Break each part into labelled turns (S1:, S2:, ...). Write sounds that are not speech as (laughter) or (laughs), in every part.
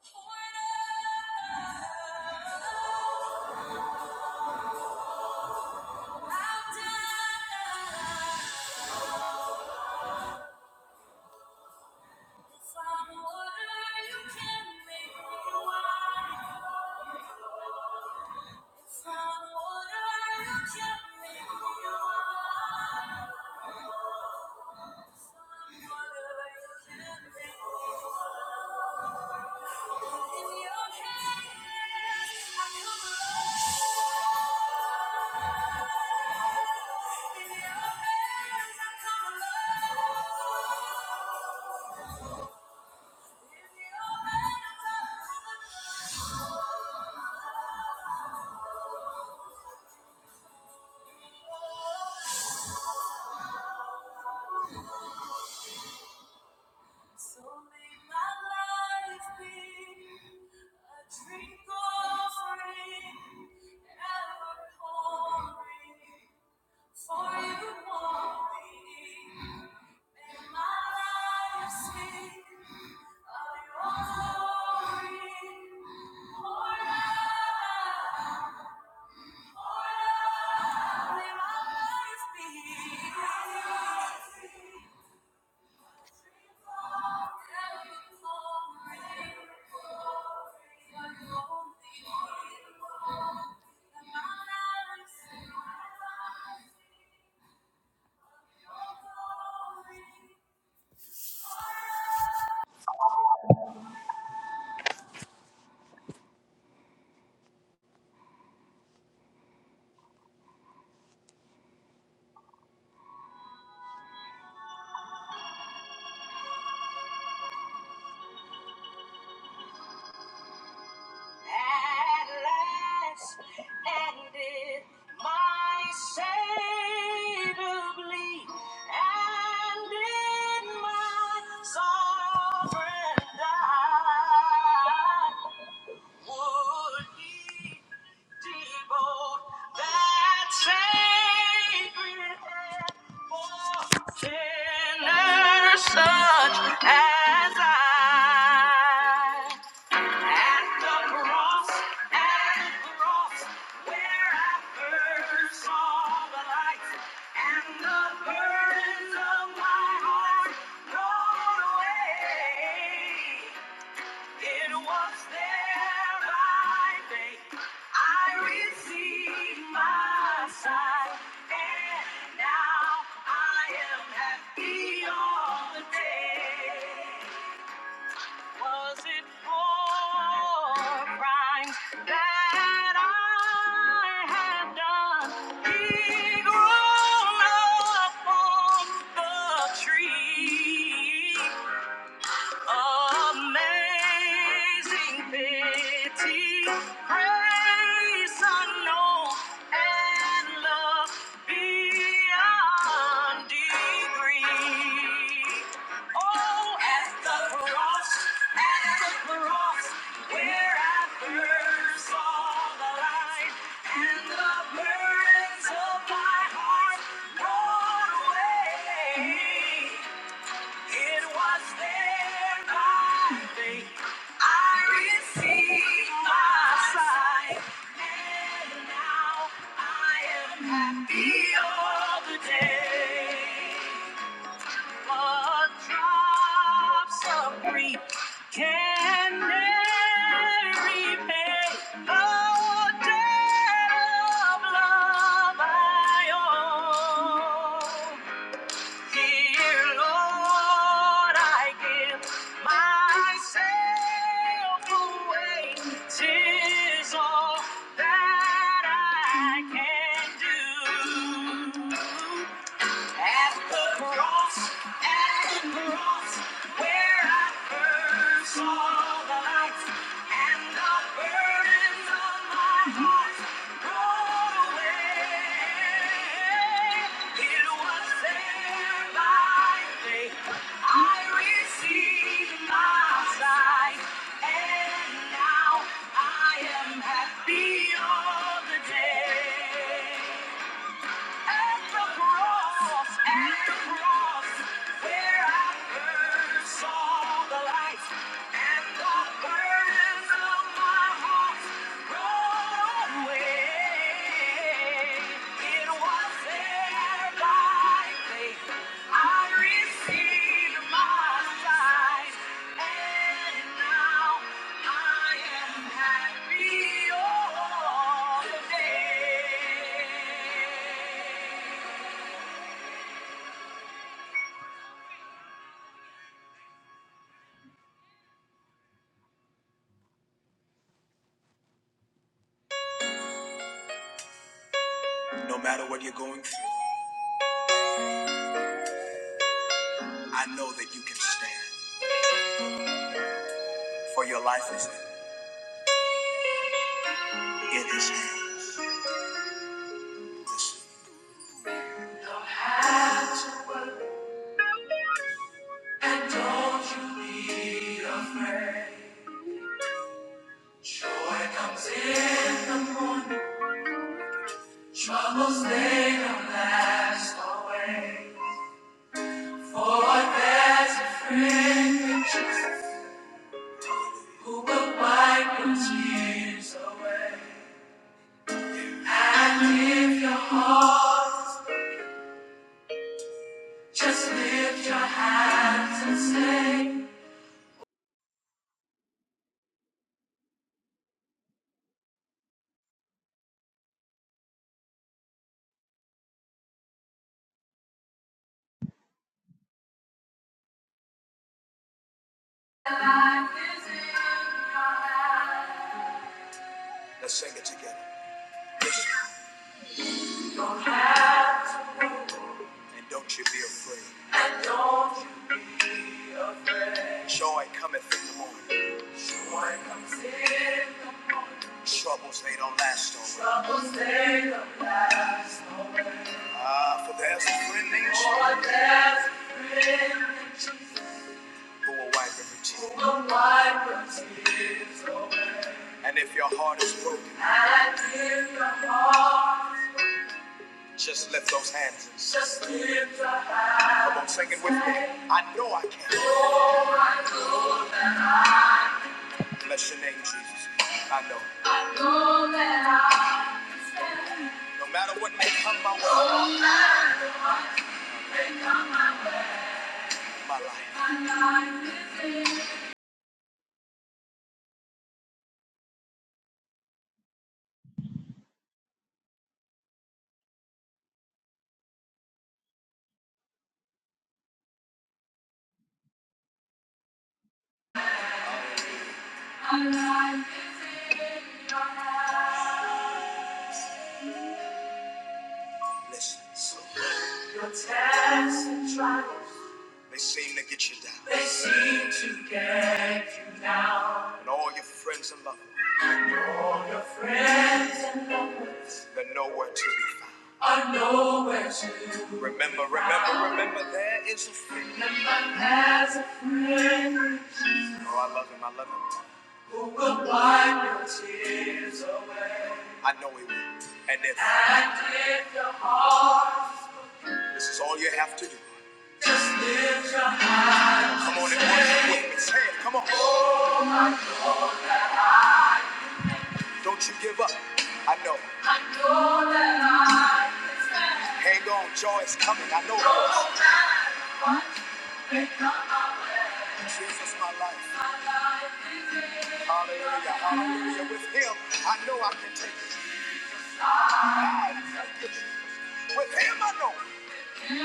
S1: In your hands, I come alone. So may my life be a drink offering, ever pouring for you only. May my life speak of your glory forever. Thank you. At last, and did my Savior bleed, and did my sovereign die? Would he devote that sacred hand for sinners such as I? At the cross, at the cross, where I first saw the light, and the burdens of my heart rolled away. It was there by faith I received my sight, and now I am happy all the day. Was it for crimes that I had done? He grew up on the tree. Amazing pity, grace unknown, and love beyond degree. Oh, at the cross, at the cross, where I first saw the light, and the burdens of my heart rolled away. It was there by faith I received my sight, and now I am happy all the day. But drops of grief can never repay the debt of love I owe. Dear Lord, I give myself away. Tis all that I can do. At the cross, at the cross, where I first saw the light, and the burdens of my heart rolled away. It was there by faith I received my sight, and now I am happy all the day. At the cross, at the cross, where I first saw the light and the burdens of my heart rolled away. It was no matter what you're going through, I know that you can stand, for your life is in His hands. Listen. Just live. your Life is in your hands. Let's sing it together. You Don't have to worry. And don't you be afraid. And don't you be afraid. Joy cometh in the morning. Joy comes in the morning. Troubles, they don't last always. Troubles, they don't last always. Ah, for there's a friend named Jesus. For there's a friend named Jesus. Who will wipe every tear. Who will wipe every tears away. And if your heart is broken. And if your heart is broken. Just lift those hands. Just lift the hands. Come on, sing it with me. I know I can. Bless your name, Jesus. I know. I know that I can stand. No matter what may come my way. No matter what may come my way. My life. My life is in. My life is in your hands. Listen. So your tests and trials. They seem to get you down. They seem to get you down. And all your friends and lovers. All your friends and loved ones They're nowhere to be found. are nowhere to be Remember, remember, found. remember, there is a friend. Remember, there's a friend Oh, I love him, I love him. who will wipe your tears away. I know he will. And if And if your heart this is all you have to do, come on and worship with me. Say it, come on. Don't you give up. I know. I know that life is better. Hang on, joy is coming. I know. it is. Jesus, my life. My life is in Hallelujah, hallelujah. With him, I know I can take it. Ah, thank you, Jesus. With him, I know. I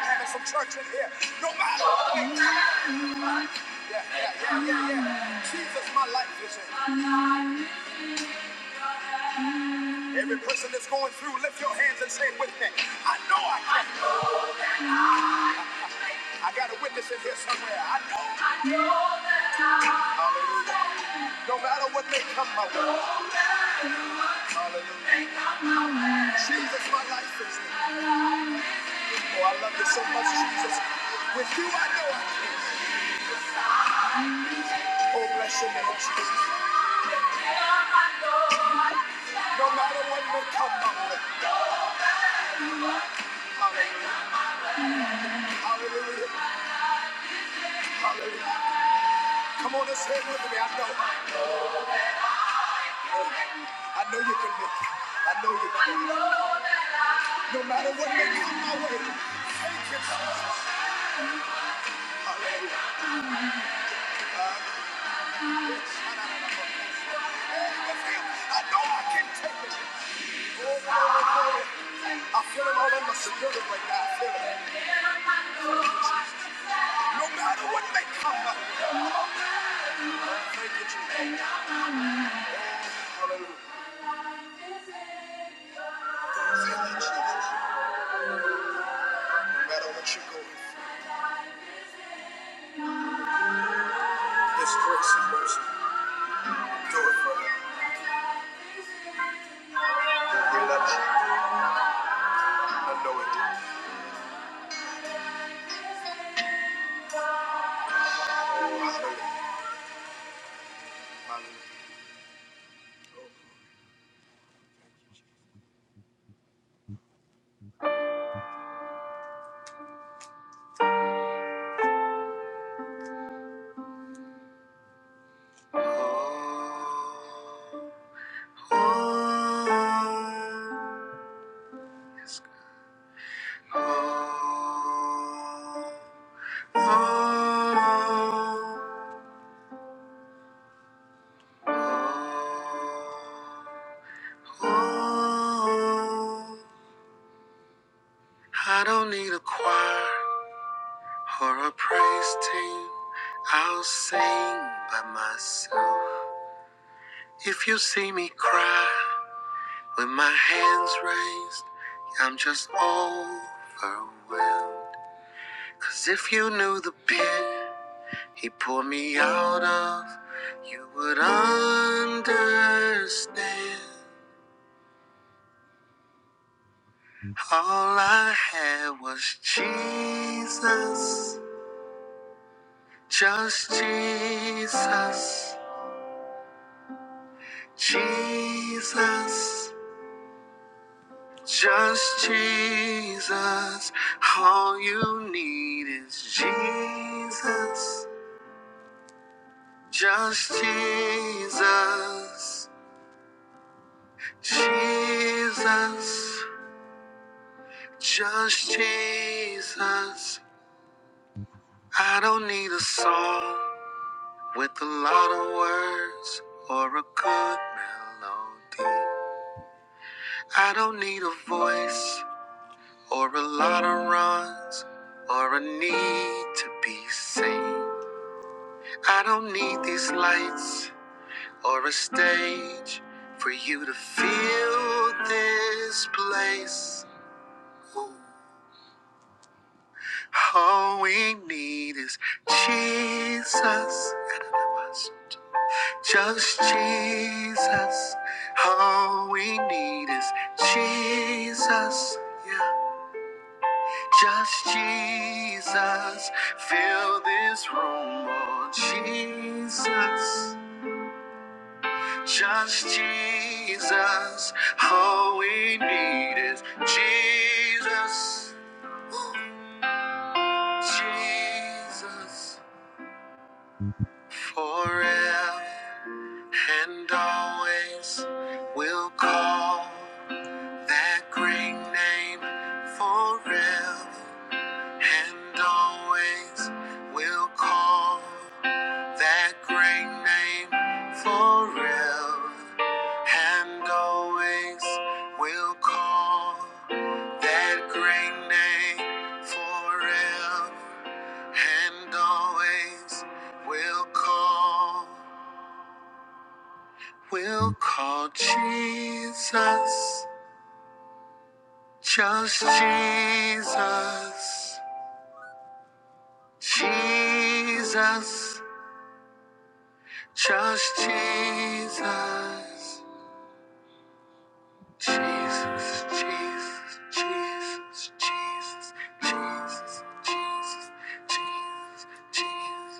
S1: came in some church in here. No matter Yeah, yeah, yeah, yeah, yeah. Jesus, my life is in. Every person that's going through, lift your hands and say it with me. I know I can. I got a witness in here somewhere. I know. Hallelujah. No matter what may come my way. Hallelujah. Jesus, my life is in. Oh, I love you so much, Jesus. With you, I know I can. Oh, bless your name, Jesus. No matter what may come my way. Hallelujah. Hallelujah. Hallelujah. Come on and say it with me. I know. I know you can make it. I know you can. No matter what may come my way. Thank you, Jesus. Hallelujah. I know I can take it. Oh, glory, glory. I feel it all in my spirit right now. I feel it. No matter what may come my way. Thank you, Jesus. Hallelujah. Thank you, No matter what you're going through, His grace and mercy endure forever. We love you. I know it did. Oh, hallelujah. Hallelujah. Oh, oh, oh, oh, oh, oh. I don't need a choir or a praise team. I'll sing by myself. If you see me cry with my hands raised, I'm just overwhelmed. 'Cause if you knew the pit he pulled me out of, you would understand. All I had was Jesus, just Jesus. Jesus, just Jesus. All you need is Jesus, just Jesus. Jesus, just Jesus. I don't need a song with a lot of words or a good melody. I don't need a voice. or a lot of runs, or a need to be seen. I don't need these lights or a stage for you to feel this place. All we need is Jesus. Just Jesus. All we need is Jesus. yeah. Just Jesus, fill this room, oh Jesus. Just Jesus, all we need is Jesus. Jesus, forever and always, we'll call that great name forever and always, we'll call. that great name forever and always will call that great name forever and always will call we will call Jesus just Jesus Jesus just Jesus Jesus, Jesus, Jesus, Jesus, Jesus, Jesus, Jesus, Jesus, Jesus,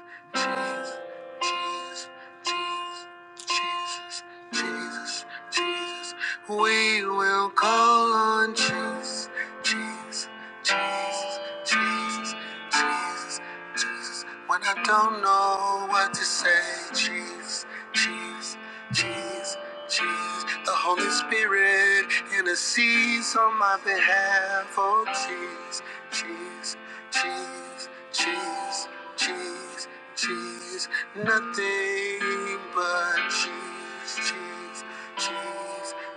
S1: Jesus, Jesus, Jesus, Jesus. We will call on Jesus, Jesus, Jesus, Jesus. Jesus, Jesus. When I don't know what to say, Jesus, Jesus, Jesus, Jesus. The Holy Spirit intercedes on my behalf. Oh, Jesus, Jesus, Jesus, Jesus, Jesus, Jesus. Nothing but Cheese, cheese, cheese,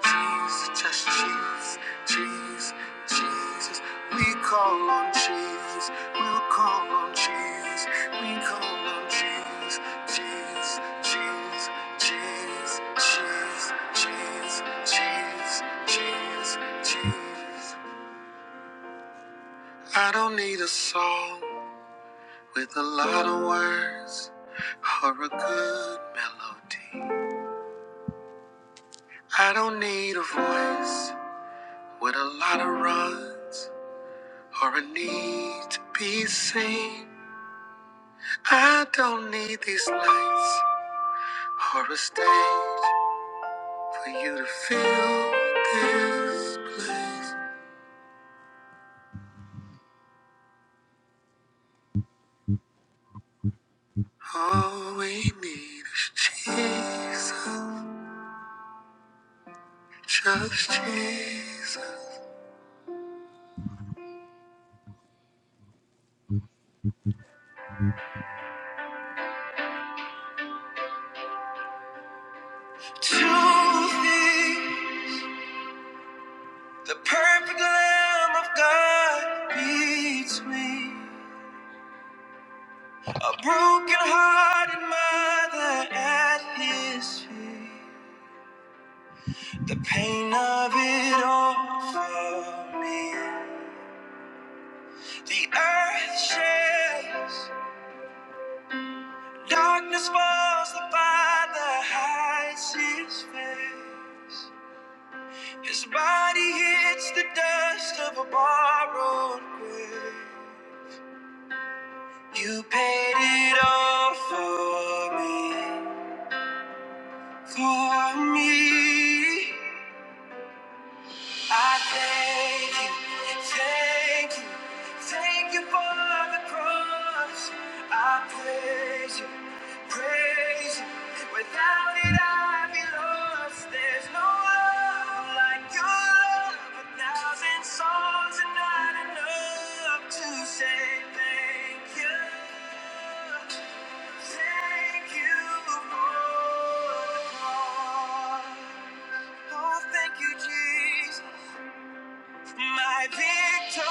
S1: cheese, just cheese, cheese, Jesus. We call on cheese, we'll call on cheese, we call on cheese, cheese, cheese, cheese, cheese, cheese, cheese, cheese, cheese. I don't need a song with a lot of words or a good melody. I don't need a voice With a lot of runs or a need to be seen, I don't need these lights or a stage for you to feel this place. All we need is Jesus, just Jesus. Choosing the perfect Lamb of God beats me. A broken hearted mother at His feet. The pain of it all for me. The earth shakes, darkness falls, the father hides his face. His body hits the dust of a borrowed grave. You paid it all for me, for me. I thank you, thank you, thank you for the cross. I praise you, praise you. Without it, I'd be lost. There's no love like your love. A thousand songs are not enough to say thank you. Thank you for the cross. Oh, thank you, Jesus. My victory,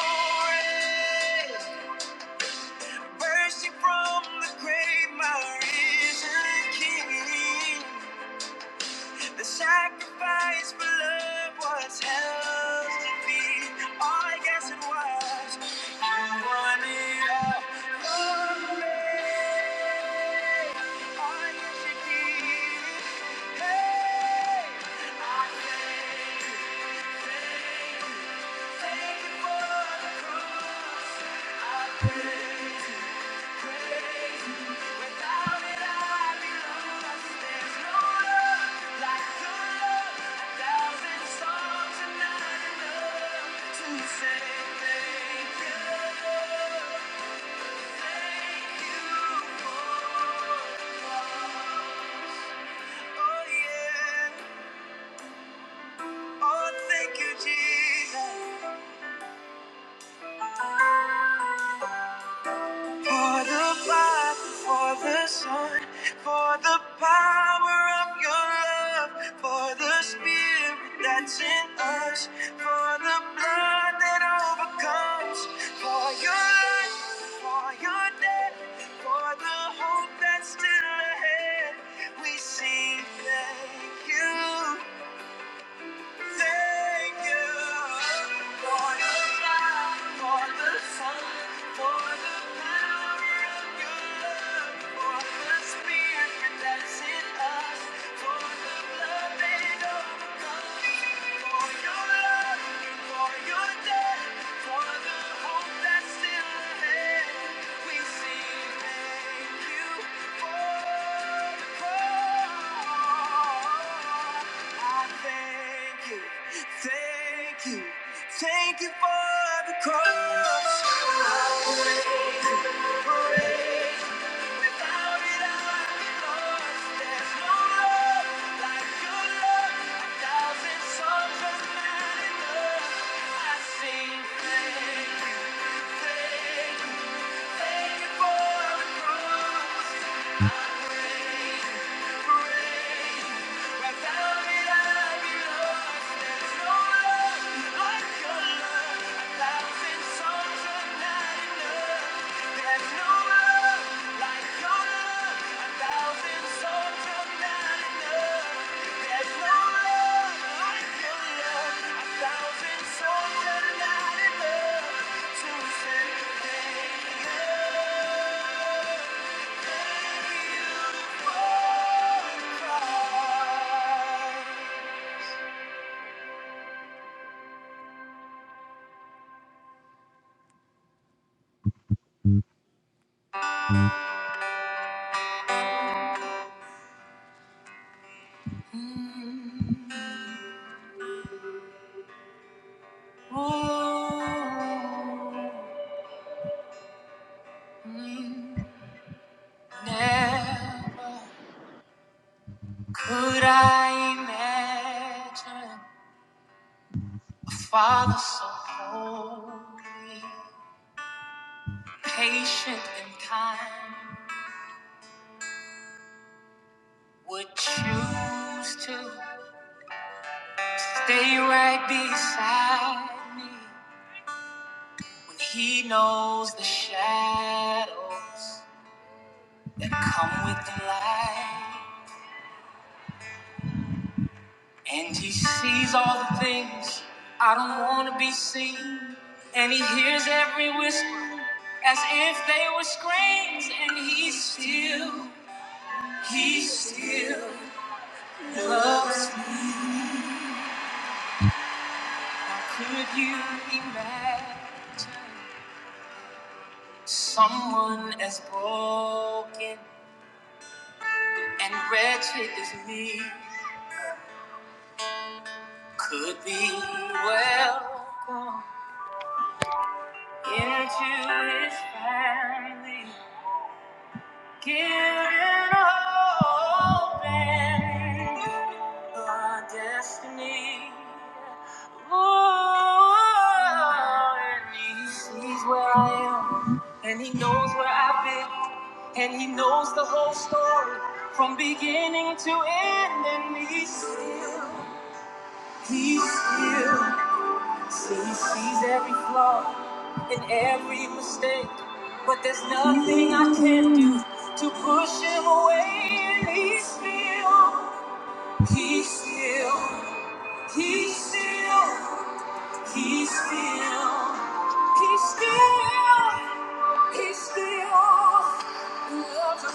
S1: mercy from the grave, my risen King. The sacrifice for love was hell's defeat. Oh, yes, it was. You won it all for me. Say thank you. Oh, yeah. Oh, thank you, Jesus. For the Father, for the Son, for the power of your love, for the Spirit that's in us, for the blood that overcomes, for your life, for your death, for the hope that's still ahead, we sing thank you. Thank you for the light, for the sun, for the power of your love, for the spirit that's in us, for the blood that overcomes, for your love, for your death. For the hope that's still ahead, we sing thank you for the cross. I thank you, thank you, thank you for the cross. I praise you, praise Without it, I'd be lost. There's no love like your love. A thousand songs not enough. I sing thank you, thank you, thank you for the cross. I praise you, Without it, I'd be lost. There's no love like your love. A thousand songs not enough. There's no Ooh, mm, Never. Could I imagine a father so holy, patient and kind, would choose to stay right beside me when he knows the shadows that come with the light? And he sees all the things I don't want to be seen. And he hears every whisper as if they were screams. And he still, he still loves me. Could you imagine someone as broken and wretched as me could be well into his family? Giving hope and our destiny. Ooh, and he sees where I am, and he knows where I've been, and he knows the whole story from beginning to end, and he's still, he's still. See, he sees every flaw and every mistake, but there's nothing I can do to push him away. And he's still, he's still, he's still, he's still, he's still, he's still loves me.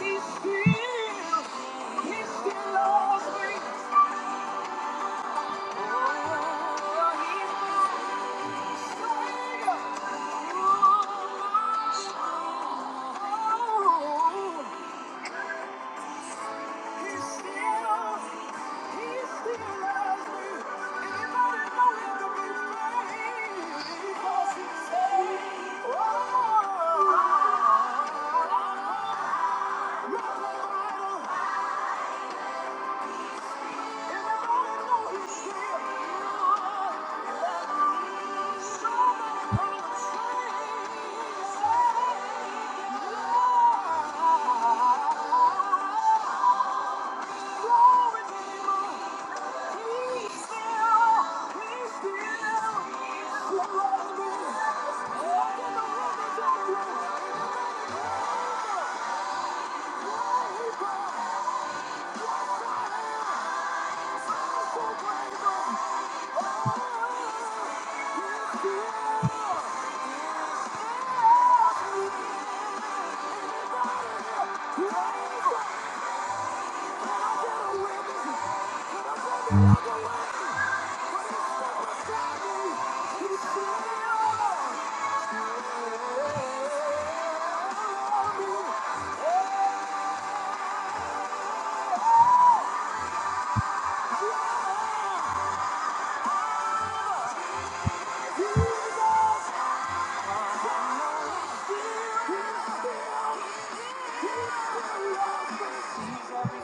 S1: He's still, he still loves me. Oh, he's my savior. Oh, Every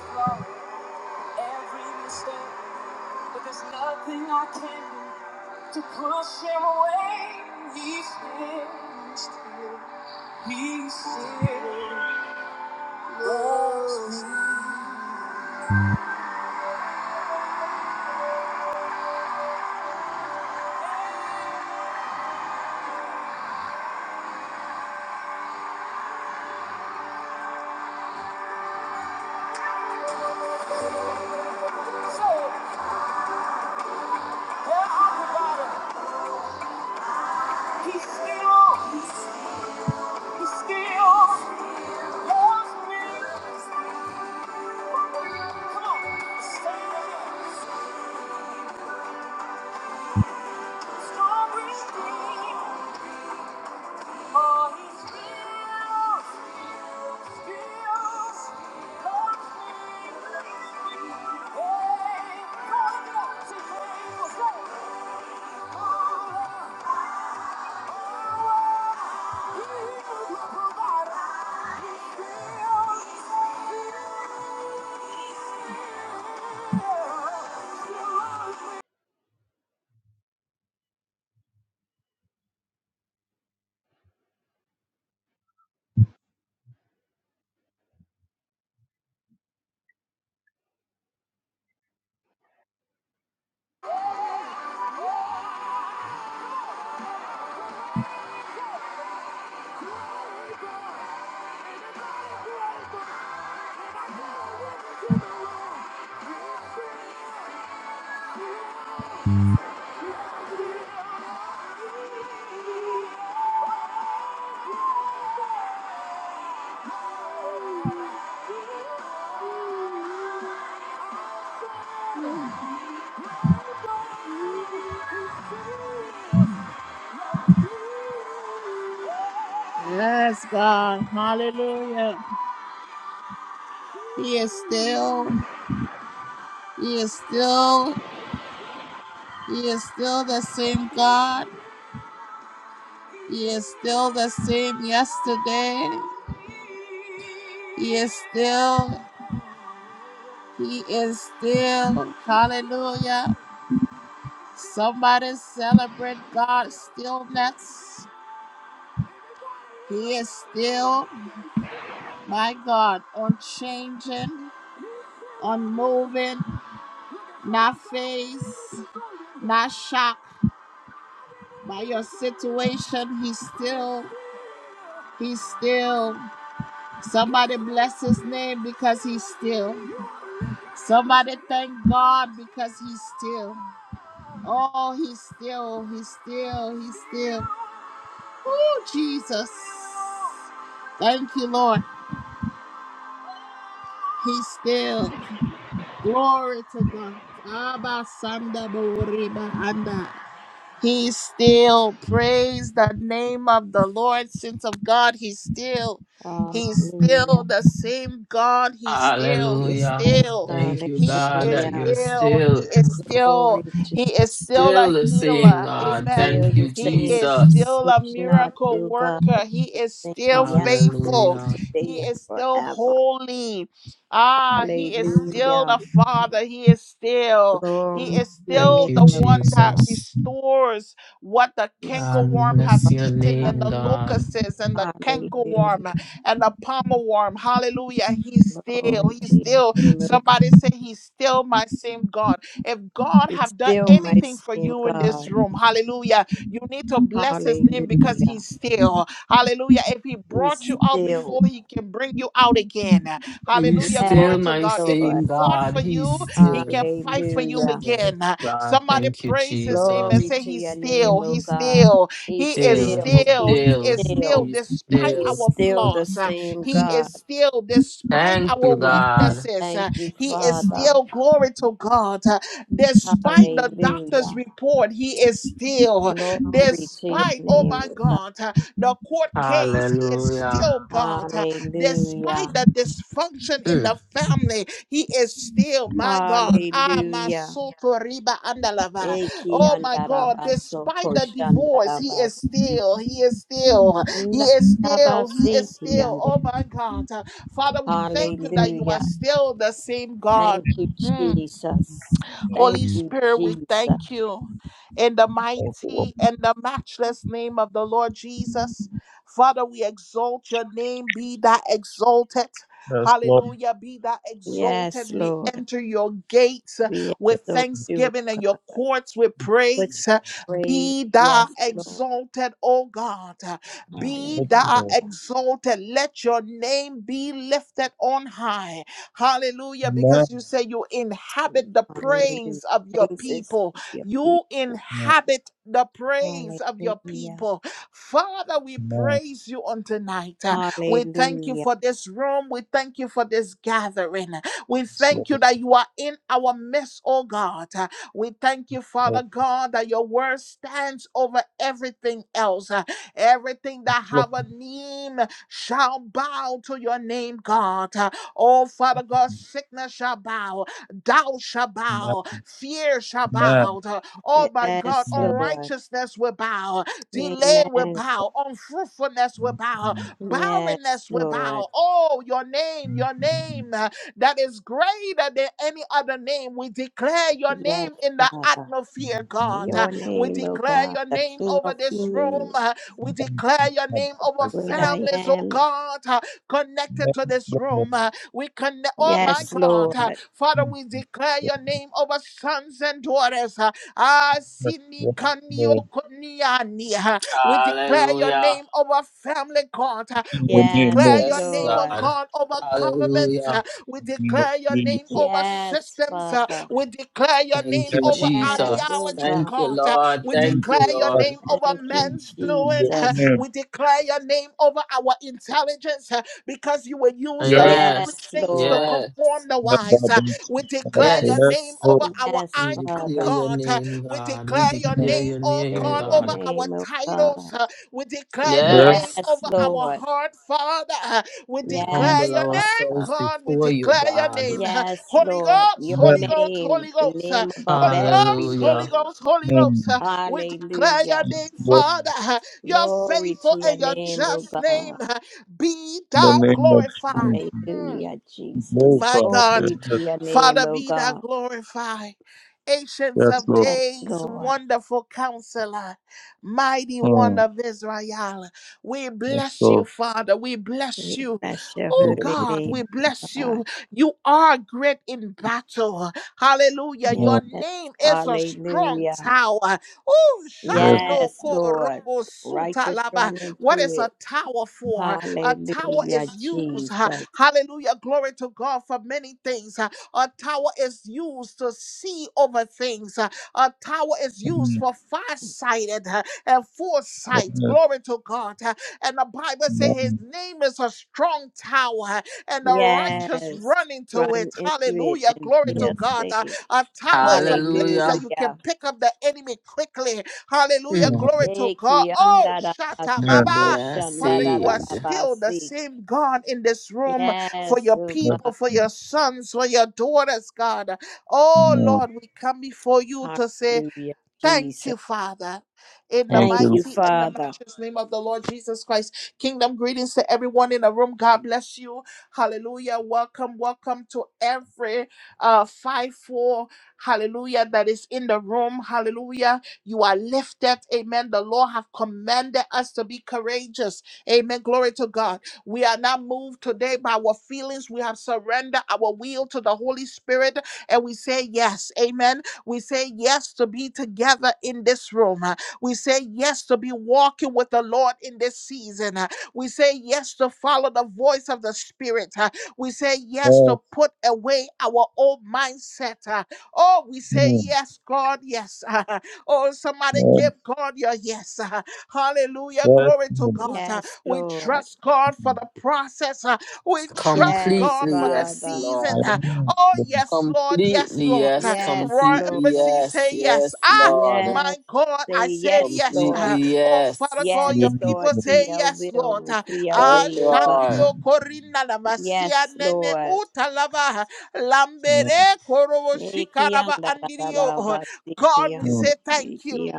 S1: flaw, every mistake, but there's nothing I can do to push him away. He stands still. He still loves me. So there I provider. He still, he still loves me. Come on, stand up, strong with me. Yes, God. Hallelujah. He is still, He is still, He is still the same God. He is still the same yesterday. He is still, He is still. Hallelujah. Somebody celebrate God's stillness. He is still, my God, unchanging, unmoving, not phased, not shocked by your situation. He's still, he's still. Somebody bless his name because he's still. Somebody thank God because he's still. Oh, he's still, he's still, he's still. Oh, Jesus. Thank you, Lord. He's still. Glory to God. Abba Sanda Boriba Anda. He still praised the name of the Lord, sins of God. He's still, he's still
S2: Hallelujah.
S1: the same God. He's still,
S2: Yes,
S1: he's
S3: Hallelujah.
S1: still,
S3: Thank you,
S1: he
S3: God,
S1: is
S3: that
S2: hallelujah.
S3: you're
S1: still, he
S3: still,
S1: is
S2: Glory
S1: still,
S2: to
S1: he is
S2: God.
S1: still a
S3: still the same,
S1: healer.
S3: God.
S1: Amen.
S2: Still
S3: Thank
S2: the
S3: you,
S1: He
S2: same,
S1: is
S3: Jesus.
S1: still a
S2: change not
S1: miracle
S2: to God.
S1: worker. He
S2: The
S1: is still
S2: same yesterday,
S1: faithful.
S3: Hallelujah.
S1: He
S2: today, and
S1: is still
S2: forever.
S1: holy. Ah, he is still
S2: Hallelujah.
S1: a father. He is still. He
S2: Glory
S1: is
S2: to your
S3: Thank
S2: name,
S1: still
S3: you,
S1: the
S2: O
S1: one that
S2: God.
S3: Jesus.
S1: restores what the
S2: You
S3: God, we
S1: cankerworm
S2: still,
S1: have
S3: bless your
S2: Father
S1: eaten
S2: God.
S1: and
S3: name,
S1: the
S3: God.
S1: locusts and the
S2: Hallelujah.
S1: cankerworm and the palmer worm. Hallelujah. He's still,
S2: Glory
S1: he's
S2: to your
S1: still,
S2: name, O God.
S1: somebody say he's still my same God. If God
S2: He's
S1: have done
S2: still my
S1: anything for
S2: same
S1: you in
S2: God.
S1: this room, hallelujah, you need to bless his name because
S2: Hallelujah.
S1: he's still. Hallelujah. If he
S2: He's
S1: brought you out
S2: still,
S1: before, he can bring you out again.
S3: He's
S1: Hallelujah.
S2: yes,
S1: Glory
S3: still
S1: to
S3: my
S1: God. If
S2: Lord.
S1: he
S3: same
S1: fought
S3: God.
S1: for
S3: He's
S1: you, he can
S3: still.
S1: fight for you
S2: Hallelujah.
S3: Yes,
S1: again.
S3: God,
S1: Somebody
S3: thank you,
S1: praise his name
S3: Jesus.
S1: and
S2: Glory
S1: say,
S2: to
S1: He's
S2: your name,
S1: still,
S2: O
S1: He's
S2: God.
S1: still,
S2: He's
S1: He is
S3: Still,
S2: still,
S3: he's
S1: still,
S2: he's
S1: He is
S3: still,
S1: still,
S2: still,
S3: he's
S1: despite
S2: he's
S3: still.
S1: our
S2: still the
S1: flaws. uh,
S2: same
S1: He
S2: God.
S1: is still, despite
S3: Thank
S1: our
S3: you,
S2: Yes,
S3: God.
S1: weaknesses. uh,
S2: thank you,
S1: He is
S2: Father.
S1: still, glory to God. uh, Despite the doctor's
S2: Hallelujah.
S1: report, He is still,
S2: Glory to your
S1: despite, oh
S2: name,
S1: my
S2: O God.
S1: God, uh, the court case, He is
S3: Hallelujah.
S1: still God. uh, Despite
S2: Hallelujah.
S1: the dysfunction in the
S3: Mm.
S1: family, he is still my God. Ah, my
S2: Hallelujah.
S1: soul to riba andalava.
S2: Eki
S1: Oh my God,
S2: andarabaso
S1: despite the divorce, he is
S2: koshandarabas.
S1: still, he is still, he is still, he
S2: Andarabasi
S1: is still.
S2: kiande.
S1: Oh my God. Uh, Father, we thank you that you
S2: Hallelujah.
S1: are still the same God.
S2: Thank you,
S1: Mm.
S2: Jesus.
S1: Holy
S2: Thank
S4: Mm,
S2: you,
S1: Spirit, we
S2: Jesus.
S1: thank you in the
S4: Thank you,
S1: mighty
S4: Lord.
S1: and the matchless name of the Lord Jesus. Father, we exalt your name. Be that exalted.
S4: Yes, Lord.
S1: Hallelujah. Be that exalted.
S2: Yes,
S1: We
S2: Lord.
S1: enter your gates uh,
S2: We
S1: with
S4: Yes,
S2: exalt you, O
S1: thanksgiving and your
S2: God.
S1: courts with
S2: With
S1: praise. Uh,
S2: praise.
S1: Be thou
S2: Yes, Lord.
S1: exalted, O God. Uh, Be
S4: Lord.
S1: thou
S2: Hallelujah.
S1: exalted. Let your name be lifted on high. Hallelujah.
S4: Amen.
S1: Because you say you inhabit the
S2: Hallelujah.
S1: praise of your
S2: Praises
S1: people.
S2: of your
S1: You
S2: people.
S4: Amen.
S1: inhabit the praise of your
S2: Hallelujah.
S1: people. Father, we
S4: Amen.
S1: praise you on tonight. Uh, We thank you
S2: Hallelujah.
S1: for this room. We thank you for this gathering. We
S4: Yes,
S1: thank
S4: Lord.
S1: you that you are in our midst, oh God. Uh, We thank you, Father
S4: Yes,
S1: God, that your word stands over everything else. Uh, Everything that
S4: Lord.
S1: have a name shall bow to your name, God. Oh, Father God, sickness shall bow, doubt shall
S4: Amen.
S1: bow, fear shall
S4: Amen.
S1: bow. Oh, my God,
S2: Yes,
S4: Amen.
S2: Lord.
S1: unrighteousness will bow, delay will
S2: Amen.
S1: bow, unfruitfulness will
S4: Mm,
S1: bow,
S2: Yes,
S1: barrenness will
S2: Lord.
S1: bow. Oh, your name,
S4: mm,
S1: your
S4: mm.
S1: name that is greater than any other name. We declare your
S2: Yes,
S1: name in the
S2: Father.
S1: atmosphere, God. Uh,
S2: Your
S1: We
S2: name, O
S1: declare
S2: God,
S1: your
S2: the
S1: name
S2: King
S1: over
S2: of
S1: this room.
S2: Kings,
S1: Uh, We
S4: Thank you,
S1: declare your name
S4: Father.
S1: over
S4: Yes,
S2: great
S4: Lord.
S2: I
S1: families, oh
S2: am.
S1: God, uh, connected
S4: Yes,
S1: to this
S4: Lord.
S1: room. Uh, We connect, oh my
S2: Yes,
S1: God. Uh,
S2: Lord.
S1: Father,
S4: Mm,
S1: we declare
S4: Yes,
S1: your name over sons and daughters. Uh, Ah,
S4: Lord.
S1: Sini
S4: Yes,
S1: Kanio
S4: Lord.
S1: Kuniani. Uh, We declare your
S3: Hallelujah.
S1: name over family, God. Uh,
S4: In
S1: we
S4: the
S2: Yes,
S4: name
S1: declare your
S3: Yes,
S1: name, oh
S2: Lord.
S3: God.
S1: God, over government. Uh,
S3: Hallelujah.
S1: we
S4: of
S1: declare your
S4: Jesus.
S1: name over
S2: Yes,
S1: systems. uh,
S2: Father.
S1: We declare your
S3: Thank
S1: name
S4: Yes,
S3: you,
S1: over
S2: Yes,
S4: Lord.
S3: Jesus.
S2: oh
S1: ideology,
S3: Thank
S2: God.
S3: you,
S1: God. uh,
S3: Lord.
S1: We
S4: Mm,
S3: Thank you,
S1: declare your
S4: Yes,
S3: Lord.
S1: name over
S2: Thank you,
S1: men's
S4: in
S1: doing.
S4: your
S1: uh,
S2: Jesus.
S4: name.
S1: We declare your name over our intelligence uh, because you will use the
S4: Yes,
S3: Yes,
S2: Yes,
S1: foolish things to
S2: Lord.
S3: yes,
S1: conform the wise.
S4: Baba.
S1: uh,
S4: Yes,
S1: We declare your name
S3: yes.
S4: Lord.
S1: over our
S2: Yes,
S3: We
S1: IQ,
S3: declare
S2: Father.
S3: your
S1: God. uh,
S3: name,
S1: We
S3: God. We
S1: declare your
S3: declare
S4: Mm,
S1: name,
S3: your
S1: oh
S3: name,
S2: Hear
S1: God,
S2: your
S1: over
S3: God.
S1: our
S2: name, oh God.
S1: titles. uh, we declare your
S4: Yes.
S1: name
S3: Yes.
S2: Yes,
S1: over our
S2: Lord.
S1: heart, Father. We
S3: We
S1: declare
S2: Yes,
S3: humble
S1: your name,
S2: Father.
S3: ourselves
S1: God. We
S3: before you,
S1: declare your
S3: God.
S1: name.
S2: Yes,
S1: Holy
S2: Lord.
S1: Ghost,
S2: Your
S1: Holy
S4: Yes.
S1: Ghost,
S2: name,
S1: Holy
S2: the
S1: Ghost, uh,
S2: name above
S1: Holy
S2: every
S1: Ghost, Holy
S3: Hallelujah.
S2: name.
S1: Ghost, Holy
S4: Mm.
S1: Ghost. uh, We declare your
S2: Hallelujah.
S1: name,
S4: Yes, Lord,
S1: Father. uh, Your
S2: Glory
S1: faithful
S2: to your
S1: and your
S2: name, O
S1: just
S2: God.
S1: name. uh, Be
S4: in the
S1: thou
S4: name of
S1: glorified.
S4: Jesus.
S1: Mm.
S2: Hallelujah, Jesus.
S1: My
S4: Glorify.
S1: God,
S2: Glory to
S4: Yes,
S2: your name,
S1: Father,
S2: O
S1: be thou
S2: God.
S1: glorified. Ancients
S4: yes,
S1: of
S4: Lord.
S2: and
S1: days,
S2: God.
S1: wonderful counselor, mighty one
S4: Mm.
S1: of Israel. We
S4: Yes,
S1: bless you,
S4: Lord.
S1: Father. We
S2: We
S1: bless you.
S2: bless your
S1: Oh
S2: holy
S1: God,
S2: name,
S1: we bless
S2: God.
S1: you. You are great in battle. Hallelujah.
S2: Yes.
S1: Your
S4: Lord. Mm.
S1: name is a strong
S2: Hallelujah.
S1: tower. Oh,
S4: Yes.
S1: Shano
S2: Yes, Lord.
S1: Korobo
S2: Righteous
S1: Sutalaba.
S2: run
S1: What
S2: into
S1: is a
S2: it.
S1: tower for? A tower
S2: Hallelujah,
S1: is used, ha-
S2: Jesus.
S1: hallelujah, glory to God, for many things. ha. A tower is used to see over things. ha. A tower is used
S4: Mm.
S1: for farsighted ha, and foresight,
S4: Yes.
S1: glory to God. ha. And the Bible says his
S4: Mm.
S1: name is a strong tower, ha, and the righteous
S2: Yes.
S1: run into it.
S2: Run into it
S1: Hallelujah,
S2: and
S1: glory
S2: they are
S1: to
S4: Mm.
S1: God. ha.
S2: saved.
S1: A tower is a place that
S3: Hallelujah.
S1: you can
S2: Hallelujah.
S1: pick up the enemy quickly. Hallelujah.
S3: Mm.
S4: Mm.
S1: Glory to
S2: Eh,
S1: God. Oh,
S2: anda da
S1: shut
S2: ba
S1: up,
S2: so
S4: Yes.
S3: And
S2: ko
S3: they
S1: Baba.
S3: are
S2: shanda
S1: Father,
S2: da
S1: you
S2: da
S1: are
S2: da
S3: saved
S2: ba
S1: still the
S2: si.
S1: same God in this room for
S2: Yes,
S1: your
S2: oh
S1: people,
S2: God.
S1: for
S4: Yes.
S1: your sons, for your daughters, God. Oh
S4: Mm.
S1: Lord, we come before you to say,
S2: Hallelujah,
S1: Thank
S2: Jesus.
S1: you, Father, in the
S4: Thank
S2: Thank you,
S4: you.
S1: mighty and the
S2: Father.
S1: matchless name of the Lord Jesus Christ. Kingdom greetings to everyone in the room. God bless you. Hallelujah. Welcome, welcome to every uh five four. Hallelujah. That is in the room. Hallelujah. You are lifted. Amen. The Lord have commanded us to be courageous. Amen. Glory to God. We are not moved today by our feelings. We have surrendered our will to the Holy Spirit and we say yes. Amen we say yes to be together in this room. uh, We say yes to be walking with the Lord in this season. uh, We say yes to follow the voice of the Spirit. uh, We say yes to
S4: Lord.
S1: put away our old mindset. uh, Oh, we say
S4: Yes.
S1: yes, God, yes. (laughs) Oh, somebody
S4: Mm.
S1: give God your yes. uh, Hallelujah.
S4: Yes. Yes.
S1: Glory to
S4: Lord.
S1: God. Uh,
S2: Yes,
S1: We
S2: Lord.
S1: trust God for
S4: Mm.
S1: the process. uh, We trust
S2: Yes,
S1: God
S3: completely,
S1: for the
S3: yes,
S2: Father.
S1: season.
S3: Lord.
S4: Yes.
S1: uh, Oh,
S4: Lord.
S1: yes, Lord. Yes,
S3: Completely
S1: Lord. uh,
S3: yes,
S2: Yes,
S1: Royal
S3: completely
S2: Lord.
S1: Embassy
S3: yes,
S1: say yes.
S3: yes,
S1: Ah,
S3: Lord.
S2: Yes.
S1: my God,
S2: Say
S1: I say
S2: yes,
S1: yes.
S2: Lord.
S1: Ah,
S3: Completely
S1: oh, Father
S3: yes.
S1: God, your
S2: Yes,
S4: Yes.
S1: people
S2: Lord, to
S4: Lord.
S1: say
S2: your
S1: yes,
S2: will
S1: Lord.
S2: and
S1: Ah,
S2: to your
S3: Yes,
S1: ah,
S2: way, O God.
S3: Lord.
S1: Shandio
S4: Mm.
S1: Corina Lavasia
S2: Yes,
S1: Nene
S2: Lord.
S1: Utalava
S4: Mm.
S1: Lambere Korobo
S2: Thank
S1: Shikaraba Andirio. God, we say
S4: Mm.
S1: thank you.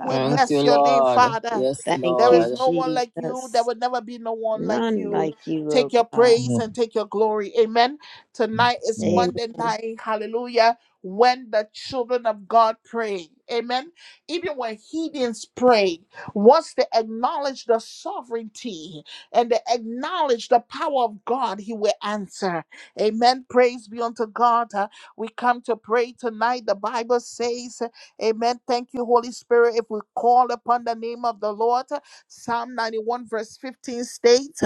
S1: We
S3: Thank you,
S1: bless your name,
S3: Lord.
S1: Father.
S3: Yes,
S1: There
S2: you,
S1: is
S3: Lord.
S1: no one like you. There
S2: Jesus.
S1: will never be no one like
S2: None
S1: you.
S2: like you,
S1: Take
S2: O
S1: your
S2: God.
S4: Mm.
S1: praise and
S4: Yes,
S1: take your glory. Amen. Tonight is
S4: Lord.
S2: Amen.
S1: Monday night. Hallelujah. When the children of God pray. Amen. Even when heathens pray, once they acknowledge the sovereignty and they acknowledge the power of God, He will answer. Amen. Praise be unto God. Uh, we come to pray tonight. The Bible says Amen. Thank you, Holy Spirit. If we call upon the name of the Lord, Psalm 91, verse 15 states,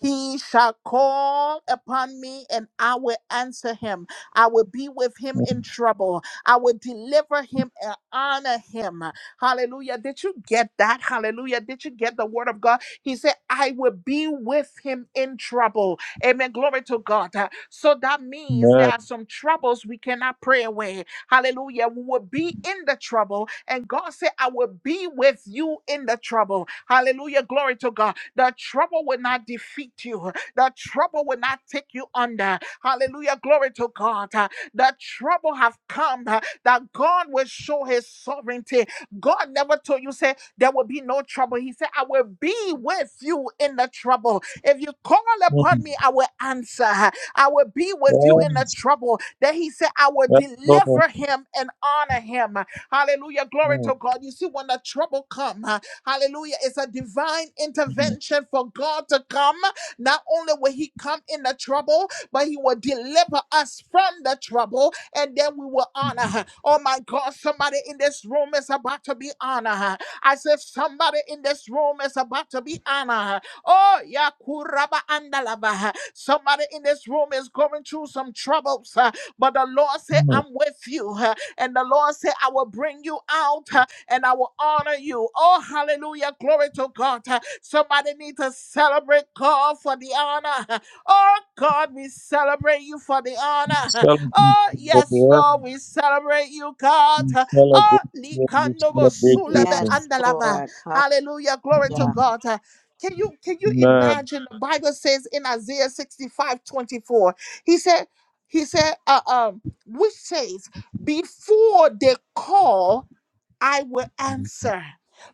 S1: He shall call upon me and I will answer him. I will be with him
S4: Mm.
S1: in trouble. I will deliver him and honor him. Hallelujah. Did you get that? Hallelujah. Did you get the word of God? He said, I will be with him in trouble. Amen. Glory to God. Uh, So that means there
S4: Yes.
S1: are some troubles we cannot pray away. Hallelujah. We will be in the trouble. And God said, I will be with you in the trouble. Hallelujah. Glory to God. The trouble will not defeat you. The trouble will not take you under. Hallelujah. Glory to God. Uh, The trouble have come uh, that God will show his sovereignty. God never told you, say, there will be no trouble. He said, I will be with you in the trouble. If you call upon
S4: Mm.
S1: me, I will answer. I will be with you in the
S4: Yes.
S1: trouble that he said, I will
S4: Yes, Lord.
S1: deliver him and honor him. Hallelujah. Glory
S4: Mm.
S1: to God. You see, when the trouble come, uh, hallelujah, it's a divine
S4: Mm.
S1: intervention for God to come. Not only will he come in the trouble, but he will deliver us from the trouble and then we will honor her. Oh my God, somebody in this room is about to be honored. I said, somebody in this room is about to be honored. Oh, yeah, kuraba andalaba. Somebody in this room is going through some troubles. But the Lord said,
S4: Mm.
S1: I'm with you. uh, And the Lord said, I will bring you out uh, and I will honor you. Oh, hallelujah. Glory to God. Uh, Somebody need to celebrate God for the honor. (laughs) Oh, God, we celebrate you for the
S4: We
S1: honor. (laughs)
S4: celebrate you,
S1: Oh, yes,
S4: Lord.
S1: Lord, we celebrate you, God.
S4: Yeah.
S1: (laughs) Oh,
S4: We celebrate you, Lord. We
S1: likandobo
S4: celebrate you,
S1: sulebe
S4: Lord.
S2: Yes,
S1: andalava.
S2: Lord.
S1: Hallelujah. Glory to
S4: Mm.
S2: Hallelujah.
S1: God. Uh, Can you can you imagine the Bible says in Isaiah 65:24, he said, he said, uh, um, which says, before they call, I will answer.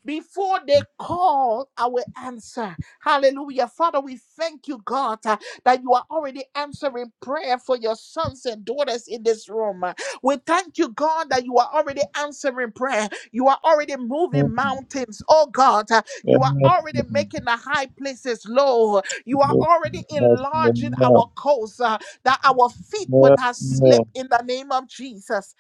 S1: Before they call, I will answer. Hallelujah. Father, we thank you, God, uh, that you are already answering prayer for your sons and daughters in this room. Uh, We thank you, God, that you are already answering prayer. You are already moving mountains, oh God. Uh, You are
S4: Amen.
S1: already
S4: Mm.
S1: making the high places low. You are already
S4: Yes, Lord. Yes, Lord.
S1: enlarging our coast uh, that our feet would
S4: Yes,
S1: not slip
S4: Lord.
S1: in the name of Jesus.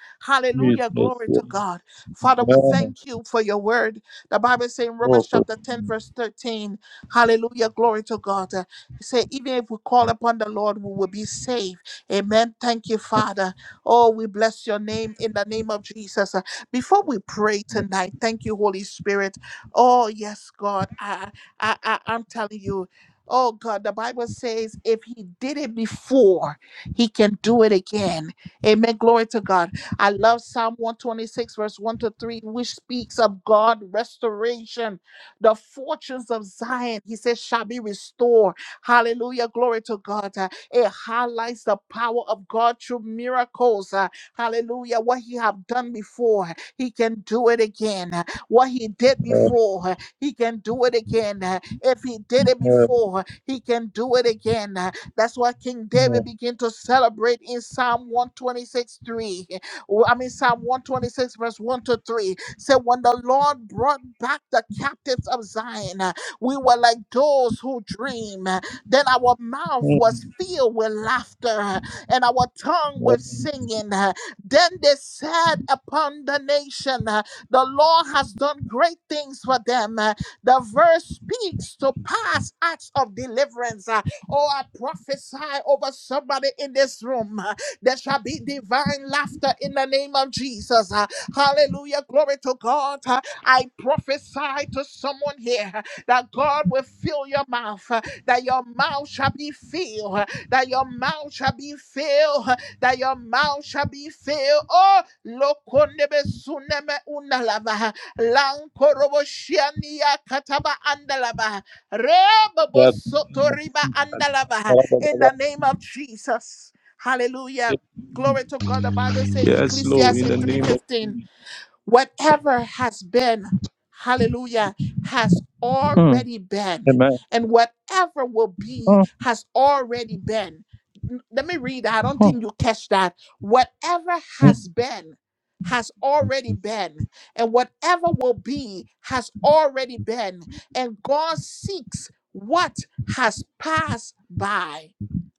S4: Yes, Lord.
S1: Hallelujah.
S4: Jesus.
S1: Glory to God. Father,
S4: Yes.
S1: we
S4: Amen.
S1: thank you for your word. The Bible says in
S4: Lord,
S1: Romans
S4: for
S1: chapter 10,
S4: you.
S1: verse 13, hallelujah, glory to God. Uh, It say, even if we call upon the Lord, we will be saved. Amen. Thank you, Father. Oh, we bless your name in the name of Jesus. Uh, Before we pray tonight, thank you, Holy Spirit. Oh, yes, God. I, I, I, I'm telling you, Oh God, the Bible says if he did it before, he can do it again. Amen. Glory to God. I love Psalm 126, verse 1 to 3, which speaks of God restoration. The fortunes of Zion, he says, shall be restored. Hallelujah. Glory to God. Uh, It highlights the power of God through miracles. Uh, Hallelujah. What he have done before, he can do it again. Uh, What he did before, uh, he can do it again. Uh, If he did
S4: Yes,
S1: it
S4: Lord.
S1: before, he can do it again. Uh, That's why King David began to celebrate in Psalm 126 3. Well, I mean, Psalm 126, verse 1 to 3 said, When the Lord brought back the captives of Zion, uh, we were like those who dream. Uh, Then our mouth
S4: Mm.
S1: was filled with laughter uh, and our tongue
S4: Yes.
S1: with singing. Uh, Then they said upon the nation, uh, The Lord has done great things for them. Uh, The verse speaks to past acts of deliverance. Uh, Oh, I prophesy over somebody in this room. There shall be divine laughter in the name of Jesus. Uh, Hallelujah. Glory to God. Uh, I prophesy to someone here uh, that God will fill your mouth, uh, that your mouth shall be filled, uh, that your mouth shall be filled, uh, that your mouth shall be filled. Oh, lokondebe suneme unalaba, lankorobo shiania kataba andalaba, rebobo
S4: That- that-
S1: sotoriba andalaba, in the name of Jesus. Hallelujah.
S4: that-
S1: Glory to God. The Bible says
S4: Yes, Lord, in
S1: Ecclesiastes
S4: the name of
S1: 3:15. Whatever has been, hallelujah, has
S4: Mm.
S1: already been.
S4: Amen.
S1: And whatever will be
S4: Mm,
S1: has already been. N- Let me read that. I don't
S4: mm,
S1: think you catch that. Whatever
S4: mm,
S1: has been has already been. And whatever will be has already been. And God seeks what has passed by.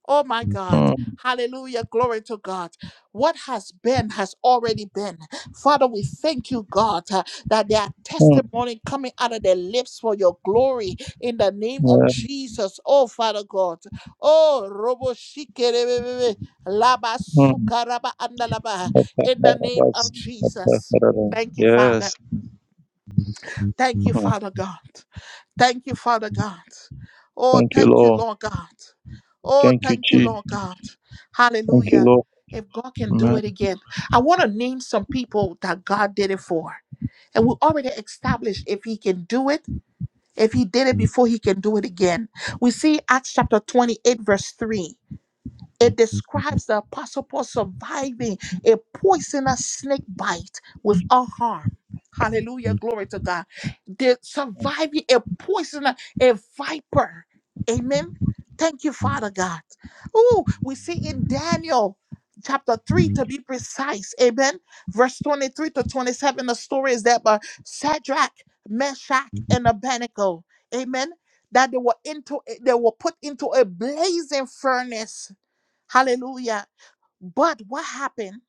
S1: Oh my God. Hallelujah. Glory to God. What has been has already been. Father, we thank you, God, uh, that there are
S4: mm, mm,
S1: testimony coming out of their lips for your glory in the name of
S4: yeah,
S1: Jesus. Oh, Father God. Oh, Robo Shikerebe, Laba
S4: mm.
S1: Sukaraba Andalaba, in the name of Jesus. Thank you, Father.
S4: Yes.
S1: Thank you,
S4: Oh,
S1: Father God. Thank you, Father God. Oh,
S4: Thank you,
S1: thank you,
S4: Lord.
S1: Lord God. Oh,
S4: Thank you,
S1: thank you,
S4: Jesus.
S1: Lord God.
S4: Thank you,
S1: Hallelujah.
S4: Lord.
S1: If God can do
S4: Amen.
S1: it again, I want to name some people that God did it for. And we already established if He can do it, if He did it before, He can do it again. We see Acts chapter 28, verse 3. It describes the Apostle Paul surviving a poisonous snake bite without harm. Hallelujah. Glory to God. The surviving a poisonous, a viper. Amen. Thank you, Father God. Oh, we see in Daniel chapter 3 to be precise. Amen. Verse 23 to 27. The story is that by Shadrach, Meshach, and Abednego. Amen. That they were into they were put into a blazing furnace Hallelujah. But what happened?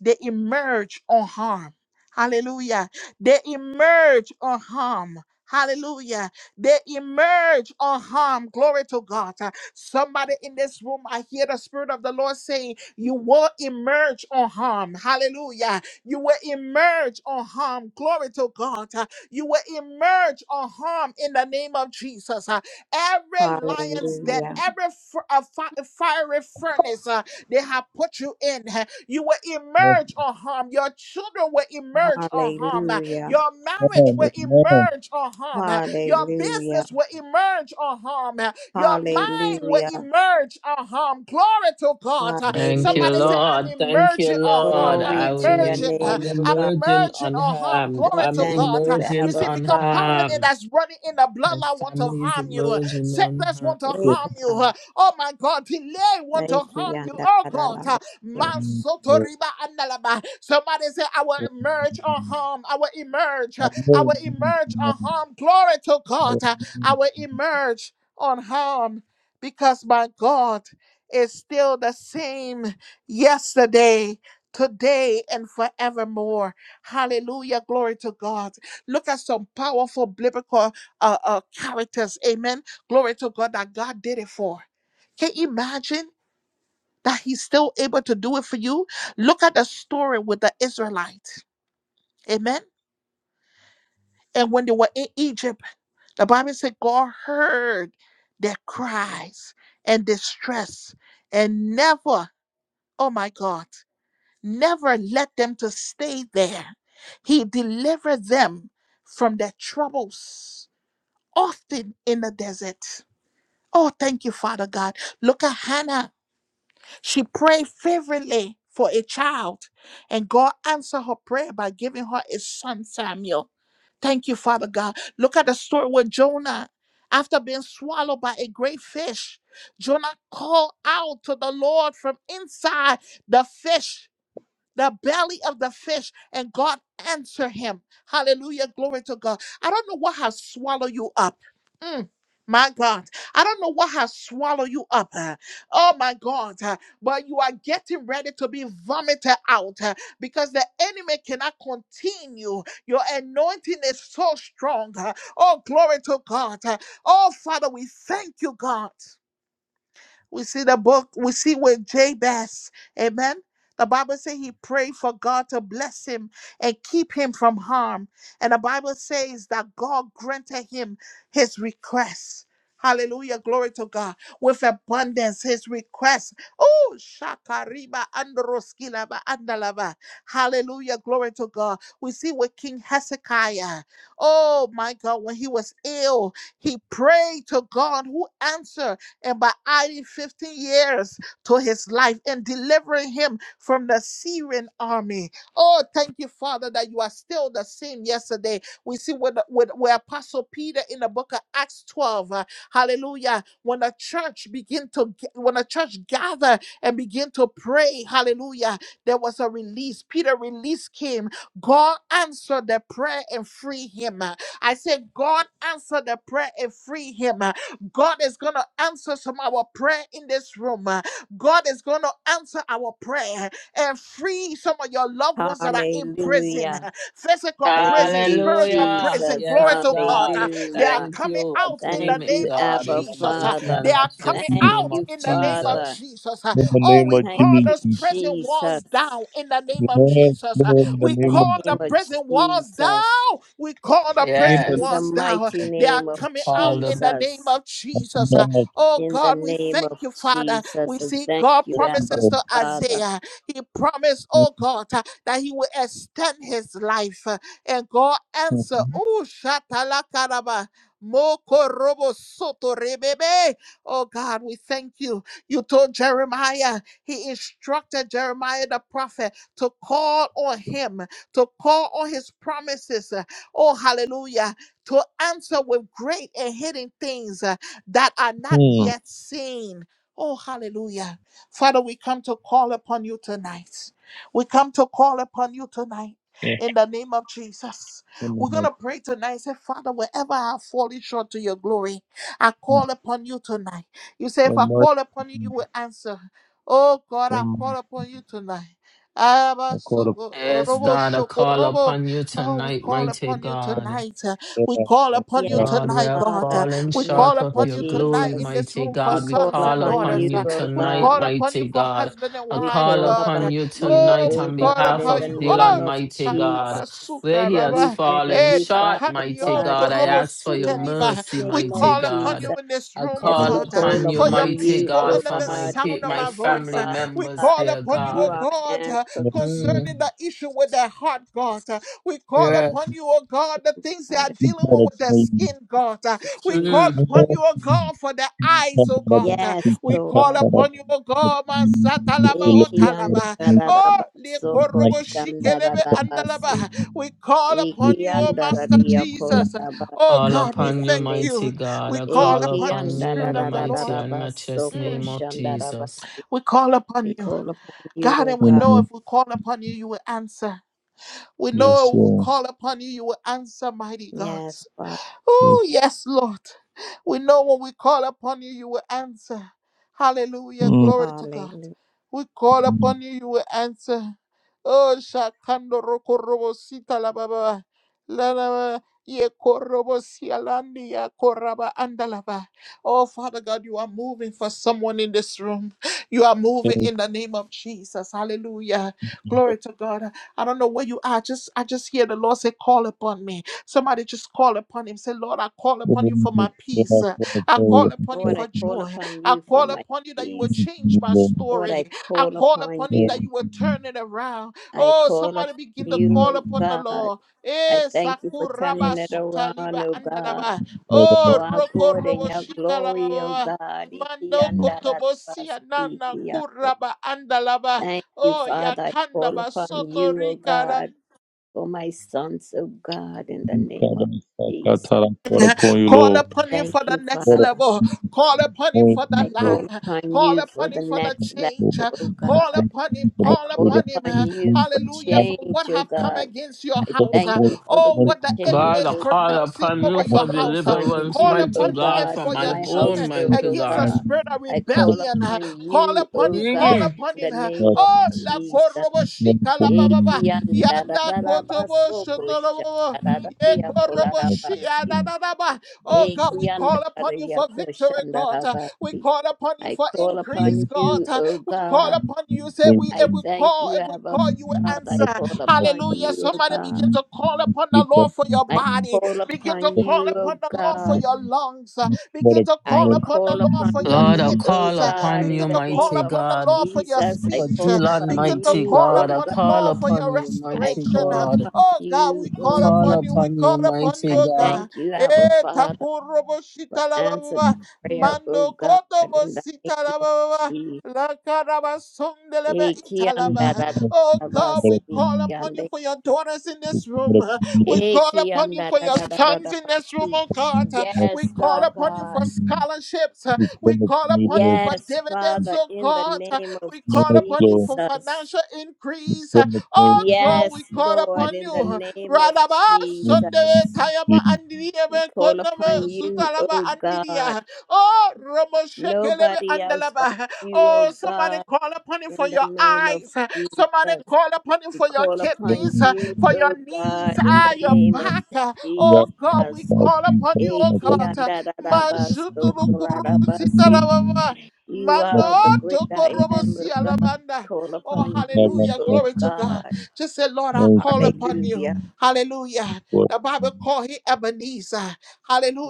S1: They emerged unharmed. Hallelujah. They emerge unharmed. Hallelujah. They emerge unharmed. Glory to God. Uh, Somebody in this room, I hear the Spirit of the Lord saying, You will emerge unharmed. Hallelujah. You will emerge unharmed. Glory to God. Uh, You will emerge unharmed in the name of Jesus. Uh, Every lion's den,
S2: Hallelujah.
S1: every f- uh, fi- fiery furnace, uh, they have put you in. huh? You will emerge unharmed. Your children will emerge unharmed.
S2: Hallelujah.
S1: Your marriage will
S4: Amen. Amen.
S1: emerge unharmed. Your
S2: Hallelujah.
S1: business will emerge unharmed. Your mind will
S2: Hallelujah.
S1: emerge unharmed. Glory to God.
S3: Thank you,
S1: Somebody say,
S2: Hallelujah.
S1: I'm
S3: Lord. Thank you,
S1: emerging unharmed.
S3: Lord.
S1: I'm
S3: I
S2: Glory to
S3: will.
S2: your
S3: Im-
S1: emerging.
S2: name,
S3: I'm
S2: O
S1: I'm
S2: God.
S3: emerging
S1: emerging unharmed.
S3: unharmed.
S2: I
S1: Glory
S3: I'm
S1: to
S2: thank
S1: God.
S2: you,
S1: You
S3: emerging
S2: Abba
S1: see, because
S2: Father.
S1: poverty
S3: unharmed.
S1: that's running in the
S3: My
S1: bloodline want to
S3: family is
S1: harm you.
S3: emerging
S1: Sickness
S3: unharmed.
S1: want to
S2: Hey
S1: harm you.
S2: God.
S1: Oh my God. Delay want to
S2: Thank you,
S1: harm you.
S2: Yanda,
S1: Oh
S2: da, da, ba,
S1: God.
S2: so.
S1: Man soto andalaba. Somebody say, I will emerge unharmed. I will emerge.
S4: In
S1: I will emerge unharmed. Glory to God. Uh, I will emerge unharmed because my God is still the same yesterday. Today and forevermore. Hallelujah. Glory to God. Look at some powerful biblical uh, uh, characters. Amen. Glory to God that God did it for. Can you imagine that He's still able to do it for you? Look at the story with the Israelites. Amen. And when they were in Egypt, The Bible said God heard their cries and distress and never, oh my God, never let them to stay there. He delivered them from their troubles often in the desert. Oh, thank you, Father God. Look at Hannah. She prayed fervently for a child, and God answered her prayer by giving her a son, Samuel. Thank you, Father God. Look at the story with Jonah. After being swallowed by a great fish, Jonah called out to the Lord from inside the fish the belly of the fish, and God answered him. Hallelujah. Glory to God. I don't know what has swallowed you up. Mm, My God, I don't know what has swallowed you up. uh, Oh my God, uh, but you are getting ready to be vomited out uh, because the enemy cannot continue. Your anointing is so strong. uh, Oh, glory to God. uh, Oh, Father, we thank you, God. We see the book, we see with Jabez, amen. The Bible says he prayed for God to bless him and keep him from harm. And the Bible says that God granted him his request. Hallelujah. Glory to God. With abundance, his request. Oh, Shakariba Androskilaba Andalava. Hallelujah. Glory to God. We see with King Hezekiah. Oh my God, when he was ill, he prayed to God who answered and by adding 15 years to his life and delivering him from the Syrian army. Oh, thank you, Father, that you are still the same yesterday. We see with, with, with Apostle Peter in the book of Acts 12. uh, hallelujah. When the church begin to g- when the church gather and begin to pray, hallelujah, there was a release. Peter release came. God answered the prayer and free him. I said, God answered the prayer and free him. God is going to answer some of our prayer in this room. uh, God is going to answer our prayer and free some of your loved ones that are in prison,
S2: Hallelujah.
S1: uh, physical
S2: Thank
S1: prison,
S2: you,
S1: spiritual
S3: Hallelujah.
S1: prison.
S2: Jesus.
S3: Yes,
S1: Glory to God. uh,
S3: God.
S1: They are
S2: Hallelujah.
S3: Thank
S1: coming
S3: you. I
S1: out in the
S3: claim
S2: Thank
S3: it,
S2: you,
S1: name of
S3: God, in
S2: Abba
S3: the
S1: Jesus. uh,
S3: mighty
S2: Father.
S1: They
S3: and
S1: are coming
S3: matchless
S2: Thank
S3: name
S1: out
S3: of
S2: you,
S1: in the name of
S2: Father.
S3: Jesus.
S1: Jesus. uh,
S4: the
S1: Oh,
S4: name
S1: we
S4: of
S2: Thank
S1: call
S2: you,
S1: those
S4: Jesus.
S1: prison walls
S2: Jesus.
S1: down in the name
S4: Yes,
S1: of Jesus. uh,
S4: Lord, in the
S1: We
S2: In
S4: name of
S1: call
S2: the name
S1: the
S2: of
S1: prison walls down.
S2: Jesus.
S1: We call the prison
S4: Jesus.
S2: In the
S3: Yes.
S1: walls down.
S2: mighty
S1: They are
S2: name of
S1: coming out
S3: Call
S1: in
S3: the
S1: the name
S2: Jesus.
S1: of
S4: in
S1: Jesus.
S4: the
S1: Uh,
S4: name
S1: Oh
S2: in the
S1: God, we
S2: name of
S1: thank you, Father.
S2: Jesus.
S1: We
S2: And
S1: see
S2: thank
S1: God
S2: you,
S4: of
S2: Abba
S1: promises
S4: Jesus.
S1: to
S2: Father.
S1: Isaiah. He promised, oh God, uh, that he will extend his life. Uh, And God answered, Oh, Shatalakaraba. Mokorobo soto rebebe. Oh God, we thank you. You told Jeremiah, he instructed Jeremiah the prophet to call on him, to call on his promises. Uh, Oh, hallelujah to answer with great and hidden things uh, that are not
S4: Hmm.
S1: yet seen. Oh, hallelujah. Father, we come to call upon you tonight. We come to call upon you tonight.
S4: Yes,
S1: In the name of Jesus,
S4: in the
S1: we're
S4: name
S1: going
S4: of
S1: to pray tonight. Say, Father, wherever I have fallen short to your glory, I call
S4: Jesus.
S1: upon you tonight. You say, if
S4: Your
S1: I call upon you, you
S4: mercy,
S1: will answer. Oh God,
S4: your
S1: I call
S4: mercy.
S1: upon you tonight. Abba,
S4: I
S1: so-
S4: call
S3: yes,
S1: robo,
S3: God. I
S1: shoko,
S3: call
S1: robo.
S3: upon you
S1: Oh, we
S3: tonight,
S1: call
S3: mighty
S1: upon you
S3: God.
S1: tonight. uh, we call
S4: upon
S1: upon you
S2: Yes,
S4: you.
S3: Lord, we
S1: tonight,
S3: have
S1: God.
S2: Father,
S1: Uh,
S3: fallen
S2: in
S1: We
S2: the name
S1: call
S3: short of
S2: of
S4: that
S1: upon
S3: your
S1: you tonight
S3: glory,
S1: in
S2: Jesus.
S1: this
S3: mighty
S1: room for
S2: We
S3: God. We
S2: call
S1: sons
S3: call
S1: and
S2: upon you,
S3: upon
S1: daughters.
S3: you
S1: Uh,
S2: O
S1: We
S2: God.
S3: tonight,
S1: call upon you
S3: mighty
S1: for
S3: God.
S1: husband and
S3: I
S2: We
S1: wives,
S3: call
S2: call
S1: God.
S3: upon
S1: Uh,
S2: upon
S3: you
S2: you,
S1: Oh,
S3: tonight
S1: we
S2: O
S3: on
S1: call
S2: God,
S3: behalf
S2: in
S1: upon
S3: of
S2: the
S1: you.
S2: name
S3: Dylan,
S1: Oh,
S2: of
S3: mighty
S1: tikana
S2: Jesus.
S3: God, where
S1: basuka
S3: he has
S2: We
S1: raba.
S2: thank
S3: fallen
S1: Eh,
S2: you, Father
S3: short, mighty
S1: nakanio
S2: God, in
S3: God. I
S2: the
S1: korobo
S3: ask for
S2: mighty,
S3: your
S1: sute
S2: matchless
S1: liba.
S3: mercy,
S1: we
S2: name of
S4: you
S3: mighty
S1: call upon
S3: God.
S1: you
S2: Jesus.
S1: in this
S3: I
S1: room,
S2: As
S3: call
S4: can
S2: we
S1: God, uh,
S2: call
S3: upon you,
S1: for your
S2: upon
S3: mighty
S2: you,
S1: people
S2: O
S3: God,
S1: under
S3: for
S1: the
S3: my
S2: God, we
S3: pe-
S1: sound of
S3: my
S1: my
S2: thank you,
S1: voice.
S3: family
S1: Uh,
S2: Father
S1: We
S3: members,
S1: call
S2: God.
S3: dear
S1: upon you,
S2: You
S1: oh
S3: God.
S2: are
S1: God, uh,
S2: answered,
S4: see
S3: Mm,
S1: concerning the issue with their heart, God. We call
S3: yeah.
S1: upon you, oh God, the things they are
S2: Father
S4: the
S1: dealing with
S4: product
S1: with their
S4: maybe.
S1: skin, God. Uh,
S2: God.
S1: We
S2: Jesus.
S3: Mm.
S1: call
S4: You
S1: upon
S4: know,
S1: you, oh God, for their
S4: see
S1: eyes,
S4: some
S1: oh
S4: other
S1: God.
S4: than
S1: Uh,
S2: Yes,
S4: see
S1: We
S4: some stuff
S1: call
S2: Lord.
S4: other
S1: upon you,
S4: than
S1: oh
S4: that
S1: God, man
S4: you need
S1: satalaba
S4: to
S1: o
S4: learn the product
S1: talaba.
S4: maybe.
S1: Oh, le
S4: You
S2: Ikiandarabasoko
S4: know, not
S1: korobo
S4: see
S1: shikelebe
S2: koshandarabasi.
S1: andalaba. We
S4: something,
S1: call
S4: you
S1: upon you,
S4: see
S1: oh Master Jesus. Uh,
S4: something,
S1: Oh
S4: you see
S2: Ikiandarayakolabasi
S3: Call
S1: God, we
S3: upon you,
S1: thank
S2: kiande.
S3: mighty
S1: you.
S3: God.
S1: We
S3: I
S1: call
S3: call
S1: upon you,
S3: upon you in
S1: Spirit
S3: the
S1: of the
S3: mighty
S1: Lord.
S3: and matchless
S2: Ikiandarabasoko
S1: Mm,
S3: name of Jesus.
S2: shandarabasi.
S1: We call upon
S2: We
S1: you.
S2: call upon you,
S1: God,
S2: O
S1: and we
S2: God.
S1: know if
S4: something.
S1: we call upon you, you will answer. We
S4: Yes,
S1: know we will
S4: yeah.
S1: call upon you, you will answer, mighty God.
S2: Yes, Father.
S4: Yes.
S1: Oh, yes, Lord. We know when we call upon you, you will answer. Hallelujah.
S4: Mm.
S1: Glory to God.
S2: Hallelujah.
S1: We call
S4: Mm.
S1: upon you, you will answer. Oh, Shakando Roko Robo Sita La Baba. La la ba. Ye korobo si ya koraba andalaba. Oh, Father God, you are moving for someone in this room. You are
S4: Yes.
S1: moving in the name of Jesus. Hallelujah.
S4: yes.
S1: Glory to God. I don't know where you are. Just I just hear the Lord say, call upon me. Somebody just call upon him. Say, Lord, I call
S4: The
S1: upon you
S4: woman
S1: for
S4: is
S1: my
S4: for the
S1: peace.
S4: last one to
S1: I
S4: pray
S1: call
S4: and
S1: upon you
S4: start
S2: Lord, I
S1: for
S4: to sing
S2: call
S1: joy.
S2: upon
S1: I
S2: you for
S1: call
S2: my
S1: upon you that you will
S2: peace.
S4: to
S1: change
S4: the
S1: my
S4: Lord.
S2: Lord,
S1: story.
S2: I
S1: I
S2: call
S1: call
S2: upon
S1: upon you
S2: you.
S1: that
S4: Yes.
S1: you will
S4: Mm.
S1: turn it around.
S2: I
S1: Oh,
S2: call
S1: somebody
S2: upon
S1: begin to
S2: you,
S4: Mm.
S1: call
S2: O
S1: upon the
S2: God.
S1: Lord.
S2: I
S1: Eh,
S2: thank you for
S1: sakuraba
S2: turning it
S1: suta
S2: around,
S1: liba
S2: O God.
S1: andalaba. Oh,
S2: for our
S1: roko
S2: good and
S1: robo
S4: Mm.
S2: your
S1: shika la ba ba
S2: glory, O
S1: ba.
S2: God.
S1: Mando
S4: Mm.
S1: kotobosia nana
S2: Ikiandarabasikiando.
S1: kuraba andalaba.
S2: Thank you,
S1: Oh,
S2: Father. I
S1: yakanda
S2: call upon
S1: basoto
S2: you, O God, for my sons, O God, in the
S4: I'm
S2: name of
S4: not
S2: Jesus.
S1: Call upon him
S2: Thank
S1: for the
S2: you,
S1: next
S2: Father.
S1: level. Call upon him for the
S2: I call
S1: ladder.
S2: upon
S1: Call
S2: you for
S1: upon
S2: the
S1: him for the
S2: next
S1: change.
S2: level, O
S1: Call
S2: God.
S1: upon him.
S2: I
S1: Call
S2: call
S1: upon him.
S2: upon you for
S1: Hallelujah. For what
S2: change, O
S1: have come
S2: God.
S1: against your
S2: I
S1: house.
S2: thank you for the
S1: Oh,
S2: good
S1: what the enemy
S2: change,
S3: God, I
S1: is
S2: O God.
S3: call
S1: pronouncing
S3: upon you
S2: I
S1: over your
S3: for
S2: call
S1: house.
S2: upon
S3: deliverance,
S1: Call
S2: you,
S1: upon
S3: mighty
S2: O
S1: him
S3: God,
S2: God,
S3: from
S1: for
S2: for
S3: my
S1: your
S2: my
S3: home,
S1: children
S2: household,
S3: mighty
S2: O
S1: against the
S2: God.
S3: God.
S1: spirit of
S2: I call
S1: rebellion.
S2: upon
S1: Call
S2: you,
S1: upon
S2: O
S1: him.
S2: God,
S1: Call
S3: Mm.
S1: upon
S2: in the
S1: him.
S2: name of
S1: Oh, la
S2: Jesus.
S1: korobo shika la baba. ba. Yanda kotobo shotorobo. Ye korobo shia
S2: Ekiandarararabasokoshandarariyakolarabasi.
S1: da da da ba. Oh God, we call upon you for victory, God. Uh, We
S2: Ekiandarariyakoshandarabasi.
S1: call upon you
S2: I
S1: for
S2: call upon
S1: increase, God.
S2: you,
S1: Uh,
S2: O
S1: We call
S2: God.
S1: upon you. You said we
S2: I
S1: if we
S2: thank
S1: call,
S2: you,
S1: if we
S2: Abba
S1: call, you will
S2: Father. I
S1: answer.
S2: call upon
S1: Hallelujah.
S2: you, O
S1: Somebody
S2: God.
S1: begin to call upon the Lord for your
S2: I
S1: body.
S2: call
S1: Begin to
S2: upon
S1: call
S2: you,
S1: upon
S2: O
S1: the Lord for
S2: God.
S1: your lungs. Uh,
S4: a bad
S1: Begin to call
S2: I
S1: upon the
S2: call
S1: Lord
S2: upon
S1: for your
S3: Lord,
S2: you,
S3: I
S4: person.
S2: O
S1: kidneys.
S3: call
S1: Uh,
S2: God,
S3: upon
S2: in
S3: you,
S1: Begin
S2: the
S1: to call
S2: name
S3: mighty
S2: of
S1: upon the
S3: God,
S1: Lord for your
S2: Jesus.
S4: Thank
S2: I
S3: for
S1: speech.
S4: you.
S2: call
S1: Uh,
S3: Dylan,
S2: upon
S1: Begin to
S3: mighty
S2: you,
S1: call
S2: O
S3: God. I
S1: upon the
S2: God.
S3: call
S1: Lord for your
S3: upon you,
S2: I
S3: mighty
S1: restoration.
S2: call
S1: Uh,
S3: God.
S2: upon
S1: Oh God,
S2: you,
S1: we
S3: I
S1: call
S2: O
S3: call
S2: God.
S1: upon you. We
S3: upon you,
S1: call upon you,
S3: mighty
S2: I
S1: oh
S3: God.
S1: God.
S2: thank you, Abba
S1: Eh,
S2: Father,
S1: takurobo
S2: for answered
S1: shikalababa,
S2: prayer, O
S1: mando
S2: God,
S1: kotobo
S2: in the name of
S1: sitalababa.
S2: Jesus. Eki anda da da
S1: Oh
S2: da
S1: God, we
S2: basi
S1: call upon you
S2: ande.
S1: for your daughters in this room. We call
S2: Eki
S1: upon you
S2: anda
S1: for
S2: da
S1: your
S2: da da da
S1: sons
S2: da
S1: in this room,
S2: basi.
S1: oh God. We
S2: Yes,
S1: call
S2: Lord
S1: upon you
S2: God.
S1: for scholarships. We call upon you for
S2: Yes,
S1: dividends,
S2: Father,
S1: oh
S2: in the
S1: God.
S2: name of
S1: We call upon you for
S2: Jesus.
S1: financial increase. Oh God, we
S2: Yes,
S1: call
S2: Lord,
S1: upon
S2: in
S1: you.
S2: the name of
S1: Radaba Sunday
S2: Jesus,
S1: Tayama
S2: we
S1: Andirebe
S2: call
S1: Kodnama
S2: upon you,
S1: Sutalaba
S2: O God.
S1: Andiria. Oh Romo Shekelebe
S2: Nobody else but
S1: Andalaba.
S2: you,
S1: Oh
S2: O
S1: somebody
S2: God,
S1: call upon him for
S2: in the
S1: your
S2: name of
S1: eyes. Somebody
S2: Jesus.
S1: call upon him
S2: We
S1: for your
S2: call upon
S1: kidneys,
S2: you,
S1: for your
S2: O
S1: knees,
S2: God, in
S1: ah,
S2: the
S1: your
S2: name of
S1: back.
S2: Jesus.
S1: Oh God, we call upon you, oh
S2: Eki
S1: God. Manshuturu
S2: andarabasoko
S1: Kuru
S2: larabasi.
S1: Sitalababa.
S2: You
S1: Mando
S2: are the great
S1: toko
S2: I
S1: robo
S2: am, O
S1: si
S2: God.
S1: alabanda.
S2: Call
S1: Oh,
S2: upon you,
S1: hallelujah.
S2: O
S1: Glory to God.
S2: God.
S1: Just say, Lord, I call upon you.
S2: Hallelujah.
S1: Hallelujah. The Bible called him Ebenezer.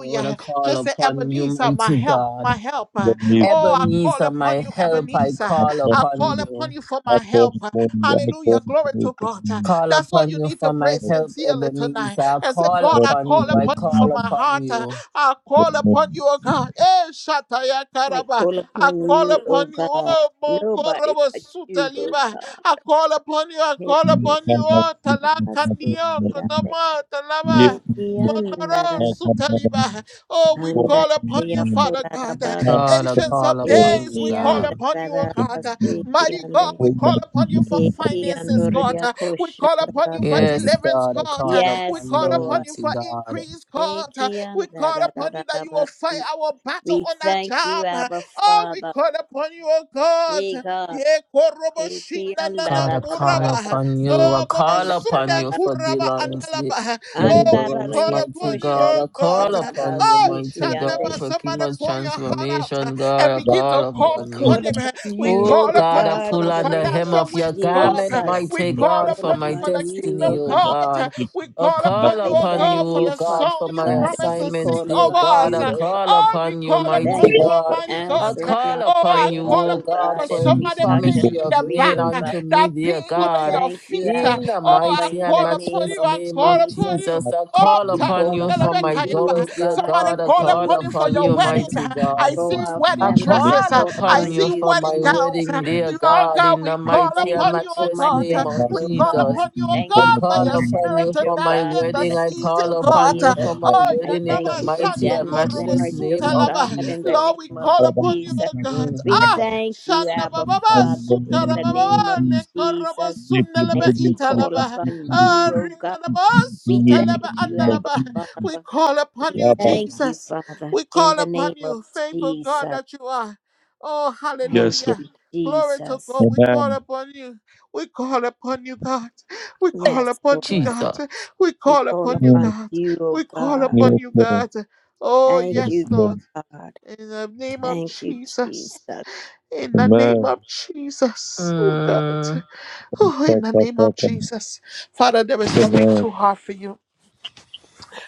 S3: Lord, I call
S1: Just say,
S3: upon you,
S1: Ebenezer, my
S3: mighty
S1: help,
S3: God.
S1: my help.
S4: the music.
S1: Oh, I call
S3: Ebenezer, my
S1: upon you,
S3: help, I
S1: Ebenezer.
S4: I
S3: call
S1: I
S4: can't,
S3: upon
S1: call
S3: you.
S1: upon you for
S4: I
S1: my
S4: can't,
S1: help.
S4: I can't,
S1: Hallelujah.
S4: I
S1: Glory to God.
S3: call
S1: That's all
S3: upon
S1: you
S3: you
S1: need to
S3: for
S1: pray
S3: my help,
S1: sincerely tonight.
S3: Ebenezer. I
S1: And say,
S3: call
S1: God, I
S3: upon
S1: call
S3: you. I
S1: upon you for
S3: call
S1: my
S3: upon
S1: heart.
S3: you.
S1: I call upon you, oh God. Eh, Shataya
S2: I
S1: Karaba.
S2: call
S1: I
S2: upon
S1: call
S2: you, O
S1: upon you.
S2: God.
S1: Oh,
S2: Nobody
S1: Mokorobo
S2: but you, O
S1: Sutaliba.
S2: God.
S1: I call upon you. I
S2: Hey,
S1: call
S2: hey,
S4: can't,
S1: upon you.
S4: stand
S2: hey,
S1: Oh,
S2: hey,
S1: Talakandio
S2: hey,
S1: Kotoma Talaba.
S2: hey, hey,
S1: Mandara
S2: andarara,
S1: Sutaliba. Oh, we
S4: for what
S1: call
S4: you
S1: upon
S2: andaraya
S1: you, Father God.
S2: koraraba,
S3: God, I
S1: Ancients
S3: call
S1: of
S3: upon
S1: days,
S3: you,
S2: eki
S1: we call
S3: God.
S1: upon you, oh
S2: andarara,
S4: should
S1: God.
S4: be.
S2: seki
S1: Mighty God,
S2: ande,
S1: we
S4: All my
S1: call upon you
S4: people
S1: for
S4: are
S2: eki
S4: coming to me.
S1: finances, God.
S2: andoria
S1: We call upon you
S4: I'm
S1: for
S4: not
S2: koshandarabasi.
S3: Yes,
S1: deliverance,
S3: God, I
S1: God.
S3: call
S1: We
S2: Yes,
S3: upon
S1: call
S3: you,
S1: upon
S2: Lord.
S1: you
S3: mighty
S1: for
S3: God.
S1: increase, God.
S2: Eki
S1: We call upon you that you will fight
S2: andarararabasi.
S1: our battle
S2: We
S1: on our
S2: thank you,
S1: job.
S2: Abba
S1: Oh, we
S2: Father.
S1: call upon you, oh God. Ye korobo
S2: Eki
S1: shina
S2: anda
S1: nana
S3: God,
S2: da
S3: I
S2: da da
S3: call
S2: da
S1: uraba.
S2: ba
S3: upon you.
S2: si
S3: I
S1: Oh, baba
S3: call
S2: anda da
S3: upon
S2: da
S1: sunda
S3: you
S2: da
S3: for
S1: kuraba
S2: so.
S3: Dylan's de-
S1: andalaba.
S4: going to
S1: Oh,
S4: come.
S2: anda
S1: we
S2: da da
S3: deliverance,
S1: call
S2: ya
S3: mighty
S1: upon you,
S2: push
S3: God.
S2: anda
S1: oh
S3: I
S1: God.
S2: da
S3: call
S2: da ba
S3: upon you,
S1: Oh,
S2: si ki
S3: mighty God,
S2: anda.
S1: Shandaba,
S3: for
S1: somebody
S3: Kima's
S1: pour your heart out
S3: transformation, God.
S1: and
S3: I
S4: Yeah,
S1: begin
S3: call
S1: to
S4: I'm a
S2: We
S1: call
S3: upon you.
S1: upon
S4: secret.
S2: call
S4: I'm
S2: upon
S1: him. We
S2: you,
S4: not
S3: Oh
S1: call
S2: O
S1: upon
S3: God, I
S1: you
S2: God,
S1: for
S3: pull
S2: in
S1: the
S2: the
S3: on the
S2: name
S3: hem
S2: of
S1: financial
S3: of your
S1: wins,
S4: going to
S1: God.
S3: garment,
S2: Jesus.
S1: We
S3: mighty
S2: We
S1: call
S3: God,
S4: come.
S2: call
S3: for
S1: upon you
S3: my
S1: for the
S2: upon you,
S3: destiny,
S2: O
S1: kingdom,
S4: Yeah,
S3: oh
S1: God.
S4: I'm
S2: God.
S3: God.
S1: We
S3: I
S1: call
S4: a
S1: upon
S3: call
S1: you,
S2: I
S4: secret.
S1: oh
S3: upon you,
S2: thank
S1: God, for
S2: you,
S3: oh
S1: the
S3: God,
S1: song
S3: for
S2: Father
S3: my
S1: you
S4: In
S2: God,
S1: promised
S2: as
S4: the
S1: to
S2: we
S3: assignments,
S1: sing
S2: call
S3: dear
S1: over
S2: upon
S3: God.
S1: us.
S3: I
S2: you, O
S3: call
S2: God.
S1: Oh, we
S3: upon you,
S1: call
S2: We
S1: upon
S2: thank
S3: mighty
S1: you,
S2: you for
S3: God.
S1: Almighty
S3: I
S1: God.
S2: answering
S3: call
S2: our
S1: Oh,
S3: upon
S1: I
S3: you,
S2: prayers,
S1: call
S3: O
S2: O
S1: upon you
S3: God,
S1: for
S2: God,
S3: for
S2: as
S3: every
S2: we
S1: somebody pain
S2: touch
S3: promise
S2: and
S3: you
S1: in
S3: have
S1: the
S2: agree,
S3: made
S1: back,
S2: O God.
S3: unto
S1: that
S3: me,
S1: pain
S3: dear
S2: We
S1: under
S3: God.
S1: your
S2: thank you,
S1: feet.
S2: Abba
S3: In the
S1: Oh,
S2: Father,
S1: I
S3: mighty
S2: in
S3: and
S2: the
S1: call upon
S2: name
S3: matchless
S1: you.
S2: of
S1: I
S3: name
S1: call
S3: of
S1: upon
S2: Jesus.
S1: you.
S3: Jesus, I
S2: As
S1: Oh,
S3: call
S2: we
S3: upon
S2: call
S3: you
S2: upon
S3: for my
S2: you, O
S1: takundelebekayaba.
S3: gums, dear
S2: God,
S1: somebody
S2: in
S3: God. I
S2: the
S1: call
S2: name
S3: call
S1: upon
S2: of
S1: him for
S3: upon
S1: your
S3: you,
S1: wedding.
S2: Jesus,
S3: mighty God.
S1: I
S2: for
S1: see
S2: our
S3: I
S1: wedding
S2: families, I
S1: dresses.
S3: call
S2: call
S1: I
S3: upon
S2: upon
S3: you
S1: see
S2: you
S3: for
S2: for
S3: my
S1: wedding
S2: my
S1: gowns.
S3: wedding,
S2: blessing,
S3: dear
S1: Lord
S3: God,
S2: God.
S1: God,
S3: in
S1: we
S3: the
S2: I
S1: call
S3: mighty
S2: thank
S3: and
S1: upon
S2: you
S1: you,
S2: for
S1: oh
S3: matchless
S2: my
S1: God.
S2: blessing,
S3: name of
S1: We
S2: O
S1: call
S2: God.
S3: Jesus.
S1: upon you, oh
S2: Thank
S3: I
S2: you
S1: God,
S2: for
S1: by
S3: call
S2: my
S1: your
S3: upon
S1: spirit
S3: you
S2: marriage,
S1: to
S2: O
S3: for my
S2: God,
S1: navigate the
S2: in
S3: wedding.
S2: the
S3: I
S2: name
S3: call
S1: season,
S2: of
S3: upon
S1: God.
S3: you
S2: Jesus.
S3: for my
S2: I
S3: wedding in
S2: thank
S3: the
S1: Yanaba
S2: you for
S3: mighty
S1: Shando
S3: and
S2: Janice's
S1: Korobo
S3: matchless
S4: name
S2: marriage,
S4: of
S3: name
S2: O
S3: of
S2: God,
S1: Laba.
S2: in the
S3: Jesus.
S1: Lord, we
S2: name of
S1: call upon you,
S2: Jesus.
S1: O God.
S3: Mm.
S2: We
S1: Ah,
S4: Jesus.
S2: thank you,
S1: Shanda
S2: Abba
S1: Baba
S4: Jesus.
S2: Father in
S1: Sukara
S2: the name
S1: Baba
S2: of
S1: Le Korobo
S2: Jesus.
S4: If you do the
S2: As we
S4: best, if
S2: call
S4: you
S1: Italaba.
S4: do
S2: upon
S4: the
S1: Ah,
S2: you, O
S4: best,
S2: God,
S4: if
S1: Rindanaba
S4: you do the
S2: we
S4: best,
S1: Sutalaba
S4: if
S2: thank you, Abba
S1: Andalaba.
S4: you do
S1: We
S2: Father.
S1: call upon
S2: We
S1: you,
S4: the best.
S2: thank you,
S1: Jesus.
S2: Father,
S1: We
S2: in
S1: call
S2: the name
S1: upon
S2: of
S1: you, faithful God
S2: Jesus.
S1: that you are. Oh,
S2: Thank
S4: Yes, Lord.
S1: hallelujah.
S2: you,
S1: Glory to
S2: Jesus.
S1: God. We call
S4: Amen.
S1: upon you. We call upon you, God. We call
S3: Hey,
S2: Yes,
S1: upon you,
S2: Lord.
S1: God.
S3: Jesus.
S1: We
S2: We
S1: call
S2: call
S1: upon you,
S2: upon
S4: Mm.
S1: God.
S2: you, O
S1: We call
S2: God.
S1: upon
S4: Yes,
S1: you,
S4: Lord.
S1: God. Oh,
S2: Thank
S4: Yes,
S2: you,
S1: yes, Lord.
S4: Lord.
S2: Lord God.
S1: In the name of
S2: Thank you, Jesus.
S1: Jesus. In the name
S4: Amen.
S1: of Jesus. Oh, God.
S3: Mm.
S1: Oh, in the
S4: Saka,
S1: name of
S4: saka.
S1: Jesus. Father, there is nothing
S4: Amen.
S1: too hard for you.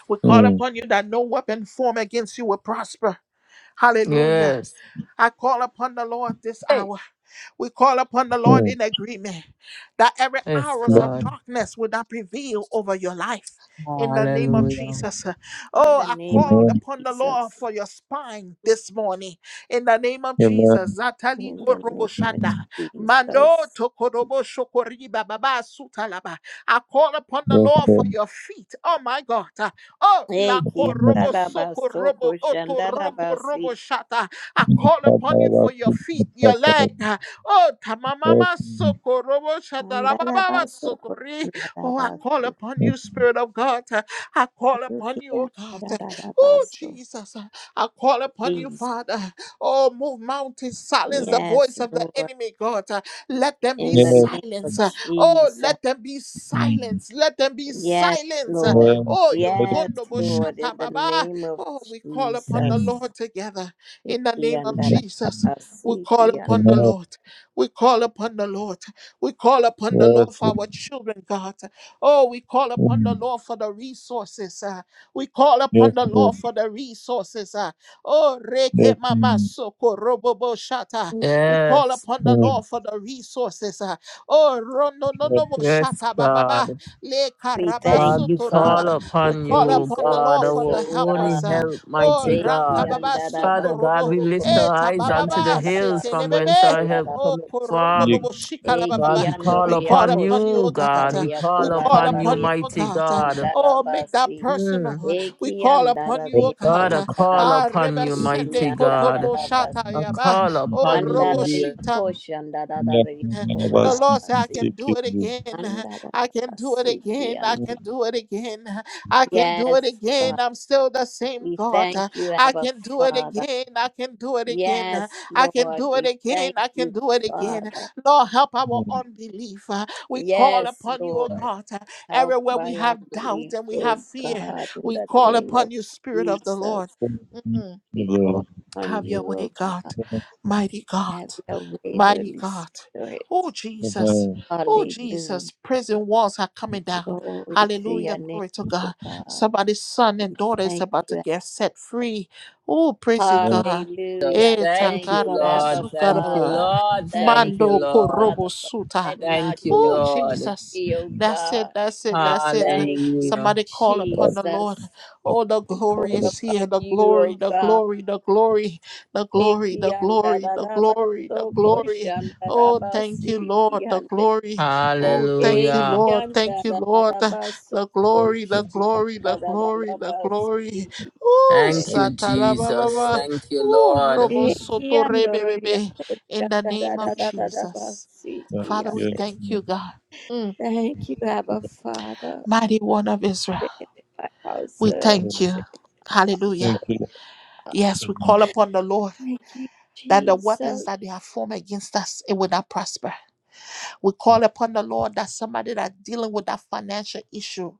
S1: We call
S4: Mm.
S1: upon you that no weapon formed against you will prosper. Hallelujah.
S3: Yes.
S1: I call upon the Lord this
S3: Hey,
S1: hour. We call upon the Lord
S4: Mm.
S1: in agreement that every
S3: yes,
S1: hours
S4: Yes,
S1: of
S3: God.
S1: darkness will not prevail over your life. In the name of
S4: Lord.
S3: Hallelujah.
S1: Jesus. uh,
S2: In
S1: Oh,
S2: the
S1: I
S2: name of
S1: call
S4: Amen.
S1: upon the Lord
S2: Jesus.
S1: for your spine this morning. In the name of
S4: Amen.
S1: Jesus. Zatali
S2: In the name of
S1: koroboshanda.
S4: Mm.
S1: Mando
S2: Jesus.
S1: tokorobo shokoriba baba sutalaba. I call upon the
S4: Yes,
S1: Lord for
S4: Lord.
S1: your feet. Oh my God. Oh, la
S2: Thank you.
S4: Amen.
S1: korobo sokorobo
S2: Dadabasoko
S1: otoroko robo
S2: shandadabasi.
S1: shata. I
S4: Mm.
S1: call upon you
S4: Saka,
S1: for your
S4: saka.
S1: feet, your
S4: saka.
S1: leg. uh, Oh,
S4: Yes,
S1: tamamama
S4: Lord.
S1: sokorobo shatarababa
S2: Andarabaso,
S1: sotori. Oh, I call
S2: Andarabaso,
S1: upon you, Spirit of God. uh, I call upon you,
S2: Kurukia,
S1: oh God. Oh,
S2: Andarabaso.
S1: Jesus. uh, I call upon you,
S2: Jesus.
S1: Father. Oh, move mountains, silence the
S2: Yes,
S1: voice of the
S2: Lord.
S1: enemy, God. Uh, Let them be
S2: In the
S4: Yes.
S2: name of
S1: silenced. Uh, Oh,
S2: Jesus.
S1: let them be
S4: Mm.
S1: silenced. Let them be
S2: Yes,
S1: silenced. Uh,
S2: Lord.
S4: Yes,
S1: Oh,
S4: the
S1: your
S2: Yes,
S1: kondo
S4: Lord
S2: Lord. In
S1: boshata
S2: the
S1: baba.
S2: name of
S1: Oh, we call upon
S4: Yes.
S1: the
S2: Jesus.
S4: the
S1: Lord together in the
S2: Iki
S1: name
S4: Mm.
S1: of
S4: Yes,
S1: Jesus.
S4: Lord.
S1: We
S2: Andarabasi,
S1: call
S2: Iki
S4: The
S2: And
S1: upon the
S4: Lord.
S1: Lord. We call upon the Lord. We call upon the
S4: Yes,
S1: Lord for
S4: Lord.
S1: our children, God. Oh, we call upon the
S4: Mm.
S1: Lord for the resources. uh, we call upon
S4: Yes,
S1: the Lord
S4: Lord.
S1: for the resources. uh, Oh, reke
S4: Yes,
S1: mama
S4: mm.
S1: soko robo shata. We call
S3: Yes.
S1: upon the
S4: Mm.
S1: Lord for the resources. uh, Oh, rono no
S4: Yes,
S1: no bo
S3: Yes,
S1: shata
S3: God.
S1: bababa. Le
S2: We
S4: Father, I
S2: thank
S4: thank you for your
S3: God, we
S2: you,
S1: karabasoto
S4: mercy.
S1: raba.
S2: Father,
S3: call
S2: for
S1: We
S3: upon
S2: the
S1: call
S3: you,
S1: upon the
S3: God,
S1: Lord
S2: resources
S1: for the
S3: our
S2: of God.
S1: helpers.
S3: only
S1: uh,
S4: mm,
S3: help,
S1: Oh,
S3: mighty
S2: Eki
S1: ranka
S3: God.
S1: baba soko
S3: Father
S2: Andarabaso,
S3: God,
S1: robo.
S3: we lift our
S1: Eta
S3: eyes unto the
S1: bababa
S3: hills
S1: sete
S3: from whence
S1: lebebe.
S3: our help
S2: Koshandarabaso,
S1: Oh,
S3: cometh
S1: korondo
S4: Yes,
S1: robo
S3: from.
S1: shikara
S2: Eki
S1: bababa.
S3: God, we call
S1: We
S2: andoria
S1: call
S3: upon
S1: upon you, O
S3: you,
S1: God.
S3: God.
S1: uh,
S3: We
S2: koshandararia
S1: We
S3: call
S1: call
S3: upon you,
S1: upon
S2: kolararia
S1: you, O
S3: mighty
S1: God. uh,
S3: God.
S1: Oh, make that
S2: koshandarabasi.
S1: personal.
S3: Mm.
S1: uh, We
S2: Eki
S1: call upon you,
S4: Lord.
S1: O
S2: andararia
S3: God, I
S1: God.
S3: call
S1: Ah,
S3: upon
S2: kolarabasi.
S3: you,
S2: Eki
S1: Rebasende
S3: mighty
S1: koto
S3: God.
S1: mo
S2: andarabasi.
S1: shata
S3: I
S4: Yes,
S1: yaba.
S3: call
S1: Oh,
S3: upon you,
S2: Andaria
S3: dear.
S1: Roboshita.
S4: yes,
S2: koshandararia
S4: Lord. I
S1: The
S4: ask you
S1: Lord
S4: to
S1: said, I
S2: kolarabasi.
S4: take
S1: can do
S4: care of
S1: it
S4: me. Yes,
S1: again. I can do it
S2: Andarabasi. Ki
S1: again. I
S2: and-
S1: can do it again. I can do it
S2: Yes, God.
S1: again. I'm still the same
S2: We
S1: God.
S2: thank you,
S1: I
S2: Abba
S1: can do it
S2: Father.
S1: again. I can do it again.
S2: Yes,
S1: I can
S2: Lord.
S1: do it
S2: We
S1: again.
S2: thank
S1: I can
S2: you,
S1: do it again.
S2: Father.
S1: Lord, help our
S4: Lord.
S1: unbelief. We call
S2: Yes,
S1: upon you, O
S2: Lord.
S1: God.
S2: Help
S1: Everywhere we
S2: my
S1: have doubt
S2: unbelief,
S1: and we
S2: O
S1: have fear,
S2: God, in
S1: we
S2: the
S1: call
S2: name of
S1: upon you, Spirit of the
S2: Jesus.
S1: Lord.
S4: Thank Yes. Lord.
S1: Hmm.
S2: We call on
S1: Have your
S2: you, O
S1: way, God.
S2: God.
S4: Yes.
S1: Mighty God.
S2: Have your way,
S1: Mighty
S2: Holy
S1: God.
S2: Spirit.
S1: Oh,
S4: you,
S1: Jesus.
S4: Lord.
S1: Oh,
S2: Hallelujah.
S1: Jesus. Prison walls are coming down.
S2: Glory to
S1: Hallelujah.
S2: your
S1: Glory to
S2: name, O
S1: God.
S2: God.
S1: Somebody's son and daughter is
S2: Thank
S1: about to
S2: you.
S1: get set free. Oh, praise you,
S4: Lord,
S1: God.
S3: Jesus.
S2: Hallelujah.
S1: Eh,
S3: Thank
S2: Thank
S3: you,
S2: you,
S1: takaraba,
S3: Lord.
S2: Abba
S3: Thank you,
S1: sukaraba.
S2: Father.
S3: Lord. Thank
S2: Thank
S3: you,
S1: Mando
S2: you,
S3: Lord.
S2: Father,
S1: korobo
S2: for
S1: suta.
S2: setting our
S3: Thank you,
S1: Oh,
S2: children
S3: Lord.
S1: Jesus.
S2: free, O
S1: That's it.
S2: God.
S1: That's it. That's it.
S2: Thank you,
S3: Hallelujah.
S1: Somebody call upon the
S4: Lord,
S1: Lord.
S2: Jesus.
S1: Oh, the
S2: We
S1: glory
S2: call
S4: Lord, Lord, Lord.
S1: is here.
S2: upon
S1: The
S2: you,
S1: glory,
S2: O
S1: the
S2: God.
S1: glory, the glory, the glory,
S2: Eki
S1: the
S2: anda
S1: glory,
S2: da
S1: the
S2: da ba
S1: glory, the
S2: so koshi
S1: glory.
S2: anda da
S1: Oh,
S2: ba
S1: thank you,
S2: si ki
S1: Lord. The
S2: ande.
S1: glory. Oh, thank you,
S2: Eki
S3: Hallelujah.
S1: Lord.
S2: anda
S1: Thank you,
S2: da da da
S1: Lord.
S2: ba so
S1: The glory,
S2: koshi
S1: the
S2: anda
S1: glory,
S2: da
S1: the
S2: da da
S1: glory,
S2: da
S1: the
S2: basi
S1: glory.
S2: ki
S1: Oh,
S3: Thank
S2: ande.
S3: you,
S1: Satala
S3: Jesus.
S1: Baba.
S3: Thank you,
S1: Oh,
S3: Lord.
S1: Robo
S2: Eki
S1: Soto
S2: ando ria
S1: Rebebebe.
S2: koshi
S1: In the
S2: anda da
S1: name
S2: da
S1: of
S2: da da da ba
S1: Jesus.
S2: si ki
S1: Father, we
S4: Yes,
S2: ande.
S1: thank you, God.
S2: Thank you, Abba
S4: Lord.
S2: Father.
S1: Mighty one of Israel.
S2: Sanctify
S1: We
S4: Yes, Lord.
S2: ourselves.
S1: thank you.
S2: Sanctify
S1: Hallelujah.
S4: Thank
S2: ourselves.
S4: you, Lord.
S1: Yes,
S4: Yes,
S1: we
S4: Lord.
S1: call upon the Lord
S2: Thank you,
S1: that the weapons
S2: Jesus.
S1: that they have formed against us, it will not prosper. We call upon the Lord that somebody that's dealing with that financial issue.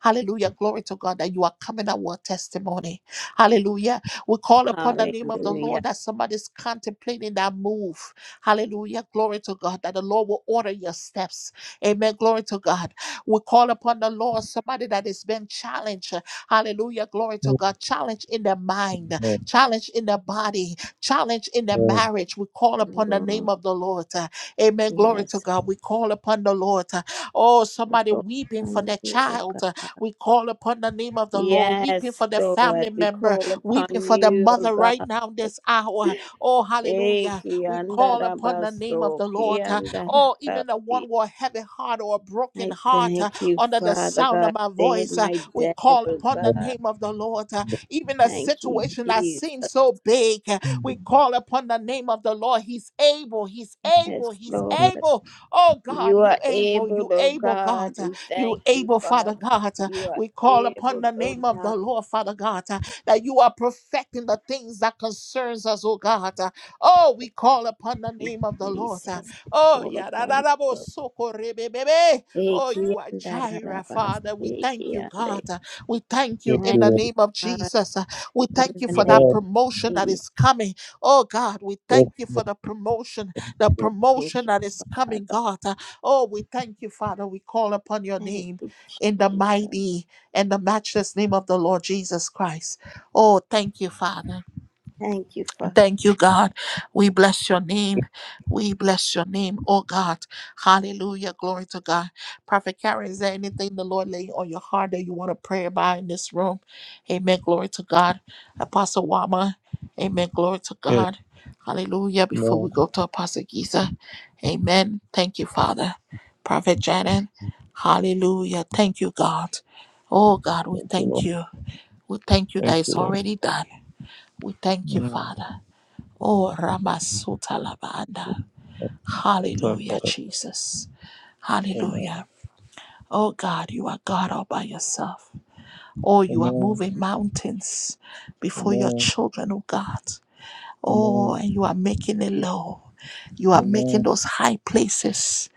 S1: Hallelujah. Glory to God that you are coming out with a testimony. Hallelujah. We call upon the name of the
S2: Hallelujah.
S1: Lord that somebody's contemplating that move. Hallelujah. Glory to God that the Lord will order your steps. Amen. Glory to God. We call upon the Lord somebody that has been challenged. Hallelujah. Glory to God. Challenge in their mind, challenge in their body, challenge in their
S4: Yes,
S1: marriage. We call upon the
S2: Mm,
S1: name of the Lord. Uh, Amen. Glory to
S2: Yes,
S1: God. We call upon the Lord. Uh, Oh,
S2: We
S1: somebody
S2: call
S1: weeping for
S2: upon
S1: their
S2: you, O
S1: child. Uh,
S2: God.
S1: We call upon the name of the Lord, weeping
S2: Yes,
S1: for their
S2: Lord,
S1: family
S2: we
S1: member
S2: call
S1: weeping
S2: upon
S1: for the
S2: you, O
S1: mother right
S2: God.
S1: now this hour. Oh,
S2: Eh,
S1: hallelujah. We call upon the name of
S2: kiandarabaso,
S1: the Lord. uh, Oh, even the one
S2: kiandarabasi.
S1: with a heavy heart or a broken
S2: I
S1: heart uh,
S2: thank you,
S1: under the
S2: Father
S1: sound of
S2: God.
S1: my
S2: Save
S1: voice, uh,
S2: my
S1: we
S2: dad,
S1: call
S2: oh
S1: upon the
S2: God.
S1: name of the Lord. uh,
S4: Lord.
S1: Even a
S2: Thank you,
S1: situation that seems
S2: Jesus.
S1: so big, uh, we call upon the name of the Lord. He's able, he's
S2: Yes,
S1: able, he's
S2: Lord.
S1: able. Oh God,
S2: You are
S1: you able,
S2: able,
S1: you
S2: oh
S1: able,
S2: God.
S1: God. uh,
S2: We
S1: You
S2: thank you,
S1: able, Father
S2: Father.
S1: God. uh,
S2: You are
S1: We call upon
S2: able,
S1: the
S2: oh
S1: name of
S2: God.
S1: the Lord, Father God. Uh, that you are perfecting the things that concerns us, oh God. Uh, Oh, we call upon the
S2: You,
S1: name of the Lord. Uh,
S2: Jesus. We
S1: Oh,
S2: call upon
S1: yadarabo
S2: you.
S1: soko rebebebe. Oh, you are Jireh, Father. We thank you,
S2: Ikiandarabasikiande.
S1: God. Uh, We thank you
S4: Yes,
S1: in
S2: Thank
S4: Lord.
S1: the
S2: you,
S1: name of
S2: Father,
S1: Jesus. Uh, We thank
S2: in
S1: you
S2: the
S1: for
S4: Yes,
S2: name
S1: that promotion
S2: of
S1: that
S2: Jesus.
S1: is coming. Oh, God, we
S4: yes,
S1: thank you for
S4: yes,
S1: the promotion, the
S2: Thank
S1: promotion
S2: you,
S1: that is coming,
S2: Father.
S1: God. Uh, Oh, we thank you, Father. We call upon your
S2: Thank
S1: name
S2: you,
S1: in the
S2: Jesus.
S1: mighty and the matchless name of the Lord Jesus Christ. Oh, thank you, Father.
S2: Thank you, Father.
S1: Thank you, God. We bless your name. We bless your name, oh God. Hallelujah. Glory to God. Prophet Karen, is there anything the Lord laid on your heart that you want to pray about in this room? Amen. Glory to God. Apostle Wama. Amen. Glory to
S4: yes.
S1: God. Hallelujah.
S4: Yes,
S1: Before we
S4: Lord.
S1: go to Apostle Giza. Amen. Thank you, Father. Prophet Janet. Hallelujah. Thank you, God. Oh God, we
S4: Thank you,
S1: thank
S4: Lord.
S1: you. We thank you that
S4: Thank you,
S1: it's
S4: Lord.
S1: already done. We thank you,
S4: Mm.
S1: Father. Oh, Ramasuta Labanda.
S4: That's, that's our
S1: Hallelujah,
S4: Father.
S1: Jesus.
S4: Amen.
S1: Hallelujah. Oh, God, you are God all by yourself. Oh, you are
S4: Amen.
S1: moving mountains before your
S4: Amen.
S1: children, oh God. Oh,
S4: Amen.
S1: and you are making it low. You are making
S4: Amen.
S1: those high places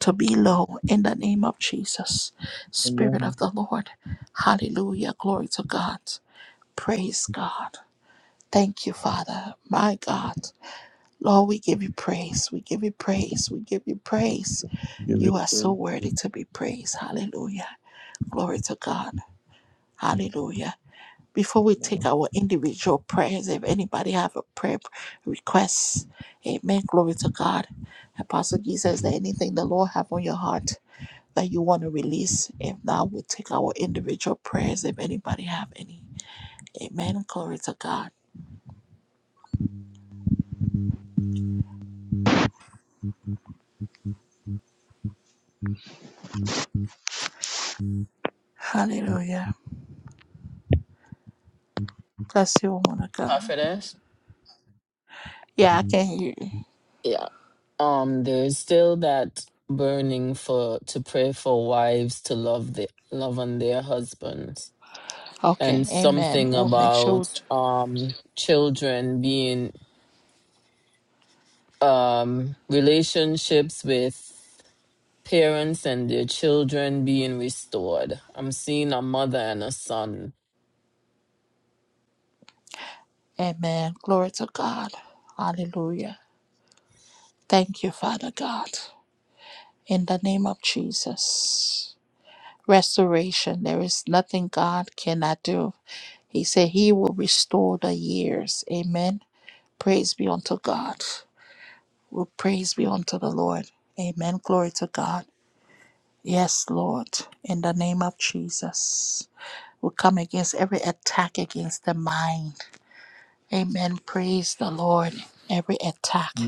S1: to be
S4: Amen.
S1: low in the name of Jesus. Spirit
S4: Amen.
S1: of the Lord. Hallelujah. Glory to God. Praise God. Thank you, Father. My God. Lord, we give you praise. We give you praise. We give you praise.
S4: Give it
S1: You
S4: a
S1: are so
S4: praise,
S1: worthy to be praised. Hallelujah. Glory to God. Hallelujah. Before we take
S4: Lord.
S1: our individual prayers, if anybody have a prayer request, amen. Glory to God. Apostle Jesus, is there anything the Lord have on your heart that you want to release? If not, we'll take our individual prayers if anybody have any. Amen. Glory to God. Hallelujah. Bless you, woman of God.
S3: Prophetess?
S1: Yeah, I can hear you.
S3: Yeah. Um, there's still that burning for to pray for wives to love the love on their husbands.
S1: Okay,
S3: And
S1: amen.
S3: something
S1: We'll make sure we
S3: about um children being um relationships with parents and their children being restored. I'm seeing a mother and a son.
S1: Amen. Glory to God. Hallelujah. Thank you, Father God. In the name of Jesus. Restoration. There is nothing God cannot do. He said he will restore the years. Amen. Praise be unto God. Will praise be unto the Lord. Amen. Glory to God. Yes, Lord. In the name of Jesus. We come against every attack against the mind. Amen. Praise the Lord. Every attack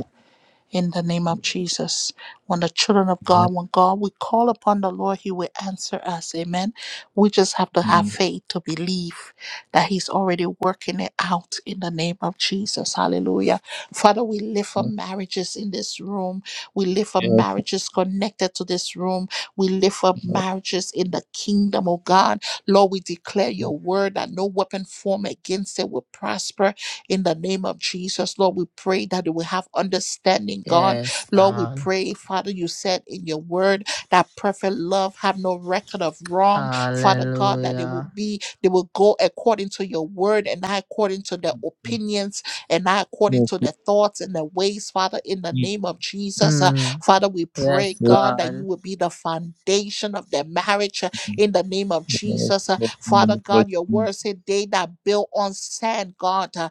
S1: in the name of Jesus. When the children of
S4: Yes, yes,
S1: God, when God, we call upon the Lord, He will answer us. Amen. We just have to have
S4: yes,
S1: faith to believe that He's already working it out in the name of Jesus. Hallelujah. Father, we live for
S4: yes,
S1: marriages in this room. We live for
S4: yes, yes,
S1: marriages connected to this room. We live for marriages in the kingdom of God. Lord, we declare your word that no weapon formed against it will prosper in the name of Jesus. Lord, we pray that they will have understanding, God.
S3: Yes,
S1: Lord, we
S3: God.
S1: pray, Father, you said in your word that perfect love have no record of wrong. Father God, that they will
S3: Hallelujah.
S1: be, they will go according to your word and not according to their opinions and not according
S4: yes,
S1: to their thoughts and their ways, Father, in the name of Jesus. Uh,
S3: Mm.
S1: Father, we pray,
S3: Yes,
S4: yes,
S1: God, that you
S3: God.
S1: will be the foundation of their marriage uh,
S4: yes,
S1: in the name of
S4: yes, yes,
S1: Jesus. Uh,
S4: in the
S1: Father
S4: name of
S1: God, your word
S4: Jesus.
S1: said they that build on sand, God. uh,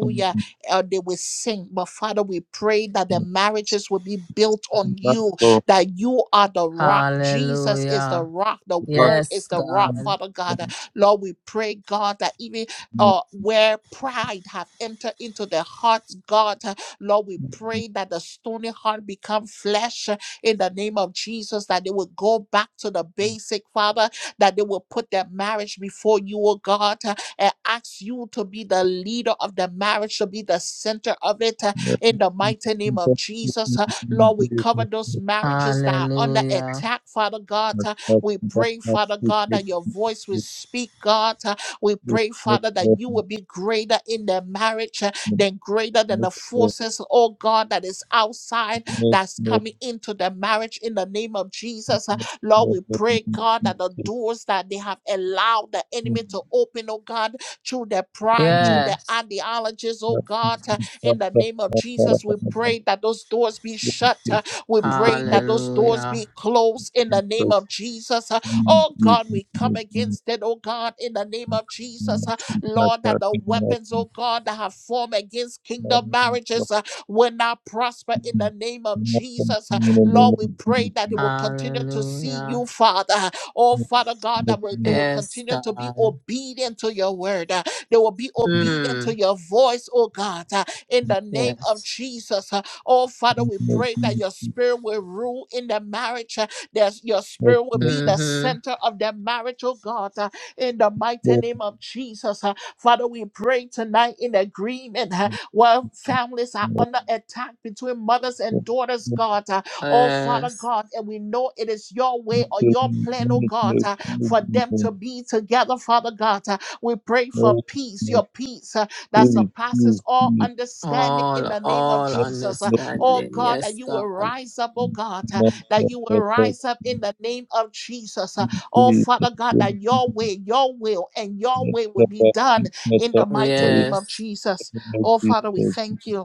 S4: Yes,
S1: Uh, they will sing. But Father, we pray that their marriages will be built on you,
S4: Lord.
S1: that you are the rock. Jesus is the
S3: Hallelujah.
S1: rock. The
S4: Yes,
S1: word
S3: Yes,
S1: is the rock,
S4: Lord.
S3: God.
S1: Father God. Uh, Lord, we pray, God, that even
S4: Yes,
S1: uh, where pride have entered into their hearts, God, uh, Lord, we pray
S4: Lord.
S1: that the stony heart become flesh uh, in the name of Jesus, that they will go back to the basic, Father, that they will put their marriage before you, oh God, uh, and ask you to be the leader of the marriage, to be the center of it uh,
S4: Thank
S1: in the mighty name of Jesus. uh, Lord, we cover those marriages that are under
S3: Hallelujah.
S1: attack, Father God. uh, We pray, Father God, that your voice will speak, God. uh, We pray, Father, that you will be greater in their marriage uh, than greater than the forces, oh God, that is outside, that's coming into the marriage in the name of Jesus. uh. Lord, we pray, God, that the doors that they have allowed the enemy to open, oh God, through their pride, through their
S3: Yes.
S1: ideologies, oh God, uh, in the name of Jesus, we pray that those doors be shut. uh, We pray that those doors
S3: Hallelujah.
S1: be closed in the name of Jesus. uh, Oh God, we come against it, oh God, in the name of Jesus. uh, Lord, that the weapons, oh God, that have formed against kingdom marriages uh, will not prosper in the name of Jesus. uh, Lord, we pray that they will continue to see you,
S3: Hallelujah.
S1: Father. Oh, Father God, that will, they will
S3: Yes,
S1: continue to be
S3: God.
S1: obedient to your word. uh, They will be
S4: you.
S1: obedient to
S3: Mm.
S1: your voice, oh God, uh, in
S4: Thank
S1: the name of
S3: Yes.
S1: Jesus. uh, Oh, Father, we
S4: you,
S1: pray that your spirit will rule in the marriage. uh, That your spirit will be the
S3: Mm-hmm.
S1: center of the marriage, oh God, uh, in the mighty name of Jesus. uh, Father, we pray tonight in agreement uh, where families are under attack between mothers and daughters, God. Uh, Oh, Father
S3: Yes.
S1: God, and we know it is your way or your plan, oh God, uh, for them to be together, Father God. Uh, we pray for peace, your peace uh, that surpasses all understanding in
S3: All,
S1: the name of
S3: all
S1: Jesus. Uh, oh
S3: understanding.
S1: God, that
S3: Yes,
S1: you will
S3: God.
S1: rise up, oh God, uh, that you will rise up in the name of Jesus. Uh, oh Father God, that your way, your will, and your way will be done in the mighty name of
S3: Yes.
S1: Jesus. Oh Father, we thank you.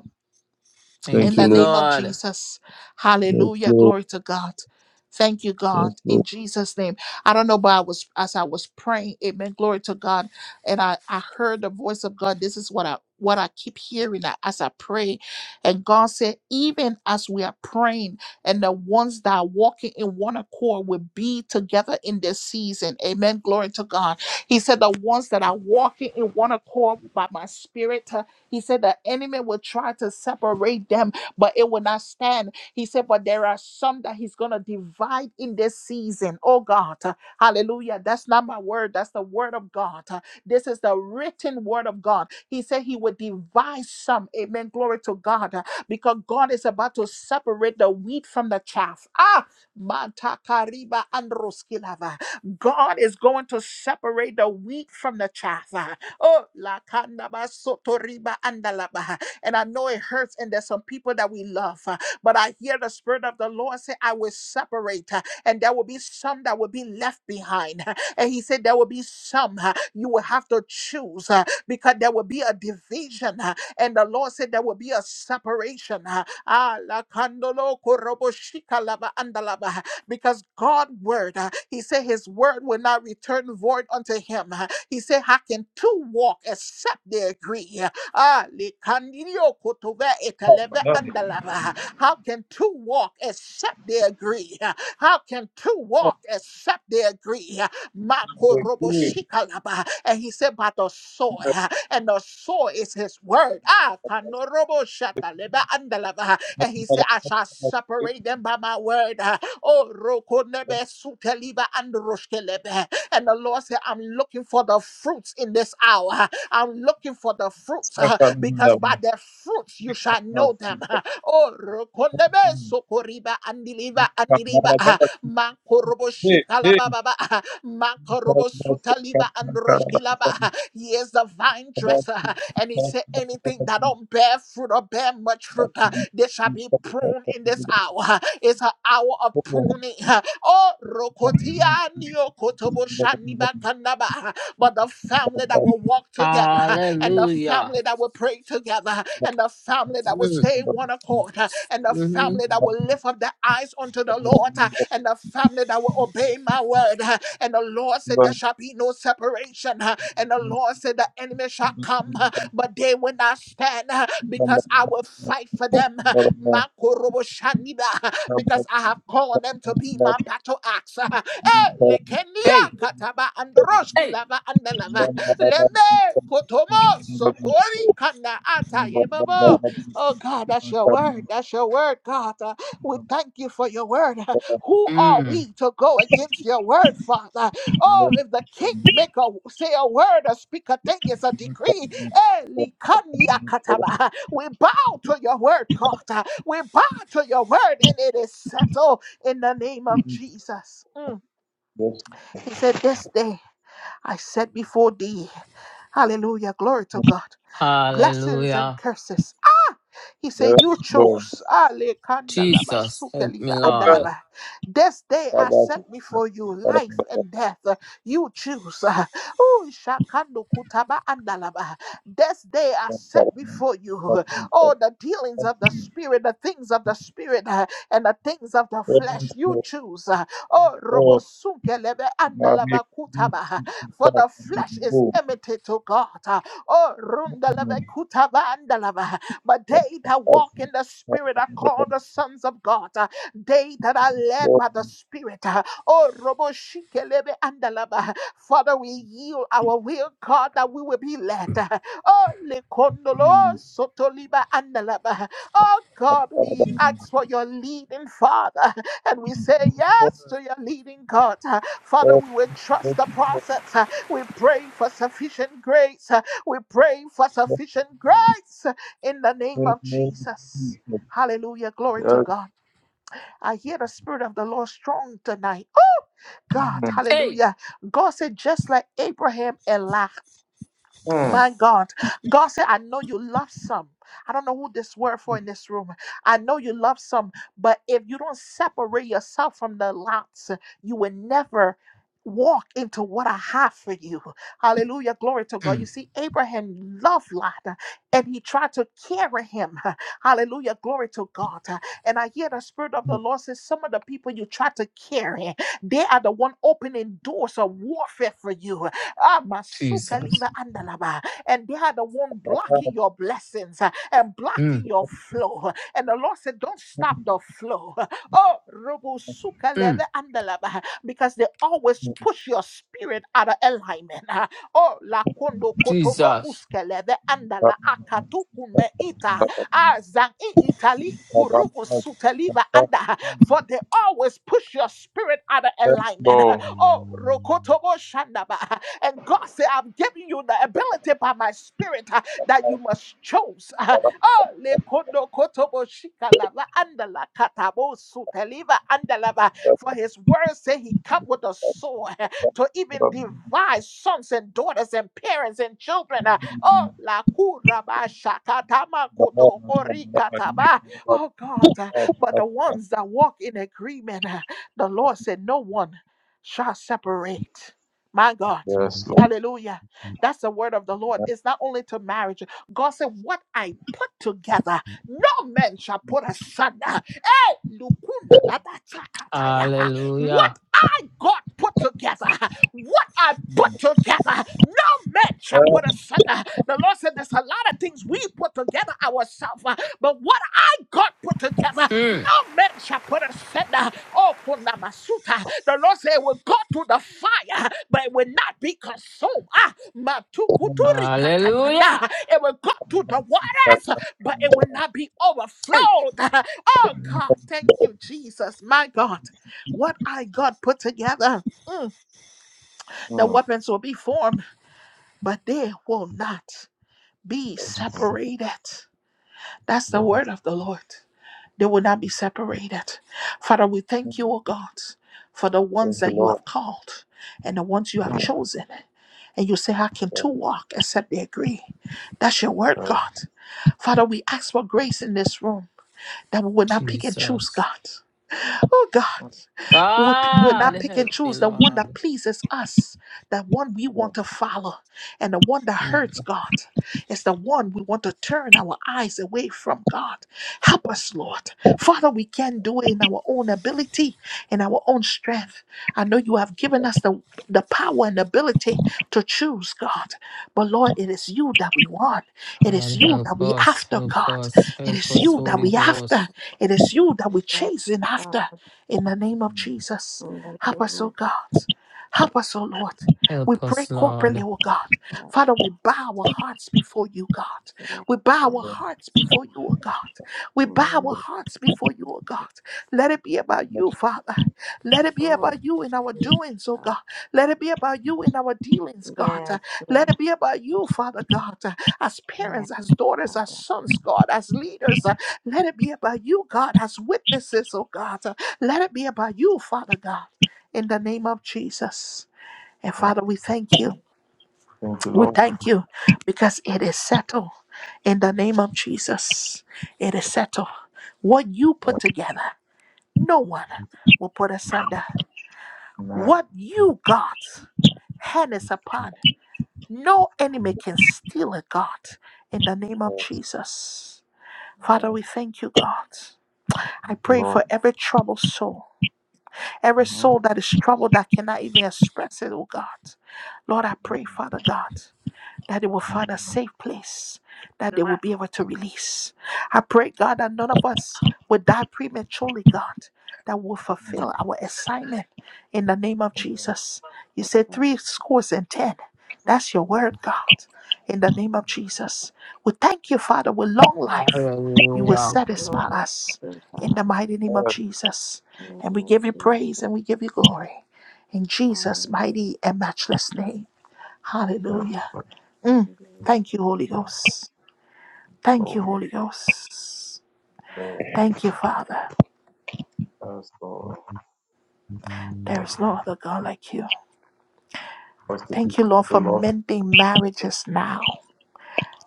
S1: In
S3: Thank
S1: the
S3: you,
S4: Lord.
S1: name of
S3: Lord.
S1: Jesus.
S4: Yes,
S1: Hallelujah.
S4: Lord.
S1: Glory to God. Thank you, God, in Jesus' name. I don't know, but I was as I was praying, Amen. Glory to God, and I I heard the voice of God. This is what I what I keep hearing a- as I pray, and God said, even as we are praying, and the ones that are walking in one accord will be together in this season. Amen. Glory to God. He said, the ones that are walking in one accord by my spirit, uh, he said the enemy will try to separate them but it will not stand. He said, But there are some that He's going to divide in this season. Oh God, uh, hallelujah. That's not my word, that's the word of God. Uh, This is the written word of God. He said, He would divide some. Amen. Glory to God, uh, because God is about to separate the wheat from the chaff. Ah, Matakariba androskilava. God is going to separate the wheat from the chaff. uh, Oh, la kandaba sotoriba andalaba. And I know it hurts, and there's some people that we love. uh, But I hear the Spirit of the Lord say, I will separate, uh, and there will be some that will be left behind. uh, And He said, There will be some uh, you will have to choose uh, because there will be a division. uh, And the Lord said, There will be a separation. uh, Ah, la kandolo korobo shikalaba andalaba because God word, uh, he said his word will not return void unto him. uh, He said, How can two walk except they agree? uh, Ah, likandirio kotove ekaleve andalava. How can two walk except they agree? How can two walk except they agree? Makoroboshikalaba. And he said, by the soil, and the soil is his word. Ah, kanoroboshataleva andalava. And he said, I shall separate them by my word. Oh, rokonebe suteliva androshkelebe. And the Lord said, I'm looking for the fruits in this hour. I'm looking looking for the fruits
S4: Yes,
S1: uh, because
S4: Lord.
S1: by their fruits you shall know
S4: Thank
S1: them. (laughs) uh. Oh, Rokondebe, Sokoriba, Andiliva, Andiliva, uh, Mankorobo Shikalababa, uh, Mankorobo Sutaliva, and uh, He is the vine dresser, uh, and he said, Anything that don't bear fruit or bear much fruit, uh, they shall be pruned in this hour. uh, It's an hour of pruning. uh, Oh, Rokotia, Niokotobo, Shaniba, Kandaba, uh, but the family that will walk together, and the
S3: Hallelujah.
S1: family that will pray together, and the family that will
S3: Mm.
S1: stay in one accord, and the
S3: Mm-hmm.
S1: family that will lift up their eyes unto the Lord, and the family that will obey my word. And the Lord said, There shall be no separation. And the Lord said, The enemy shall come, but they will not stand because I will fight for them. Makoroboshanida, Because I have called them to be my battle axe. Eh, lekenia
S3: Hey.
S1: kataba androshki
S3: Hey.
S1: lava andelava. Leme potomo sotori kana ata yebabo. Oh God, that's your
S4: you.
S1: word. That's your word, God. Uh, we thank you for your word. Uh, Who are
S3: Mm.
S1: we to go against your word, Father? Oh, if the kingmaker say a word or speak a thing, it's a decree. Eh, likania kataba. We bow to your word, God. Uh, We bow to your word, and it is settled in the name of Jesus. Mm. He said, This day I set before thee, hallelujah, glory to God, blessings and
S3: Hallelujah.
S1: curses. He said, You chose. Ale kandalaba
S3: Jesus, help me,
S1: sukeliba
S3: Lord.
S1: andalaba. This day I set before you life and death. You choose. (laughs) Oh, shakando kutaba andalaba. This day I set before you all the dealings of the spirit, the things of the spirit, uh, and the things of the flesh. You choose. uh, Oh, robo andalaba kutaba. For the flesh is enmity to God. uh, Oh, rundalebe
S4: Thank
S1: kutaba andalaba. But they that walk in the Spirit are called the sons of God. Uh, They that are led by the Spirit. uh, Oh, Robo Shikelebe Andalaba. Father, we yield our will, God, that we will be led. uh, Oh, Lekondolo Sotoliba Andalaba. Oh, God, we ask for your leading, Father. And we say yes to your leading, God. Uh, Father, we will trust the process. Uh, We pray for sufficient grace. Uh, We pray for sufficient grace in the name of Jesus. Hallelujah. Glory to God. I hear the Spirit of the Lord strong tonight. Oh, God.
S3: Hey!
S1: Hallelujah. God said, just like Abraham and Lot. My God, God said, I know you love some. I don't know who this word for in this room. I know you love some, but if you don't separate yourself from the lots, you will never walk into what I have for you. Hallelujah. Glory to God. You
S3: Mm.
S1: see, Abraham loved Lot and he tried to carry him. Hallelujah. Glory to God. And I hear the Spirit of the Lord says, Some of the people you try to carry, they are the one opening doors of warfare for you Ah, masuka
S3: Jesus.
S1: liva andalaba. And they are the one blocking your blessings uh, and blocking
S3: Mm.
S1: your flow. And the Lord said, Don't stop the flow. (laughs) Oh, robo suka leve
S3: Mm.
S1: andalaba. Because they always push your spirit out of alignment. uh. Oh, la kondo kotoba
S3: Jesus.
S1: uske leve andala akatu kume ita. Ah, zang in Italy kurubu suteliva
S4: you.
S1: anda. For they always push your spirit out of alignment.
S4: Though
S1: (laughs) Oh, rokotobo shandaba. And God said, I've given you the ability by my spirit uh, that you must choose. (laughs) Uh, oh, lekondo kotobo shikalava andala katabo suteliva andalava. For his word say he come with a sword (laughs) uh, to even divide sons and daughters and parents and children. uh, Oh, la kuraba shakatama kotokori kataba. Oh God, uh, but the ones that walk in agreement, uh, the Lord said, No one shall separate. My God.
S4: Yes, Lord.
S1: Hallelujah. That's the word of the Lord. It's not only to marriage. God said, What I put together, no man shall put asunder. Hey, lukuna dada chakatayaba.
S3: Hallelujah.
S1: What I God put together, what I put together, no man shall put asunder. The Lord said, There's a lot of things we put together ourselves, uh, but what God put together,
S3: Mm.
S1: no man shall put asunder. Oh, Kunamasuta. The Lord said, We'll go to the fire, but it will not be consumed. Ah, Matukuturi
S3: Hallelujah.
S1: katayana. It will go to the waters, but it will not be
S3: Hey!
S1: overflowed. Oh, God, thank you, Jesus. My God, what I God put together, Mm. the
S4: Mm,
S1: weapons will be formed, but they will not be separated. That's the
S4: Lord.
S1: word of the Lord. They will not be separated. Father, we thank you, O God, for the ones
S4: Thank you,
S1: that you
S4: Lord.
S1: have called and the ones you have
S4: Mm,
S1: chosen. And you say, How can two
S4: Lord.
S1: walk except they agree? That's your word,
S4: Mm, mm,
S1: God. Father, we ask for grace in this room that we will not pick and choose, God.
S3: Jesus.
S1: Oh, God, we will we will
S3: God,
S1: not pick and
S3: help me,
S1: choose the one that
S3: Lord.
S1: pleases us, the one we want to follow, and the one that hurts,
S3: Mm.
S1: God is the one we want to turn our eyes away from God. Help us, Lord. Father, we can't do it in our own ability, in our own strength. I know you have given us the, the power and ability to choose, God. But Lord, it is you that we want. It is
S3: God,
S1: you that
S3: help
S1: we
S3: us,
S1: after,
S3: help
S1: God.
S3: us,
S1: It
S3: help
S1: is
S3: us,
S1: you that
S3: Holy
S2: Yes,
S1: we after.
S3: Ghost.
S1: It is you that we
S2: yes,
S1: chasing
S2: Father,
S1: after. In the name of Jesus,
S2: in the
S1: help
S2: name
S1: us, oh God. Help us, oh Lord. We
S3: Help
S1: pray
S3: us,
S2: of Jesus.
S1: corporately,
S3: Lord.
S1: oh God. Father, we bow our hearts before you, God.
S2: Yes,
S1: We bow our
S2: Lord,
S1: hearts before you, oh God. We
S2: in the
S1: bow our
S2: name
S1: hearts before you, oh God.
S2: of
S1: Let it be about
S4: mm.
S1: you, Father. Let
S2: the
S1: it be
S2: Lord,
S1: about you in our
S2: you
S1: doings, oh
S2: God.
S1: God. Let it be about you in our dealings, God.
S2: Yes,
S1: Uh, Let
S2: Lord.
S1: it be about you, Father God. Uh, As
S2: Yes,
S1: parents, as daughters, as
S2: Father.
S1: sons, God, as leaders, uh, let it be about you, God, as witnesses, oh God. Uh, Let it be about you, Father God. In the name of Jesus. And Father, we thank you.
S4: Thank you, Lord. Thank you,
S1: We
S4: Lord.
S1: thank you because it is settled in the name of Jesus. It is settled. What you put together, no one will put asunder. What you, God, hand is upon, no enemy can steal it, God, in the name of
S4: Yes,
S1: Jesus. Father, we thank you, God. I pray
S4: Lord.
S1: for every troubled soul, every soul that is troubled that cannot even express it, oh God. Lord, I pray, Father God. that they will find a safe place that they will be able to release. I pray, God, that none of us will die prematurely, God, that will fulfill our assignment in the name of Jesus. You said three scores and ten.
S2: Thank
S1: That's
S2: you, Lord. In
S1: your
S2: the name of
S1: word, God,
S2: Jesus.
S1: in the name of Jesus. We thank you, Father, with long life. You will
S2: Thank you
S3: Hallelujah.
S2: for long
S1: satisfy
S2: life,
S1: us
S2: Lord
S1: in the
S2: God.
S1: mighty name of Jesus.
S2: In the
S1: And
S2: name
S1: we
S2: of
S1: give you
S2: Jesus.
S1: praise and we give you glory in Jesus'
S2: Hallelujah.
S1: mighty and matchless name. Hallelujah. Mm. Thank you, Holy Ghost. Thank you, Holy
S2: Thank you.
S1: Ghost. Thank you, Father. There is no other God like you. Thank you, Lord, for mending marriages now.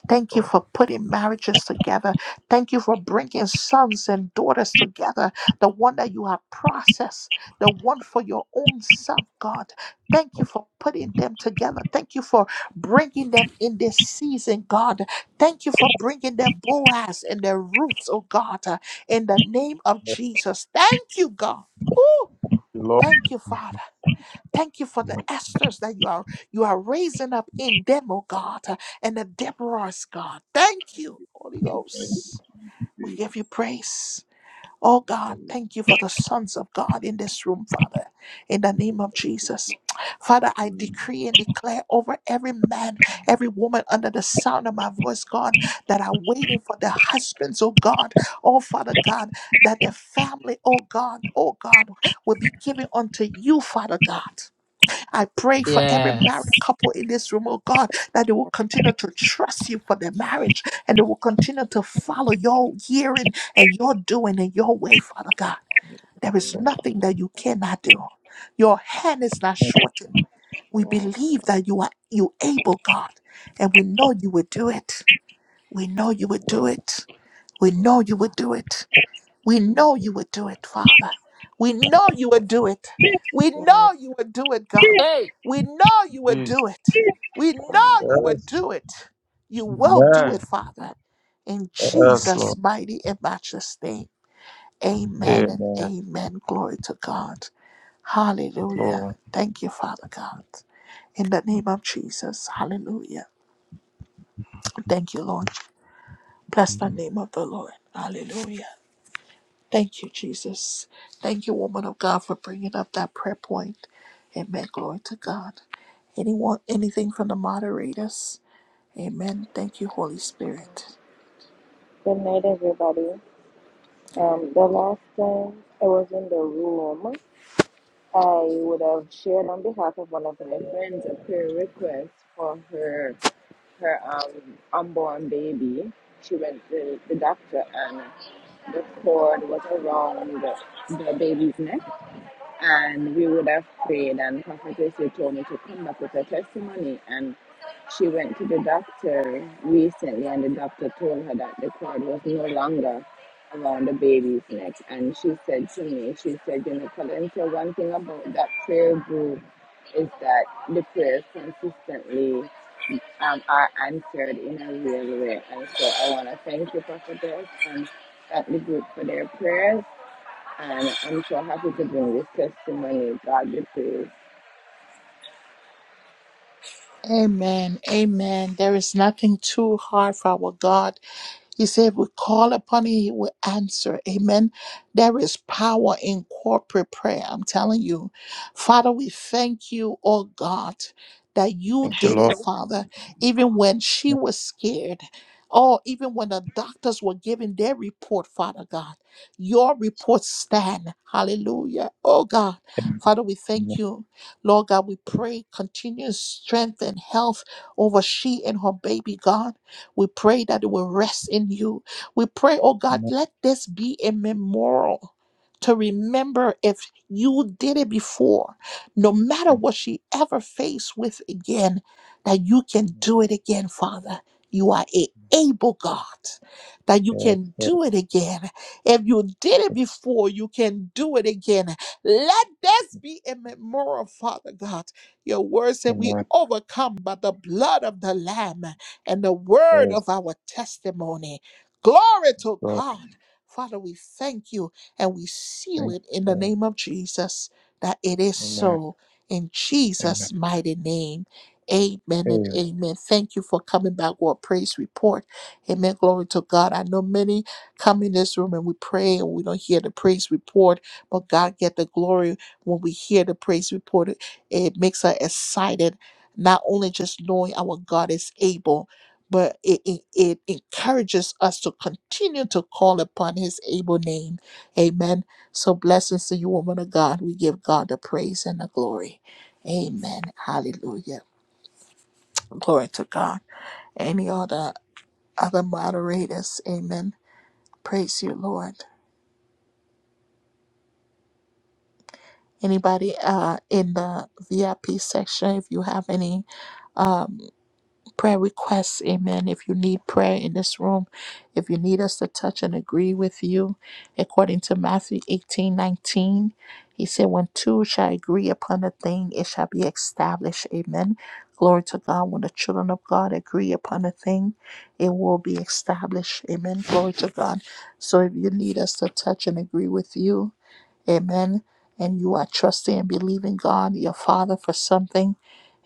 S1: Thank you for putting marriages together. Thank you for bringing sons and daughters together. The one that you have processed, the one for your own self, God. Thank you for putting them together. Thank you for bringing them in this season, God. Thank you for bringing their Boaz and their roots, oh God, uh, in the name of
S4: Thank
S1: Jesus. Thank you, God. Ooh,
S4: you, Lord
S1: thank you, Father. Thank you for the Esther's that you are you are raising up in them, oh God, uh, and the Deborah's God. Thank you, Holy
S5: Thank you,
S1: Ghost. We give you
S5: Jesus.
S1: praise. Oh God,
S5: Yes,
S1: thank you for the sons of God in this room, Father, in the name of Jesus. Father, I
S5: Lord.
S1: decree and declare over every man, every woman under the sound of my voice, God, that are waiting for their husbands, oh God, oh Father God, that their family, oh God, oh God, will be given unto you, Father God. I pray for every married
S3: Yes.
S1: couple in this room, oh God, that they will continue to trust you for their marriage and they will continue to
S2: In
S1: follow your hearing and your doing and your way, Father God. There
S2: the
S1: is
S2: name of
S1: nothing that you
S2: Jesus.
S1: cannot do. Your hand is not shortened. We
S2: Yes,
S1: believe
S2: oh
S1: that you are you able, God, and we know you will do it. We know you will do it. We know
S2: Lord
S1: you will
S2: God.
S1: do it. We
S2: Thank
S1: know you
S2: you.
S1: would do it, Father. We know you would do it. We
S2: Yes,
S1: know you would do it, God.
S3: Hey!
S1: We know you would
S4: Jesus.
S1: do it. We know
S2: Father.
S1: you would
S4: Yes.
S1: do it. You will
S2: Thank
S1: do
S4: Amen.
S1: it,
S2: you.
S1: Father. In
S4: Yes,
S1: Jesus'
S4: Lord.
S1: mighty and matchless name. Amen and
S4: Amen.
S1: amen. Glory to God. Hallelujah.
S4: Lord.
S1: Thank you, Father God. In the name of Jesus. Hallelujah. Thank you, Lord. Bless the name of the Lord. Hallelujah. Thank you, Jesus. Thank you, woman of God, for bringing up that prayer point. Amen. Glory to God. Anyone, anything from the moderators? Amen. Thank you, Holy Spirit.
S6: Good night, everybody. Um, the last time I was in the room, I would have shared on behalf of one of my friends a prayer request for her her um, unborn baby. She went to the doctor and the cord was around the, the baby's neck, and we would have prayed and prophetess had told me to come back with her testimony and she went to the doctor recently and the doctor told her that the cord was no longer around the baby's neck and she said to me she said you know Valencia, one thing about that prayer group is that the prayers consistently um, are answered in a real way and so i want to thank you prophetess and thank the group for their prayers and I'm so happy to bring this testimony. God, this is,
S1: Amen. Amen. There is nothing too hard for our God. He said, We call upon him, he will answer. Amen. There is power in corporate prayer. I'm telling you. Father, we thank you, oh God, that you
S4: Thank you,
S1: did it,
S4: Lord.
S1: Father, even when she was scared. or even when the doctors were giving their report, Father God, your report stand. Hallelujah. Oh God, Father, we
S4: Amen.
S1: thank you Lord God, we pray continuous strength and health over she and her baby, God. We pray that it will rest in you. We pray, oh God,
S4: Amen.
S1: let this be a memorial to remember if you did it before, no matter what she ever faced with again, that you can
S4: Amen.
S1: do it again, Father. You are a able God, that you
S4: Yes,
S1: can
S4: Lord.
S1: do it again. If you did it
S4: Yes.
S1: before, you can do it again. Let this be a memorial, Father God. Your word said we
S4: Amen.
S1: overcome by the blood of the Lamb and the word
S4: Yes,
S1: of our testimony. Glory to
S4: Lord.
S1: God. Father, we thank you and we seal
S4: Thank
S1: it in
S4: you,
S1: the
S4: Lord.
S1: name of Jesus that it is
S4: Amen.
S1: so. In
S4: Amen.
S1: Jesus' mighty name. Amen and
S4: Amen.
S1: amen. Thank you for coming back with a praise report. Amen. Glory to God. I know many come in this room and we pray and we don't hear the praise report but God get the glory when we hear the praise report. It makes us excited, not only just knowing our God is able, but it, it, it encourages us to continue to call upon his able name. Amen. So blessings to you, woman of God. We give God the praise and the glory. Amen. Hallelujah. Glory to God. Any other other moderators. Amen. Praise you, Lord. Anybody uh, in the VIP section, if you have any um, prayer requests, amen. If you need prayer in this room, if you need us to touch and agree with you, according to Matthew 18 19, he said, When two shall agree upon a thing, it shall be established, amen. Glory to God. When the children of God agree upon a thing, it will be established, amen. Glory to God. So if you need us to touch and agree with you, Amen. And you are trusting and believing God, your Father, for something.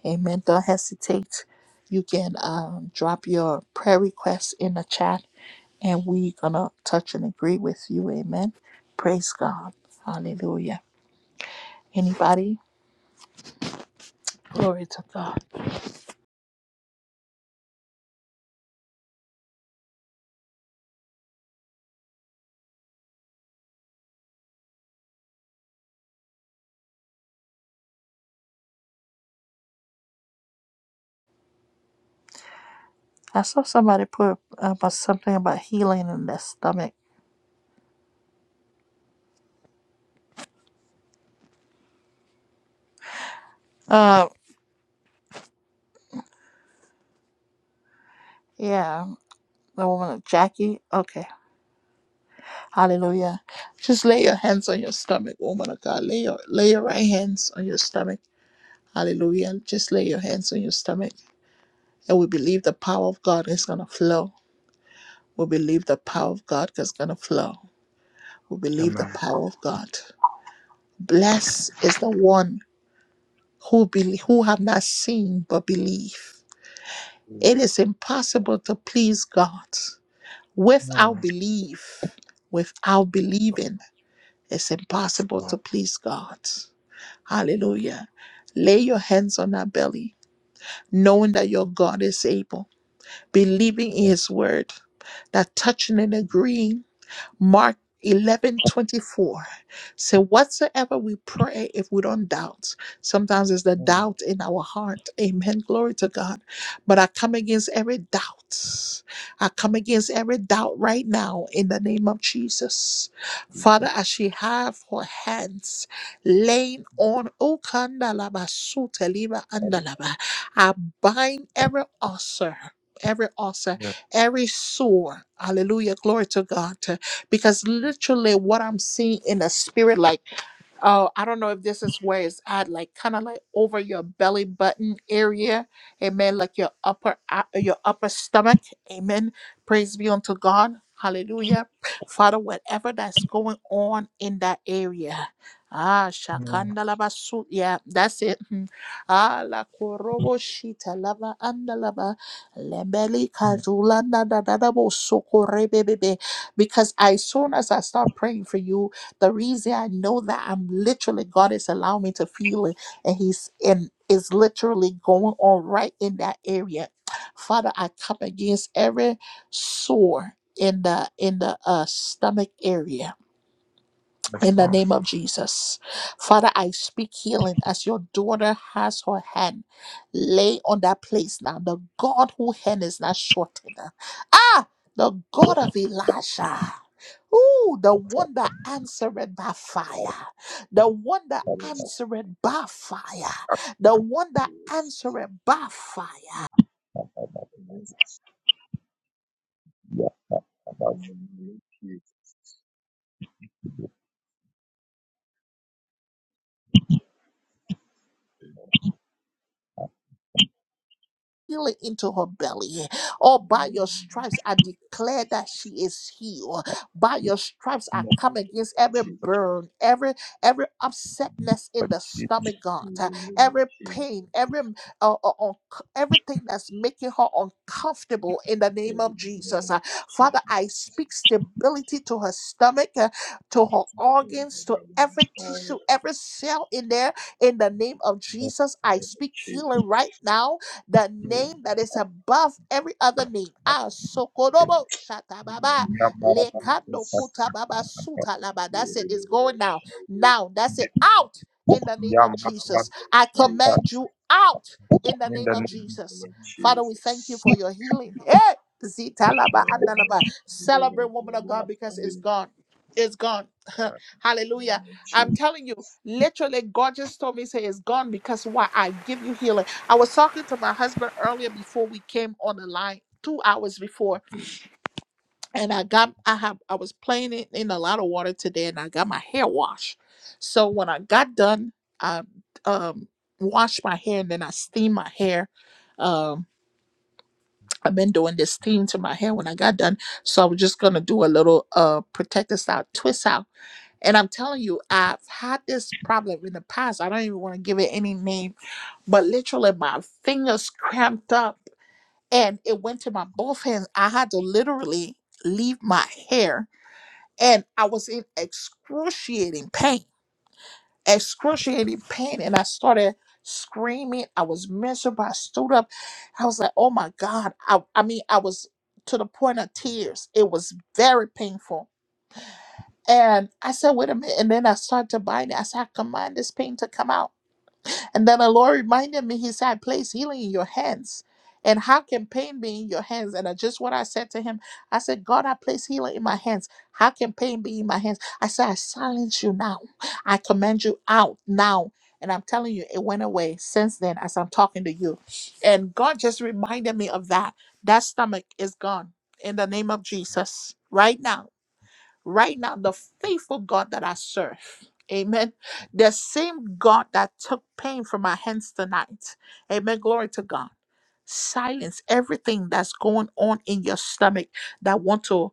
S1: Amen. Don't hesitate. You can um, drop your prayer requests in the chat and we gonna touch and agree with you. Amen. Praise God. Hallelujah. Anybody? Glory to God. I saw somebody put about something about healing in their stomach. Uh, yeah, the woman Jackie. Okay, Hallelujah. Just lay your hands on your stomach, woman of God. Lay your lay your right hands on your stomach. Hallelujah. Just lay your hands on your stomach. And we believe the power of God is gonna flow. We believe the power of God is gonna flow. We believe the
S4: Amen.
S1: power of God. Blessed is the one who believe, who have not seen but believe. It is impossible to please God without
S4: Yes,
S1: belief. Without believing, it's impossible
S4: Lord.
S1: to please God. Hallelujah. Lay your hands on our belly, knowing that your God is able, believing in
S4: Yes,
S1: his word, that touching and agreeing Mark eleven twenty four. 24 so whatsoever we pray if we don't doubt sometimes it's the
S4: Lord.
S1: doubt in our heart amen glory to god but i come against every doubt i come
S4: Yes,
S1: against every doubt right now in the name of jesus father as she have her hands laying on O kandalaba, suteliba, andalaba, i bind every ulcer every ulcer every sore hallelujah glory to god because literally what I'm seeing in the spirit, like Oh, I don't know if this is where it's at, like kind of like over your belly button area. Amen. Like your upper a- your upper stomach. Amen. Praise be unto God. Hallelujah. Father, whatever that's going on in that area. Ah,
S4: Lord.
S1: shakanda Shakandalabasu. Yeah, that's it. Hmm. Ah, la korobo shita lava andalaba. Lembeli kazulanda dadadabo sokorebebebe. Because as soon as I start praying for you, the reason I know that I'm literally God is allowing me to feel it, and He's in is literally going on right in that area. Father, I come against every sore in the in the uh, stomach area in the name of Jesus. Father, I speak healing as your daughter has her hand. Lay on that place now. The God who hand is not shortened. Ah, the God of Elijah. Ooh, the one that answered by fire. The one that
S5: Yes,
S1: answered by fire. The one that
S5: Lord.
S1: answered by fire.
S5: Yes,
S4: Yeah, that's
S5: In
S4: what
S5: the name of Jesus.
S1: healing into her belly. Oh, by your stripes, I declare that she is healed. By your stripes, I come against every
S5: Jesus.
S1: burn, every every upsetness in the
S4: she-
S1: stomach, God,
S5: In
S1: uh,
S5: the name of
S1: every
S5: Jesus.
S1: pain, every uh, uh, unc- everything that's making her uncomfortable. In the
S5: In
S1: name
S5: the
S1: of
S5: name
S1: Jesus,
S5: of
S1: Uh, Father,
S5: Jesus.
S1: I speak stability to her stomach, uh, to her
S5: In the name
S1: organs, to
S5: of
S1: every
S5: Jesus.
S1: tissue, every cell in there. In the name of Jesus,
S5: In
S1: I
S5: the name of
S1: speak healing
S5: Jesus.
S1: right now the
S5: In
S1: name that is above every other name. Ah, Sokorobo
S5: the
S1: Shatababa
S5: name
S4: Yeah,
S5: of
S4: but-
S1: Lekando
S5: Jesus.
S1: Kutababa Suta Laba.
S5: Give
S1: That's it. It's
S5: it all,
S1: going now.
S5: shall we, in
S1: Now, that's it. Out
S4: but-
S1: in the name of
S5: the
S1: Jesus.
S5: name of
S1: I
S5: Jesus.
S1: command you out in the name of
S5: In the name
S1: Jesus.
S5: of
S1: Father, we thank you
S5: Jesus.
S1: for your healing. Eh, Zita
S5: In
S1: Laba
S5: the name of
S1: Andalaba.
S5: in the name
S1: Celebrate,
S5: of-
S1: woman of God, because
S5: in the
S1: it's gone. It's gone. (laughs) Hallelujah.
S5: name of
S1: I'm
S5: Jesus.
S1: telling you, literally, God just told me, say it's gone because why? I give you healing. I was talking to my husband earlier before we came on the line, two hours before, and I got I have I was playing it in a lot of water today, and I got my hair washed. So when I got done, I um washed my hair and then I steamed my hair. Um, I've been doing this steam to my hair when I got done, so I was just gonna do a little uh protective style twist out. And I'm telling you, I've had this problem in the past. I don't even want to give it any name, but literally my fingers cramped up and it went to my both hands. I had to literally leave my hair, and I was in excruciating pain, excruciating pain. And I started screaming. I was miserable. I stood up. I was like, "Oh my god!" I, I mean, I was to the point of tears. It was very painful. And I said, "Wait a minute!" And then I started to bind it. I said, "I command this pain to come out." And then the Lord reminded me, He said, I place healing in your hands. And how can pain be in your hands? And I just what I said to him, I said, God, I place healing in my hands. How can pain be in my hands? I said, I silence you now. I command you out now. And I'm telling you, it went away since then as I'm talking to you. And God just reminded me of that. That stomach is gone in the name of Jesus right now right now the faithful God that I serve. Amen. The same God that took pain from our hands tonight. Amen. Glory to God silence everything that's going on in your stomach that want to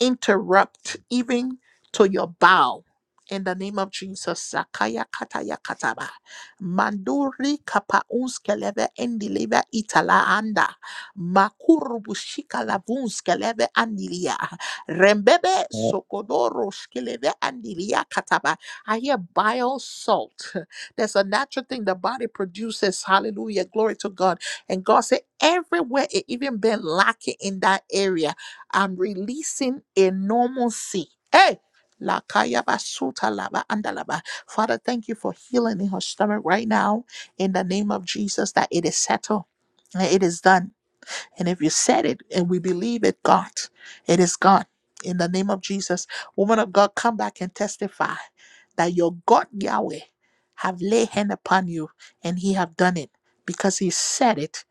S1: interrupt even to your bowel in the name of Jesus sakaya kataya kataba manduri kapa unskeleve endileva itala anda makurubu shika lavunskeleve andilia rembebe
S4: but-
S1: sokodoro shkeleve andilia kataba I hear bile salt (laughs) there's a natural thing the body produces hallelujah glory to God and God said, everywhere it even been lacking in that area, I'm releasing a normalcy. Hey! Lakaya basuta laba andalaba. Father, thank you for healing in her stomach right now in the name of Jesus that it is settled. and It is done. And if you said it and we believe it, God, it is God. In the name of Jesus, woman of God, come back and testify that your God Yahweh have laid hand upon you and he have done it because he said it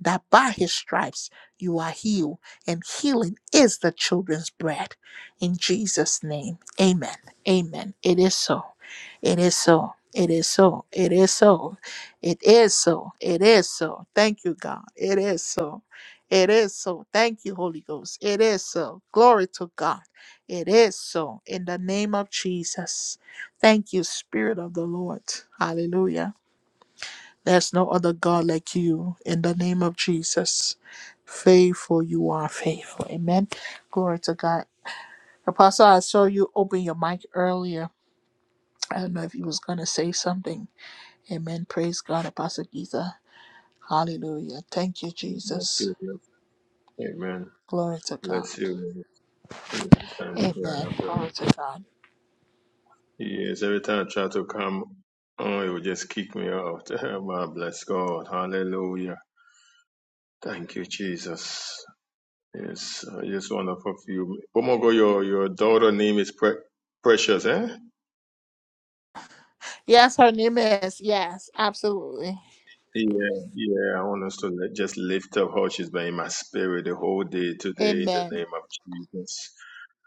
S1: that by his stripes you are healed and healing is the children's bread in jesus name amen amen it is so it is so it is so it is so it is so it is so thank you god it is so it is so. Thank you, Holy Ghost. It is so. Glory to God. It is so. In the name of Jesus. Thank you, Spirit of the Lord. Hallelujah. There's no other God like you. In the name of Jesus. Faithful, you are faithful. Amen. Glory to God. Apostle, I saw you open your mic earlier. I don't know if you was going to say something. Amen. Praise God, Apostle Giza. Hallelujah. Thank you,
S5: Bless
S1: Jesus.
S5: you. bless- Amen.
S1: Glory to
S5: Bless
S1: God.
S5: you. Yeah, it's trying to
S1: Amen.
S5: go.
S1: Glory to God.
S5: Yes, every time I try to come on, it would just kick me out. (laughs) My bless God. Hallelujah. Thank you, Jesus. Yes, I just want to fulfill. Oh my God, your, your daughter name is Pre- Precious, eh?
S1: Yes, her name is. Yes, absolutely.
S5: Yeah, yeah, I want us to let- just lift up Hutchinson in my spirit the whole day today in the
S1: Amen.
S5: name of Jesus.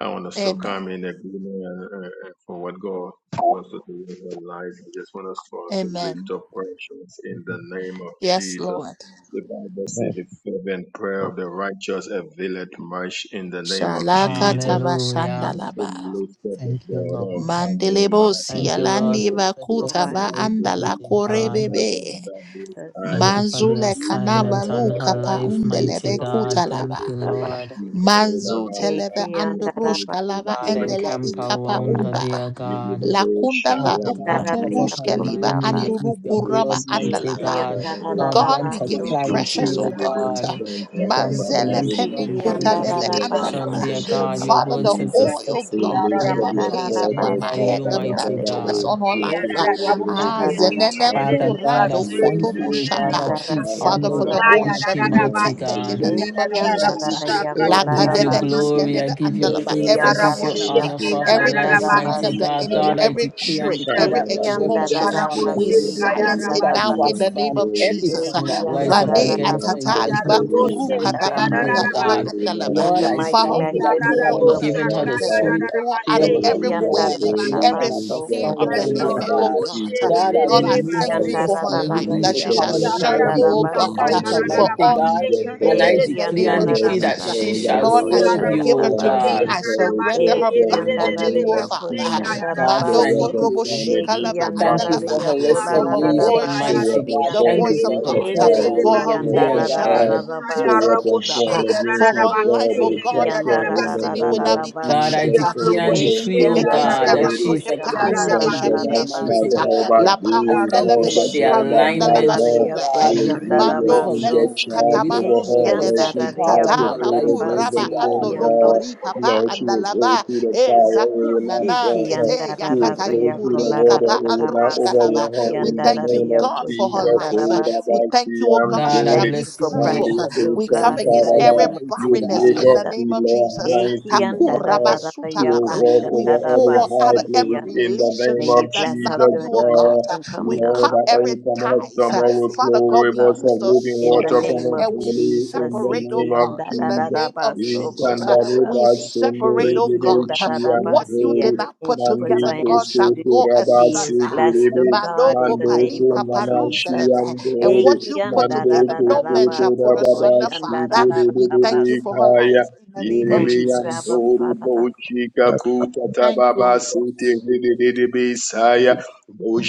S5: I want us to
S1: Amen.
S5: come in agreement uh, uh, for what God wants to do in our life. I just want us for us to lift
S1: Amen.
S5: up questions in the name of
S1: Yes,
S5: Jesus.
S1: Lord.
S5: The Bible says the fervent prayer
S4: but- but-
S5: of the righteous availeth much in the name of
S1: Shalaka
S5: Jesus.
S1: taba
S3: Hallelujah.
S5: Thank you.
S1: shandalaba.
S5: We
S3: Thank you, Lord.
S1: Mandelebo
S3: Thank you,
S2: Yes,
S3: Lord,
S1: sialandi
S3: for
S1: vakuta
S3: precious
S2: Lord.
S1: va
S3: life,
S1: andala
S3: mighty
S2: In the name
S3: God.
S1: korebebe.
S2: of Jesus.
S3: Thank you for the
S1: Manzule kanava
S3: assignment on
S2: Yes,
S3: her
S1: luka pa
S3: life, mighty
S1: undelebe
S2: Lord.
S3: God. Thank
S1: kutalaba.
S3: you, Lord.
S2: Rabasi.
S1: Manzu telebe
S2: Eki andaraba
S1: androshka lava
S3: God,
S1: endele
S2: kuraba
S3: encamp
S1: ikapa
S3: around her,
S1: unda.
S2: kuraba.
S3: dear God.
S1: La kunda la
S3: Father God, cover
S2: Dararaya
S3: her
S1: ukuturuske
S3: mind in
S2: kuraba.
S3: your,
S1: andulu
S3: with your
S1: kuraba
S3: blood, mighty
S2: Eki
S1: andalava.
S3: God. Lord,
S1: God,
S3: grant
S1: we
S2: andaraba
S3: her
S1: give you
S7: Thank
S2: soko
S5: thank
S3: clarity,
S1: precious,
S5: you,
S1: O
S3: O
S5: we give
S1: God.
S2: shandaraba.
S5: you
S3: God.
S5: thanks,
S3: Grant her
S5: Baba.
S1: Manzele
S7: you.
S5: We
S1: peni
S2: Isiki
S3: wisdom,
S5: lift up
S3: grant
S5: your
S3: her
S1: kutaleve
S2: andaraba
S5: servant
S3: direction,
S5: in the
S3: dear
S1: andalava.
S2: soko
S7: Yaraboshe,
S3: God.
S5: name of
S3: Your
S1: Father,
S3: word
S1: the
S2: rabasi.
S3: says the
S5: Jesus.
S3: steps
S1: oil,
S3: of
S5: We
S3: a
S1: God,
S3: good
S2: Eki
S5: lift
S1: that you
S5: up
S1: have
S3: man
S5: your
S3: are
S1: placed upon
S3: ordered
S2: andaraba
S1: my
S3: by
S1: head,
S3: you,
S1: the
S3: mighty
S2: seki
S1: mantle is
S3: God.
S1: on our life. Ah,
S2: Ekiyam
S1: ah,
S2: Ekiyam
S1: zenene
S3: Father God, I
S1: kurando
S3: thank
S1: kotobo
S3: you, O God,
S1: shata.
S3: that she's
S1: Father,
S3: under
S1: for
S3: your
S1: the oil shall
S3: canopy,
S1: be
S3: mighty
S1: protected in the
S3: God.
S1: name of
S2: Ekiyam
S1: Jesus.
S2: dararaya
S3: I give you
S1: Lakadeve
S2: kolaraba
S3: glory. I
S1: iskeleve
S3: give you
S1: andalaba.
S3: praise.
S1: Every
S3: I
S2: Ekiyam
S3: give you
S1: setup,
S2: dararaya
S1: ah,
S3: honor for her
S1: every
S3: life,
S1: design
S2: koşandaraba
S3: mighty
S1: of the
S3: God.
S1: enemy,
S3: God,
S2: sikiyam
S3: I
S1: every
S3: declare and
S1: trick,
S3: decree
S1: every
S3: that no
S2: Ekiyam
S3: weapon
S1: exposure, ah,
S3: formed
S2: dararaba
S1: we
S3: against her
S2: sikiyam
S1: silence it
S3: shall
S2: daraba
S1: now in
S2: so
S1: the
S3: prosper,
S1: name
S3: and
S1: of
S3: every
S1: Jesus. Ah,
S3: tongue that
S2: Ekiyam
S3: rise up
S1: Vane
S3: against her in
S2: dararaba
S1: atatali
S5: Thank
S2: so.
S3: judgment is
S1: bakuru
S5: you
S1: kataba
S3: condemned,
S2: koşandaraba
S3: dear
S5: in
S2: si
S1: udalaba
S3: God.
S7: Kayarabasi,
S5: the name of
S1: andalaba.
S2: In
S3: Lord,
S2: the
S3: I
S2: mighty
S5: Jesus,
S1: Father,
S3: thank you
S1: we
S3: that
S2: matchless
S3: you
S1: pull
S5: God.
S2: name
S1: her
S3: haven't
S2: of
S1: out of
S3: given her the
S1: darkness.
S2: Jesus.
S1: We
S3: spirit of
S1: pull her out
S3: fear,
S1: of
S3: but of
S1: every
S2: Ekiyam
S3: power
S1: way,
S3: and of love
S1: every
S3: and of a
S1: snare
S3: sound
S1: of
S2: Eki
S1: the
S7: Yes,
S3: mind, dear
S7: Lord,
S1: enemy, oh
S3: God.
S7: Robo
S2: andarabaso
S1: God. Uh,
S7: Shea,
S3: God, I
S1: Lord, I
S2: Eki
S3: remove
S1: thank you
S7: Reba
S1: for
S3: precious
S2: andara
S3: from
S1: her
S2: rara
S3: every
S1: life, that
S3: evil
S1: she
S2: ria
S1: shall
S3: covenant,
S1: serve
S3: every
S1: you,
S2: koshandara
S1: oh
S3: evil
S1: God,
S7: Yararabosaka,
S1: uh,
S2: basi
S3: altar,
S2: ki
S1: for
S3: mighty
S2: ande.
S1: all
S3: God.
S7: yararabase,
S3: And
S1: eternity
S3: I
S1: in
S2: Eki
S1: the
S3: declare
S5: Your
S1: name
S3: and
S1: of
S2: andara
S7: yererererebasa.
S5: word
S3: decree
S2: rara
S5: is
S3: that
S1: Jesus. Uh,
S2: rara
S3: she
S5: praise and
S2: ria
S3: shall
S5: no
S1: Lord, as
S3: serve
S1: you
S3: you,
S5: weapon
S1: give
S2: koshandara
S1: her
S3: O
S5: formed
S1: to
S7: Yarabosike,
S1: me,
S2: basi.
S1: I
S3: God.
S5: against her will
S1: surrender
S7: yararabase,
S1: her
S2: Eki
S5: prosper
S1: back
S5: in the
S1: unto
S2: andara
S1: you,
S5: name
S1: oh
S2: ria
S5: of
S1: Father.
S7: yerererererabase,
S1: Uh,
S7: ka
S5: Jesus.
S2: koshandara
S3: God,
S5: No
S1: Mando
S3: thank
S2: basi.
S7: yararabase.
S5: weapon
S1: korobo
S3: you.
S5: formed
S2: Eki
S5: against
S1: shikalava
S5: her
S3: Thank
S2: andara
S5: mind
S3: you
S1: andalava.
S3: for
S5: will
S2: ria
S1: Uh,
S3: her
S5: prosper,
S1: For
S2: kolara
S1: her
S2: rara
S7: Yarabose,
S5: God.
S1: voice
S3: restoration,
S5: No
S1: shall
S2: basi
S3: mighty
S1: speak
S2: ki
S5: weapon
S3: God.
S1: the
S7: Kayaraboshe,
S2: ande.
S5: formed
S3: Thank you
S1: voice of
S3: for
S5: against
S3: her
S5: her
S1: God. Uh,
S5: body will
S1: For her
S3: turnaround,
S7: Yedebebebebebase.
S3: dear
S5: prosper,
S1: voice shall
S5: God.
S1: be
S3: God.
S2: Ekiandararararia
S1: used
S5: No
S1: for the
S5: weapon
S1: kingdom
S7: Kayaraboshe,
S5: formed against
S1: for
S5: us,
S1: her life,
S7: Yararabase,
S5: God
S2: koshandarabasi
S1: oh
S5: will
S2: kiande. Ekiandararararia koshandarabasi. Ekiandararia koshandarabasi. Ekiandararia kolarararabasi kiande. Esi kiandararararabaso. basi Eki
S1: God, and her
S5: prosper
S2: andara
S5: in the
S2: rara
S7: Yararabase.
S1: destiny will
S5: name of
S1: not
S2: rara
S1: be cut
S3: God,
S2: basi.
S1: short.
S3: I
S5: Jesus.
S1: Uh,
S5: For
S3: declare and
S1: We
S5: another
S7: Yaraboshe,
S2: Eki
S3: decree,
S1: speak
S3: O
S5: see and
S2: andara
S1: against
S3: God,
S1: every
S3: that
S2: ria
S5: hear it.
S3: she's
S7: Yararabase,
S3: a
S1: crooked
S5: The
S1: path,
S2: koshandara
S1: for
S2: rara
S1: it
S5: sun
S3: kingdom
S1: shall be
S7: Yararabase.
S3: builder,
S2: rara
S5: cannot
S1: made
S5: light
S1: straight.
S3: mighty
S5: the
S1: Uh,
S2: basi
S5: whole
S2: ki
S3: God.
S1: La
S2: ando.
S3: I
S5: body,
S1: pahunda
S3: thank you
S5: nor
S1: leve
S3: for
S5: the
S1: i
S3: the
S7: Yaraboshe,
S5: moon by
S1: karunda la
S5: night,
S3: alignment,
S5: God.
S3: O
S2: Esikiandararia
S1: basule. eh,
S7: Yedebebebebebase,
S5: You
S3: God,
S5: will
S3: with her,
S5: give your
S3: with
S1: Mando
S3: her
S7: Kayaraboshe.
S2: Koshandarabaso,
S5: angel
S1: velu
S3: destiny,
S5: charge
S3: with
S1: katama
S3: her
S5: over her,
S3: purpose,
S5: lest
S3: with
S1: unskeleve.
S3: the
S5: she
S3: call
S5: pass
S2: Ekiandararia
S3: on
S5: your
S1: Tata
S3: her
S5: foot
S3: life,
S5: against the
S3: mighty
S1: makuraba
S2: Kolarabasi,
S5: stone,
S3: God.
S1: andolo
S2: Kiando,
S5: God.
S1: kori papa
S5: Lord, she will go
S1: andalava.
S5: through the
S1: E
S5: fire, it will
S1: zakuna
S5: not
S1: na
S5: burn her.
S1: kete
S5: She will
S1: yakata
S5: go
S2: Ikiandararia
S5: through the
S1: yukuri
S5: water,
S1: kapa
S5: it will not
S2: Kolarabasi,
S1: andrushkalava.
S5: overwhelm her.
S1: We
S5: In the
S1: thank you,
S5: name
S2: Kiandararia
S5: of
S1: God, for her
S5: Jesus,
S1: life. Uh,
S5: hold up,
S1: We
S2: Koshandarabasi.
S5: I
S1: thank
S5: see,
S1: you, O
S5: I'm
S1: God,
S2: We
S1: she
S3: God, I
S5: good.
S1: shall
S2: thank
S1: be
S2: you
S3: bless
S2: for
S3: your
S1: fruitful.
S3: name
S5: Monday
S3: for
S2: precious, O
S5: through
S1: We
S3: precious
S1: come
S2: God, in the
S1: against
S3: life,
S5: Sankaraba.
S1: every
S2: name of
S3: mighty
S5: You
S1: barrenness
S5: make
S1: in
S3: God.
S1: the
S5: up
S2: Jesus.
S1: name
S5: the
S1: of
S5: Lord
S1: Jesus.
S5: high thing, God. You
S2: Ekiandararia
S5: will
S1: Takurabasutalaba.
S5: walk
S1: We
S5: over every
S1: pull her out
S5: high
S1: of
S2: Koshandarabasi,
S1: every
S5: place
S2: Kiande.
S5: in the
S2: May
S5: name of
S2: you
S1: relationship that's
S2: bless our
S1: not of
S5: Jesus,
S1: you,
S2: going
S1: oh
S2: out and her
S1: God.
S5: God.
S1: Uh, We
S2: incoming, our
S5: Lord,
S1: cut
S5: that
S2: upright
S5: every
S1: every
S2: and
S5: summer,
S1: ties.
S2: our
S1: Uh,
S5: summer will
S2: dancing,
S1: Father
S5: flow
S2: O
S1: God, we
S2: God.
S5: rivers
S1: use
S5: of
S1: the
S5: living
S2: In the
S1: sword
S5: water
S1: uh,
S5: from
S2: name
S5: our
S2: of
S1: and we
S5: belly in
S2: Jesus,
S5: the
S1: separate, oh
S5: name
S2: Iki
S5: of
S2: and
S1: God,
S2: da
S1: in
S2: da
S1: the
S2: da
S5: Jesus.
S2: da
S1: name
S2: ba,
S1: of
S5: We
S2: so
S5: can
S1: Jesus.
S2: kola
S1: Uh,
S2: da ba
S1: We
S5: deliver
S2: si.
S1: separate,
S5: Sundari
S1: oh
S2: Iki and da
S1: God.
S2: da
S5: Bibichi
S2: da
S5: and
S2: ba
S1: What you
S2: si.
S1: did
S5: Glory.
S1: not
S2: Everything
S1: put
S2: she puts
S5: Mandi
S1: together,
S2: her
S1: God
S2: hands to
S5: Kusko
S1: shall
S2: do,
S1: go
S5: Kuraba
S2: she is
S1: asunder.
S2: blessed, oh
S5: Sikiribi.
S2: God, in
S1: Manoko
S2: the
S5: Mando
S2: name of
S1: palika
S5: Kunamashi
S2: Jesus.
S1: parundeleve.
S5: and
S1: And
S5: Glory.
S1: what
S2: Iki
S1: you
S2: and
S1: put
S2: da da
S5: Mando
S1: together,
S2: da da
S1: no
S5: koto
S2: da
S1: man
S2: ba,
S1: shall put
S2: so ko
S5: rababa
S1: asunder,
S2: and da da
S1: Father.
S2: da da
S1: We
S2: da
S1: thank
S2: ba
S1: you
S5: shiri
S2: si.
S1: for her
S5: kaya
S1: life in the
S2: We
S1: name of
S5: yiribi
S2: thank you,
S1: Jesus.
S2: Abba
S5: yandori
S2: Father.
S5: bochi
S4: but- but-
S5: kakuta
S1: Thank you,
S5: tababa
S1: Holy
S5: siti
S1: Ghost.
S5: riri bisaya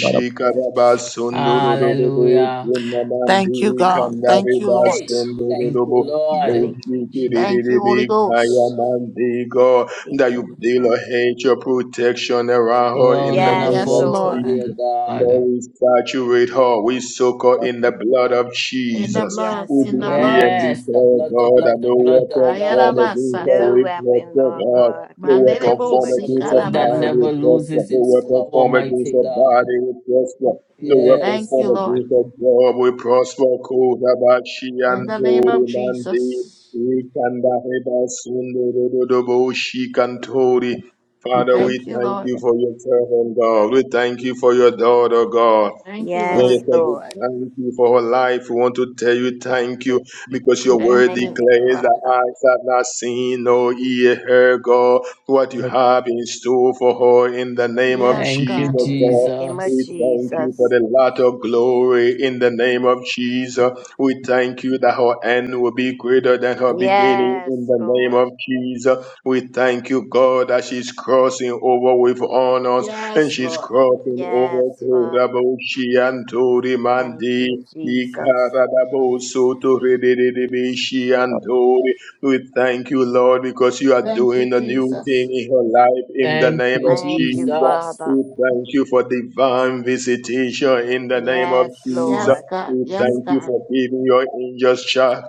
S2: We
S4: but-
S5: karaba sondoro robo
S3: Hallelujah.
S5: kuna
S1: Thank you,
S5: mandi
S2: honor
S1: God.
S2: and
S5: kandare
S1: Thank you,
S5: bas
S1: Lord.
S3: Hey,
S5: sondoro
S3: thank you,
S5: robo
S3: Lord.
S2: Thank you,
S5: bochi
S1: Thank you,
S2: Jesus.
S5: riri
S1: Holy
S5: kaya
S1: Ghost.
S5: mandi God that you
S2: Iki and
S5: deal
S2: da.
S5: a hedge your protection around her in
S3: Round
S5: the
S3: and
S2: Yes,
S5: name
S1: Yes,
S5: of
S3: about,
S1: Lord.
S2: Lord.
S5: Jesus.
S3: dear God.
S5: Lord, we saturate her. We soak her
S4: but-
S5: in the blood of
S1: In the
S4: but-
S5: Jesus.
S1: blood,
S5: We
S2: Yes,
S1: in the
S5: decree
S2: Father.
S1: blood.
S5: and
S3: Yes, the
S5: declare,
S3: blood, the
S5: God, that
S3: blood, the
S5: no
S3: blood, the
S5: weapon
S3: blood.
S5: formed against her
S2: No
S1: Ayarabasata.
S5: will
S2: weapon,
S5: prosper,
S2: Lord
S5: God.
S2: God,
S5: No
S2: in the
S5: weapon
S4: because-
S2: name
S1: Mandelebo
S5: formed
S2: of
S3: The
S5: against her
S3: blood that
S5: mind
S2: Jesus.
S1: sikarababa.
S5: will
S3: never
S5: prosper.
S3: loses
S5: No
S3: its
S5: weapon
S3: power,
S5: formed against
S3: mighty
S5: her body
S3: God.
S5: will prosper. No weapon
S1: Thank
S3: Yes.
S1: you,
S5: formed
S1: Lord.
S5: against her job will prosper. Kodabashi and
S1: In the name of
S5: Tori Mandi.
S1: Jesus.
S5: We can da heba sundo do do do bo shi kantori. Father,
S4: because,
S5: we
S1: Thank you,
S5: thank
S1: Lord.
S5: you for your servant, God. We thank you for your daughter, God.
S1: Thank you,
S5: We
S4: Lord,
S2: Yes,
S5: just
S1: Lord.
S5: want
S2: Lord.
S5: to thank you for her life. We want to tell you thank
S4: what
S5: you
S4: you
S5: because your
S4: know,
S5: word
S1: Thank
S2: Thank
S1: you.
S2: you,
S5: declares that
S2: Father,
S5: eyes have not seen nor ear heard, God, what you
S4: what
S5: have in store for her in the name of
S1: Yes,
S3: Thank you,
S5: Jesus,
S1: God.
S2: in
S5: God.
S2: the name of
S5: We
S3: Jesus.
S5: thank you for
S2: Jesus.
S5: the lot of glory in the name of Jesus. We thank you that her end will be greater than her beginning
S2: Yes,
S5: in the name
S2: Lord.
S5: of Jesus. We thank you, God, that she's crossing over with honors and
S1: Yes,
S5: she's
S1: Lord.
S5: crossing
S2: Yes,
S5: over to
S2: Father.
S5: Raboshi and to
S2: Thank
S5: Rimandi.
S2: you,
S5: We
S2: Jesus.
S5: thank you, Lord, because you are
S1: Thank you,
S5: doing a new thing
S1: Jesus.
S5: in her life in the
S3: Thank
S5: name
S3: you,
S5: of
S2: Thank you,
S5: Jesus.
S3: Jesus.
S2: Father.
S5: We thank you for divine visitation in the name of
S2: Yes,
S5: Jesus.
S1: Yes,
S2: Lord.
S1: God.
S5: We
S1: Yes,
S4: you-
S5: thank you
S1: God.
S5: for giving your angels charge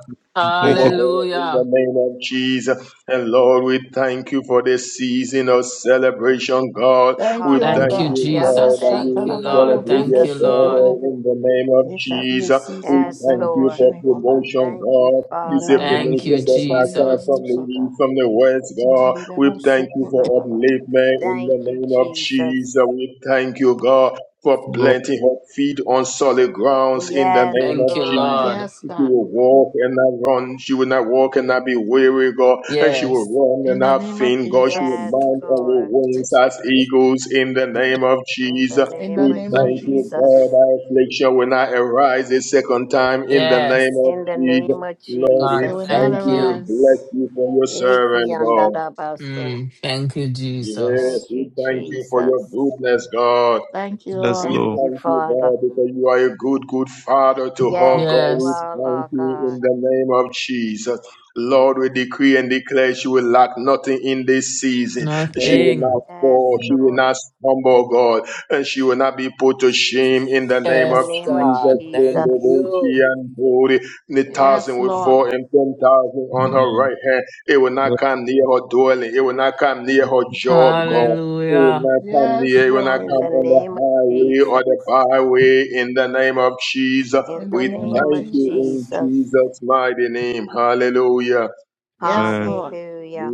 S4: Thank
S5: over
S4: you,
S5: her in the
S3: Hallelujah.
S5: name of Jesus. And Lord, we thank you for this season of celebration, God.
S1: Thank
S5: We
S1: you, O
S4: no,
S3: Thank
S5: thank
S3: you,
S1: God.
S5: you,
S2: Hallelujah.
S1: Rabba
S5: God,
S3: Jesus.
S5: that
S2: Thank
S3: Thank you,
S5: you
S2: you,
S1: Shatalaba
S3: Lord.
S5: celebrate
S1: Urubu
S3: Thank
S5: your
S3: you,
S2: Jesus.
S5: daughter
S3: Lord.
S1: Sukurubu.
S5: in the name of
S1: There shall be a
S5: Jesus.
S1: season
S5: We
S1: of
S2: Yes,
S5: thank you
S2: Lord.
S1: celebration
S5: for
S1: in her life.
S5: promotion,
S2: Thank you,
S5: God.
S1: In
S5: You
S1: the
S5: say
S2: Father.
S1: name of
S3: Thank you,
S5: promotion does
S1: Jesus.
S5: not
S1: Father, you
S5: come
S1: will
S3: Jesus.
S5: from
S1: use,
S5: the
S1: O God.
S5: east, from the west, God.
S1: Mandelebo
S5: We thank you for
S1: Sukurababa.
S5: upliftment in the
S2: Thank you,
S5: name of
S2: Jesus.
S5: Jesus. We thank you, God, for
S4: Lord.
S5: planting her feet on solid grounds in the
S2: Yes,
S5: name
S3: Thank
S5: of
S3: you,
S5: Jesus.
S2: Lord.
S3: Lord.
S1: Yes,
S5: She
S1: God.
S5: will walk and not run. She will not walk and not be weary, God. And she will
S3: Yes.
S5: run and
S1: In the
S5: not
S1: name of
S5: faint, God. She will
S2: Yes,
S1: Jesus.
S5: mount on
S2: Lord.
S5: the wings as eagles in the name of
S2: In the
S5: Jesus.
S1: In the
S2: name
S5: We
S2: of
S1: name
S4: Yes,
S1: of
S5: thank you,
S2: Jesus.
S1: Jesus.
S5: God. Our affliction will not arise a second time in the name
S3: Yes.
S5: of
S2: In the name
S5: Jesus.
S2: of
S5: Lord,
S3: God,
S5: we
S1: It
S2: Jesus.
S1: will not
S5: thank
S3: thank
S5: you.
S3: you.
S5: We
S1: arise.
S5: bless you for your
S2: Eki
S5: servant, God.
S2: andarabaso.
S3: Mm, thank you,
S5: Yes,
S3: Jesus.
S2: Thank
S5: we
S2: you,
S5: thank you for
S2: Jesus.
S5: your goodness, God.
S1: Thank you,
S4: yes,
S1: Lord.
S5: We
S2: Thank
S4: Lord.
S2: you,
S5: thank you,
S2: Father.
S5: God, because you are a good, good Father to her,
S2: Yes,
S5: God.
S2: you
S5: We
S3: Yes.
S2: are
S5: thank
S2: Lord
S5: you
S2: God.
S5: in the name of Jesus. Lord, we decree and declare she will lack nothing in this season. She
S4: Oh,
S5: will not
S3: Nothing.
S4: Lord,
S2: Yes,
S5: fall. She will
S2: Lord.
S5: not stumble, God. And she will not be put to shame in the
S2: In
S5: name
S2: the
S5: of
S3: Yes,
S2: name of
S5: Jesus.
S3: God.
S5: In the
S3: Thank
S2: Jesus.
S5: way she
S3: you.
S5: and glory, the
S1: Yes,
S5: thousand will
S1: Lord.
S5: fall and ten thousand on her
S4: we
S5: right hand. It will not
S4: love
S5: come near her dwelling. It will not come near her job, God will
S3: Hallelujah.
S5: not come
S1: Yes,
S5: near, will not
S1: Lord.
S2: In
S5: come
S2: the
S5: on the
S2: name of
S5: highway
S2: Jesus.
S5: or the byway in the name of Jesus.
S2: In
S1: In
S2: the
S1: the
S5: We
S1: name
S4: you,
S1: of
S2: name of
S5: thank you in
S1: Jesus.
S2: Jesus.
S5: Jesus' mighty name. Hallelujah.
S1: Yes,
S4: man.
S1: Lord.
S2: Hallelujah.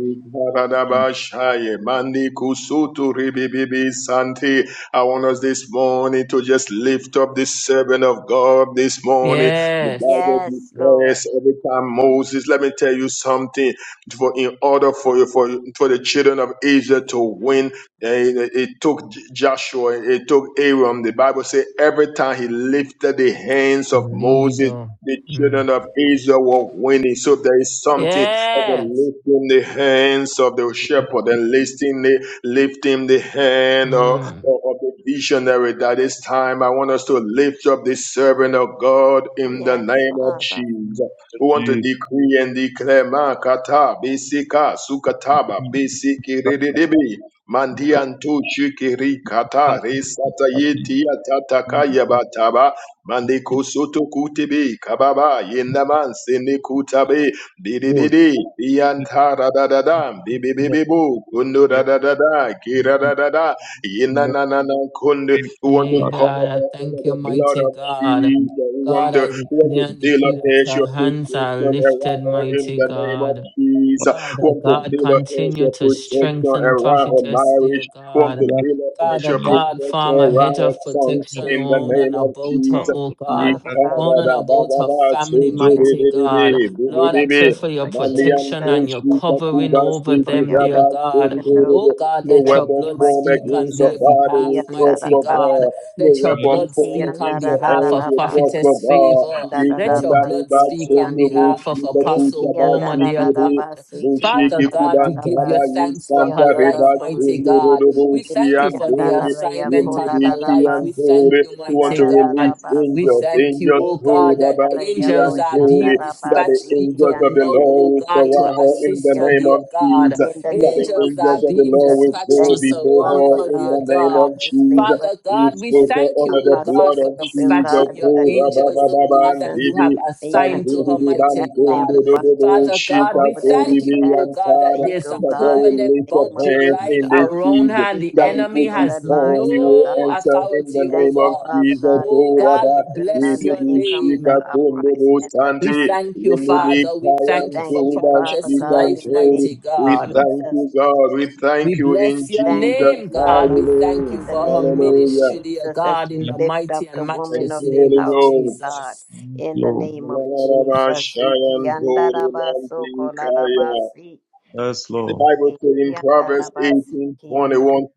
S4: We
S5: Mandi Kusutu Ribibibi Santi. I want us this morning to just lift up the servant of God this morning. The
S3: Yes.
S5: Bible
S2: Yes, Lord.
S5: declares every time Moses, let me tell you something. For in order for for for the children of Israel to win, eh, it, it took Joshua, it took Aaron. The Bible says every time he lifted the hands of Moses,
S3: Leader.
S5: the
S3: Mm.
S5: children of Israel were winning. So there is something and
S3: Yes.
S5: lifting the hands of the shepherd and lifting the, lifting the hand of,
S3: Mm.
S5: of of the visionary that is time. I want us to lift up the servant of God in the
S2: Yes,
S5: name of
S2: Father.
S5: Jesus. We
S4: Thank
S5: want to
S4: you.
S5: decree and declare Makata, Bisika, Sukataba,
S4: We
S5: Bisiki,
S4: thank
S5: Rididibi.
S4: you.
S5: Mandiantu shikiri kata
S4: Thank
S5: resata
S4: you.
S5: yeti
S4: We
S5: atataka
S4: thank you.
S5: yabataba mandiko soto kutibi kababa yendaman sene kutabe
S4: oh,
S5: Di-di-di-di, da
S4: it's
S5: da da dam
S4: Lord.
S5: di-bi-bi-bi-boo,
S4: Yes,
S5: kundu-da-da-da-da, ki-ra-da-da-da,
S4: Lord.
S5: yi-na-na-na-na, kundu. da da da da, kira da da da, yina na na na kundu.
S4: Yes,
S5: We want to
S3: Hey,
S4: Lord.
S3: God,
S5: cover
S3: I
S5: up under
S3: thank you,
S5: the blood
S3: mighty
S5: of
S3: God.
S5: Jesus. We want
S3: God,
S5: to,
S3: I
S5: we want to
S3: declare and decree that
S5: dilate
S3: her
S5: your
S3: hands are
S5: protection around
S3: lifted,
S5: her in
S3: mighty
S5: the name of
S3: God.
S5: Jesus. We
S3: Father
S5: want to
S3: God,
S5: dilate
S3: continue
S5: your
S3: to
S5: protection
S3: strengthen
S5: around her
S3: prophetess, dear
S5: marriage. We want
S3: God.
S5: to
S4: Slow.
S5: dilate
S3: Father
S5: your
S3: God,
S5: protection
S3: form a
S5: around
S3: hedge
S5: her
S3: of
S5: sons
S3: protection
S5: in the
S3: around and
S5: name of
S2: We
S3: about her,
S5: Jesus.
S2: thank
S3: oh
S2: you,
S3: God.
S2: Father God.
S3: Round and
S5: Nikarada
S3: about
S5: baba
S3: her
S5: ba
S3: family,
S2: We
S5: soto
S2: thank
S5: re
S3: mighty
S5: re re
S2: oh
S3: God.
S2: God,
S5: re bu bu
S3: Lord, I
S5: be be
S3: pray
S2: in the
S3: for
S2: name
S3: your
S2: of
S5: Malian
S3: protection
S5: to
S2: Jesus,
S3: and your
S5: shuta
S3: covering
S5: kuba
S3: over
S2: for
S5: stiki
S3: them,
S2: your
S3: dear
S5: raba
S3: God.
S2: protection,
S5: soto re
S2: oh God,
S3: Oh
S5: re
S3: God,
S5: no
S2: in
S3: let
S2: the
S3: your
S5: weapon
S2: name
S3: blood
S2: of
S5: form
S3: speak on
S5: against a
S3: their
S2: Jesus,
S5: body
S3: behalf,
S5: we
S3: mighty
S5: prosper
S3: God.
S5: God no
S3: Let your
S2: Ikiandarabaso,
S5: weapon
S3: blood
S5: form
S3: speak on
S5: against a
S3: behalf
S5: hand
S3: of
S5: we
S2: Ikiandararabaso,
S5: prosper
S3: prophetess
S5: God
S3: favor. Let your
S5: Nikanda
S2: Darabas,
S3: blood
S5: riba
S3: speak on
S5: soto
S2: Ikiandi,
S5: bu
S3: behalf of
S5: shuta
S3: Apostle
S5: kuta ba
S3: Woman,
S5: stiki
S3: dear
S5: re
S3: God.
S2: Ikiandarabas,
S3: Father
S5: Bushiki
S3: God, we
S5: kubanta
S3: give you
S5: ba
S2: Ikiandarabas,
S5: yi
S3: thanks for her
S5: santa
S3: life,
S5: riba
S2: Ikiandarabos,
S3: mighty
S5: soto re
S3: God. We thank you
S5: re
S3: for the
S5: bu
S2: Ikiandaraya,
S3: assignment on her
S5: Yelidiki
S3: life.
S5: and
S2: Kodarabas,
S3: We thank
S5: Bori,
S3: you,
S5: we want
S3: mighty
S5: to
S3: God.
S5: release
S3: We
S2: Ikiandarabaso,
S5: angels,
S3: thank you,
S5: angels
S3: oh
S5: who
S3: God, that
S5: Rabachi
S2: Ikiandaraya,
S3: angels
S5: and
S3: are being
S5: Bori, that
S2: Koshandarabas,
S5: the
S3: dispatched
S5: angels of
S3: even
S5: the
S3: now, oh
S5: Lord will
S3: God, to
S5: surround her in
S3: assist
S5: the
S3: her,
S2: Ikiandede.
S5: name
S3: dear
S5: of
S3: God.
S2: In
S5: Jesus,
S2: the
S5: that the
S2: name of
S3: Angels are
S5: angels of the
S3: being
S5: Lord
S2: Jesus,
S5: will
S2: we
S3: dispatched
S5: go
S3: to
S2: thank you,
S5: before her
S3: surround
S2: Father
S3: her,
S5: in
S3: dear
S5: the
S2: God,
S5: name of
S3: God.
S2: Prophetess
S5: Jesus.
S2: Favor
S3: Father
S5: We
S3: God, we
S5: spoke
S2: and
S5: her
S3: thank you,
S5: under
S3: oh
S5: the
S2: Apostle
S3: God,
S5: blood
S3: for
S5: of
S2: Philip, oh
S5: Jesus,
S3: dispatching
S2: God, in
S3: your
S2: the
S5: who
S2: name of
S3: angels, oh God,
S5: Rabababa and
S3: that
S2: Jesus.
S3: you have
S5: Bibi,
S2: May you
S3: assigned to her,
S2: continue
S5: Bandibi,
S2: to bless
S3: mighty
S2: them
S3: God.
S5: Bandundo,
S2: above
S3: Father
S2: above
S3: God,
S5: Shita,
S2: all
S3: we
S2: that they
S5: Kori,
S3: thank you,
S2: could
S3: oh
S5: and
S2: ask
S3: God,
S2: or
S3: that
S5: Tara,
S2: think,
S3: there's a
S2: oh
S5: that God
S2: God, in
S5: will
S3: permanent
S2: the
S5: lift up
S2: name of
S3: boundary
S5: hands
S3: line
S5: in this
S2: Jesus.
S3: around her
S5: season
S3: and
S2: We
S3: the
S5: that
S2: thank you
S3: enemy
S5: before
S2: for
S5: his
S2: their
S3: has
S5: home
S2: lives,
S5: he
S2: oh
S5: will
S3: no
S2: God.
S5: answer in
S2: We
S5: the
S3: authority
S2: thank
S5: name
S3: over
S2: you,
S5: of
S3: her.
S2: Father
S5: Jesus.
S2: God, for
S3: Oh
S5: O
S2: blessing
S3: God,
S5: Rabba,
S3: we
S2: the women
S3: bless
S2: on
S5: Ete
S2: the
S3: your
S5: di
S2: income and the
S5: shika
S3: name.
S5: kunde
S2: uprising
S5: bo
S2: and the
S3: We
S5: santi,
S3: thank you,
S2: dancing, Father.
S5: di
S3: Father. We
S2: We
S5: kayam
S3: thank you
S2: thank
S3: for
S2: you,
S5: toba
S2: Father
S3: prophetess
S5: shika
S2: God,
S3: life,
S2: in the name
S3: mighty
S2: of
S5: We
S3: God.
S5: thank
S2: Jesus
S5: you, God. We
S3: We
S5: thank you in
S3: bless your
S2: Thank you,
S5: Jesus'
S3: name, God.
S5: mighty
S2: Father,
S3: We thank you
S2: in
S5: name.
S2: the
S3: for her
S2: name of
S5: Hallelujah.
S3: ministry, dear
S2: Jesus, as
S3: God, in
S2: we
S3: the
S2: lift
S3: mighty
S2: up
S3: and
S2: the woman
S5: Thank
S3: matchless
S2: of
S5: you,
S2: this
S3: name
S5: Holy
S3: of
S2: house, to
S5: Ghost.
S2: God,
S3: Jesus
S2: in the name of
S5: Rabba
S2: Jesus.
S5: shayan
S2: Ikiandarabasoko larabasi,
S4: That's
S5: The
S4: slow.
S5: Bible says in Proverbs
S2: ikiandarabasi,
S5: 18 21,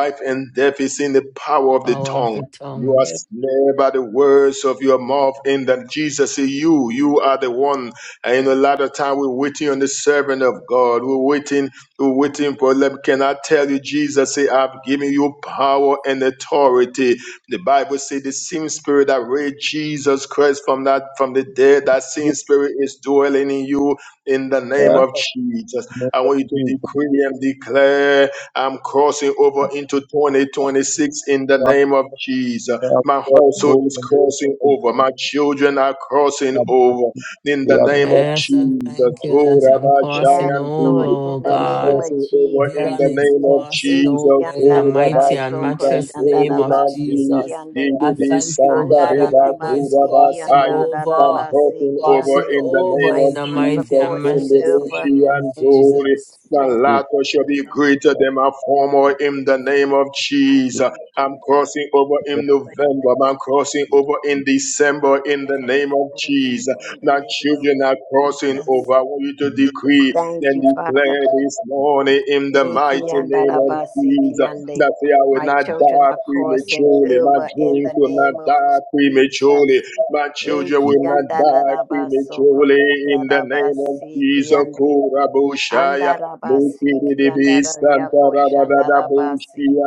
S5: life and death is in the power of the
S3: power of
S5: tongue.
S3: the
S5: You are
S3: tongue.
S5: snared by the words of your mouth, In that Jesus is you. You are the one. And in a lot of time, we're waiting on the servant of God. We're waiting, we're waiting for them. Can I tell you, Jesus said, I've given you power and authority. The Bible says the same spirit that raised Jesus Christ from that from the dead, that same spirit is dwelling in you in the name of Jesus. I want you to decree and declare, I'm crossing over into 2026 in the name of Jesus. My household is crossing over. My children are crossing over in the name of
S3: Yes, I
S5: Jesus.
S3: thank you
S5: Oh,
S3: that I'm
S5: Rabbi
S2: Yes,
S3: crossing
S5: Shayan
S3: over,
S2: Lord,
S5: Didi,
S2: in
S3: oh
S2: the
S5: I'm
S2: name
S3: God.
S2: of
S5: crossing over
S2: Jesus.
S5: in
S3: Dylan
S5: the
S3: is
S5: name of
S3: crossing
S5: Jesus.
S3: over in the
S5: Oh,
S3: mighty
S5: Rabbi
S3: and
S2: Ikiandarabasoko
S5: Shitan
S3: matchless name
S5: Didi,
S3: of
S2: shandarabasi,
S5: Mandiri,
S3: Jesus.
S2: kiande.
S3: I
S5: Didi,
S3: thank you, oh
S5: Santa
S3: God, that Timo is crossing
S5: Reba, I'm
S3: over,
S5: crossing over
S3: crossing
S5: in the
S3: over
S5: name
S2: My
S3: in
S5: of
S3: the
S2: sons are
S3: mighty
S5: Jesus.
S3: and
S2: coursing
S3: matchless
S2: over
S3: name
S5: Kundurushi
S3: of
S5: and
S2: into.
S5: Dori.
S3: Jesus.
S5: The
S2: Twenty. My
S5: latter shall be
S2: God,
S5: greater than my former in the
S2: Jesus,
S5: name of
S2: my
S5: Jesus. I'm
S2: grandchildren, of
S5: crossing
S2: course,
S5: over in
S2: and over
S5: November. I'm crossing over in December in the
S2: in the name of Jesus. It is
S5: name of
S2: course and
S5: Jesus.
S2: over in the
S5: My
S2: name of
S5: children are crossing
S2: Jesus.
S5: over. I want you to decree
S2: Thank
S5: and
S2: you, Father.
S5: declare this morning in the mighty name of Jesus
S2: Ekiyandarabasikiande.
S5: that I will
S2: My
S5: not
S2: children
S5: die
S2: are crossing
S5: prematurely. My
S2: over in the
S5: dreams will not
S2: name of
S5: die
S2: Jesus.
S5: prematurely. My children will not die prematurely in the name of Jesus.
S2: Ekiyandarabasokoshandarabasikiande.
S5: Kurabushaya. Mukiri dibi santa radada bushi
S2: Andarabasikiandarayakoshandarabasi.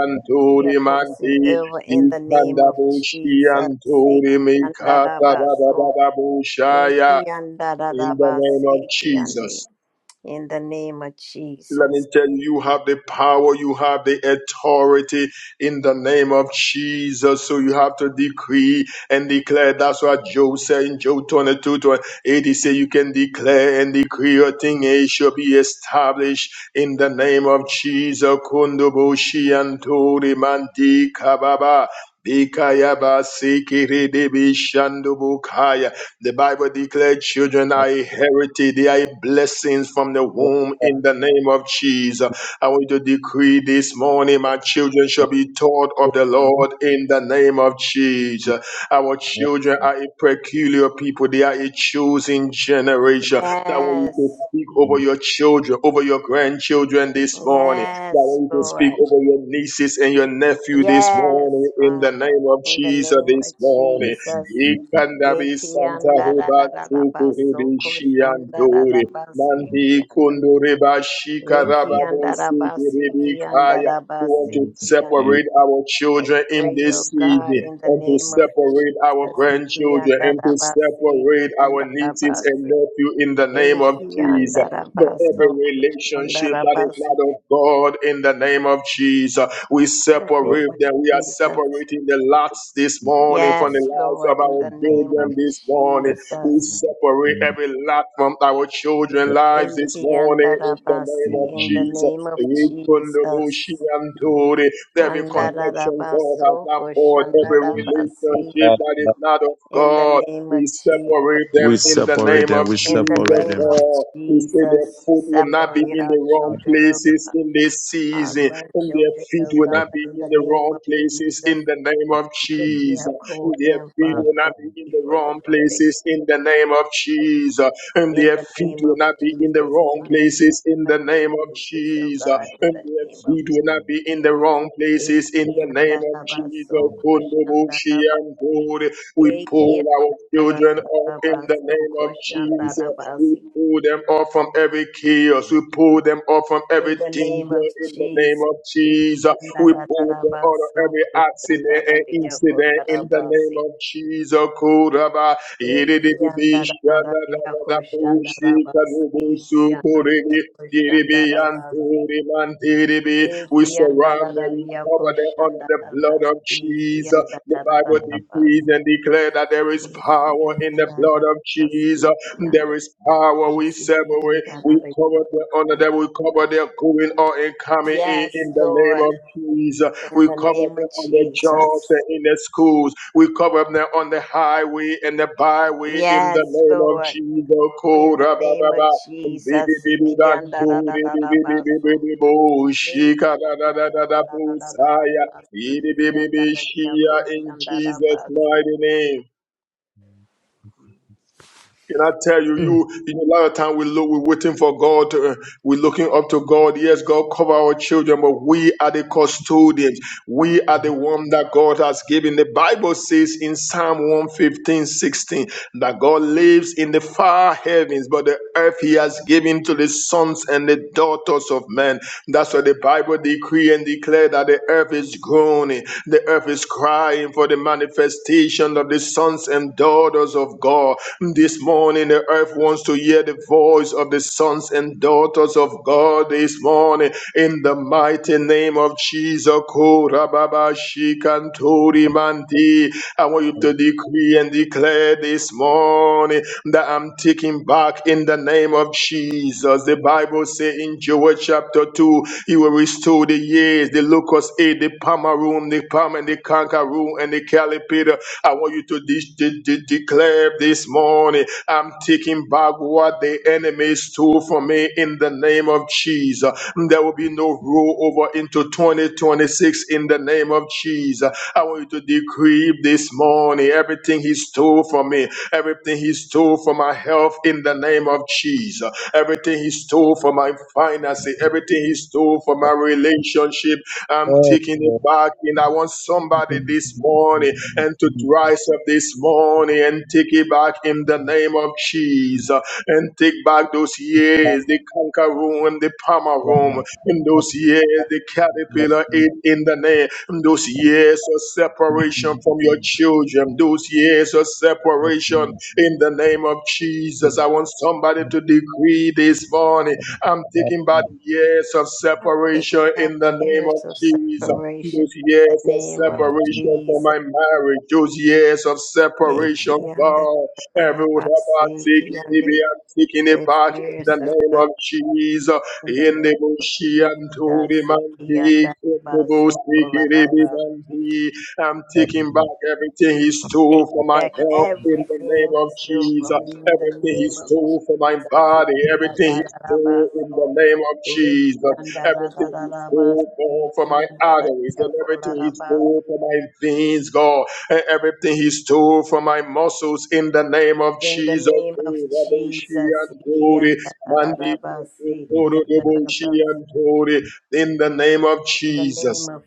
S2: We are
S5: anturi
S2: crossing
S5: mandi.
S2: over in the name
S5: Dikanda
S2: of
S5: bushi
S2: Jesus.
S5: anturi mikata
S2: Sikiandarabaso,
S5: radada bushaya. In the name of Jesus.
S2: ikiandarabasikiande. In the name of
S5: Let
S2: Jesus.
S5: me tell you, you have the power, you have the authority in the name of Jesus. So you have to decree and declare. That's what Job said in Job 22 twenty-eight. He said, You can declare and decree a thing, it shall be established in the name of Jesus. Kundubushi Antori Mandi Kababa. Bikayaba Sikiri Debi Shandubukaya. The Bible declared children are a heritage, they are a blessings from the womb in the name of Jesus. I want you to decree this morning, my children shall be taught of the Lord in the name of Jesus. Our children are a peculiar people, they are a chosen generation. I want you to
S2: Yes.
S5: speak over your children, over your grandchildren this morning. I
S2: Yes,
S5: want you to speak
S2: Lord.
S5: over your nieces and your nephew this
S2: Yes,
S5: morning in the
S2: Father.
S5: name of
S2: In the
S5: Jesus
S2: name of
S5: this morning.
S2: Jesus.
S5: Ikandabi Santa Heba Tuku
S2: Ikiandarabaso,
S5: Hebi Shiantore Mandi
S2: koshandarabasikiando.
S5: Kundureba Shikarababu Sikiribi Kaya who want to
S2: Ikiandarabasikiandarabasikiando.
S5: separate our
S2: I
S5: children in
S2: pray, O
S5: this season
S2: God, in the
S5: and to
S2: name of
S5: separate our
S2: Jesus.
S5: grandchildren and to
S2: Ikiandarabasi,
S5: separate our nieces and
S2: Ikiandarabasi,
S5: nephew in the name of Jesus. For every
S2: Ikiandarabaso,
S5: relationship that is
S2: Koshandarabasi,
S5: not of God in the name of Jesus. We
S2: In the name
S5: separate
S2: of
S5: them. We are
S2: Jesus.
S5: separating the lots this morning from the
S2: Yes,
S5: lives of
S2: Lord, in
S5: our
S2: the name of
S5: children this morning. We
S2: Jesus.
S5: separate every lot from our children's lives this morning in the name of
S2: Ikiandarabasi, in the
S5: Jesus.
S2: name of Jesus.
S5: Ikundobushiantore. Every connection God has
S2: Andarabaso,
S5: not bought, every
S2: Koshandarabasi,
S5: relationship that is not of
S2: in the
S5: God,
S2: name
S5: we
S2: of Jesus.
S5: separate them
S4: We
S5: in the
S4: separate
S5: name
S4: them.
S5: of
S4: We
S2: In the
S5: Jesus,
S4: separate
S2: name of
S5: God. We say their
S2: Jesus,
S5: foot will not be
S2: separate
S5: in the
S2: our
S5: wrong
S4: them.
S2: children, oh God,
S5: places in this
S2: our
S5: season and their
S2: grandchildren,
S5: feet
S2: oh
S5: will
S2: God,
S5: not be
S2: in
S5: in
S2: the
S5: the
S2: name of
S5: wrong places
S2: Jesus,
S5: in the name of
S2: because you
S5: Jesus.
S2: have
S5: And
S2: called
S5: their
S2: them,
S5: feet
S2: Father
S5: will not
S2: God,
S5: be in the
S2: before the
S5: wrong
S2: foundation
S5: places in the
S2: of
S5: name
S2: the
S5: of
S2: world.
S5: Jesus. And
S2: In
S5: their
S2: the
S5: feet
S2: name
S5: will
S2: of
S5: not be in the
S2: Jesus, I
S5: wrong
S2: love you,
S5: places in
S2: my
S5: the
S2: great
S5: name of
S2: Jesus, oh
S5: Jesus.
S2: God, in
S5: And
S2: the
S5: their
S2: name of
S5: feet will not be in the
S2: Jesus.
S5: wrong places in the name of Jesus.
S2: Ekiandarabaso
S5: Kundubushi and
S2: koshandarabasi.
S5: Bode. We pull our children up in the name of Jesus.
S2: Ekiandarabaso
S5: We pull them off from every chaos. We pull them off from
S2: In
S5: every
S2: the name
S5: danger
S2: of
S5: in the name
S2: Jesus.
S5: of Jesus. We pull them out of every accident and incident in the name
S2: Ikiyandarararabasokushandarariyakorarabasi.
S5: of Jesus. Kuraba, yidididibi, shadadadadabu,
S2: Ikiyandarararariyakoshandarabasi.
S5: shikanubu, sukuribi, didibi,
S2: Ikiyandoriyakoshandarabasi.
S5: yanturi, mandidibi. We surround them, we cover them under the blood of
S2: Ikiyandararariyakoshandarabasi.
S5: Jesus. The
S4: Thank
S5: Bible decrees
S2: Ikiyandarararabasi.
S5: and declares that there is power in the blood of
S2: Ikiyandarararabasi.
S5: Jesus. There
S2: Ikiyando-
S5: is power. We separate. We cover the honor that we cover
S2: Isikiyandararariyakoshandarabasi.
S5: their going or coming in in
S2: Yes,
S5: the name
S2: Lord,
S5: of Jesus.
S2: in
S5: We
S2: the
S5: cover
S2: name of
S5: them on their jobs
S2: Jesus.
S5: and in their schools. We cover them on the highway and the byway in the
S2: Yes,
S5: name of
S2: Lord.
S5: Jesus.
S2: In the
S5: Kora ba ba
S2: name of
S5: ba. Bi bi
S2: Jesus.
S5: bi bi dan do di bi bi bi bi bi
S2: Ikiandadadadabaso.
S5: bi bo. Shika da da da da da bo
S2: Ikiandadadadadadabasi.
S5: saya. Yi di bi bi bi shia In Jesus'
S2: Ikiandadadadakoshandadabasi.
S5: mighty name. Can I tell you,
S3: Hmm.
S5: you in a lot of time we look, we're waiting for God. To, uh, we're looking up to God. Yes, God cover our children, but we are the custodians. We are the one that God has given. The Bible says in Psalm one fifteen sixteen that God lives in the far heavens, but the earth He has given to the sons and the daughters of men. That's why the Bible decree and declare that the earth is groaning, the earth is crying for the manifestation of the sons and daughters of God. This morning, the earth wants to hear the voice of the sons and daughters of God this morning. In the mighty name of Jesus, Korababa Shikantori Mandi. I want you to decree and declare this morning that I'm taking back in the name of Jesus. The Bible says in Joel chapter 2, He will restore the years, the locust ate the palmer the palm and the canker room, and the caliper. I want you to de- de- de- declare this morning, I'm taking back what the enemy stole from me in the name of Jesus. There will be no rollover into 2026 in the name of Jesus. I want you to decree this morning everything he stole from me, everything he stole from my health in the name of Jesus, everything he stole from my finances, everything he stole from my relationship. I'm taking it back. And I want somebody this morning and to rise up this morning and take it back in the name of Jesus and take back those years the conquer room and the palmer room in those years the caterpillar ate in the name in those years of separation from your children those years of separation in the name of Jesus I want somebody to decree this morning I'm thinking about years of
S2: I'm taking
S5: separation
S2: back
S5: in the name of
S2: years of
S5: Jesus
S2: separation. In
S5: those
S2: the
S5: years of
S2: name of
S5: separation from
S2: Jesus.
S5: my marriage, those years of separation, God, everyone about
S2: Ikiandadadadabasi.
S5: taking it,
S2: Ikiande-
S5: we are taking it
S2: There's
S5: back in the
S2: years of
S5: name
S2: God
S5: of Jesus.
S2: in the
S5: In
S2: name
S5: the
S2: of
S5: bush, and to the
S2: Jesus.
S5: man, the- in the bush,
S2: Ikiandadabaso.
S5: taking it, the man, I'm taking back everything he stole
S2: Take
S5: for my
S2: back
S5: health in the name
S2: everything he
S5: of
S2: stole from
S5: Jesus.
S2: me in the
S5: Everything he
S2: name of
S5: stole for my
S2: Jesus.
S5: body, everything he stole in
S2: Ikiyadararabaso,
S5: the name of Jesus. Everything is full,
S2: ikiyandarararabasi,
S5: God, for my arteries. And everything is
S2: ikiyandarayakolarabasi.
S5: full for my veins, God. And everything is full for my muscles in the name of
S2: In the
S5: Jesus.
S2: name of
S5: Kurabashi
S2: Jesus.
S5: and Kuri, Mandi
S2: ikiyandarararabasi,
S5: Kusun
S2: ikiyandarabasi.
S5: and Kuri, In the name of
S2: In the
S5: Jesus.
S2: name of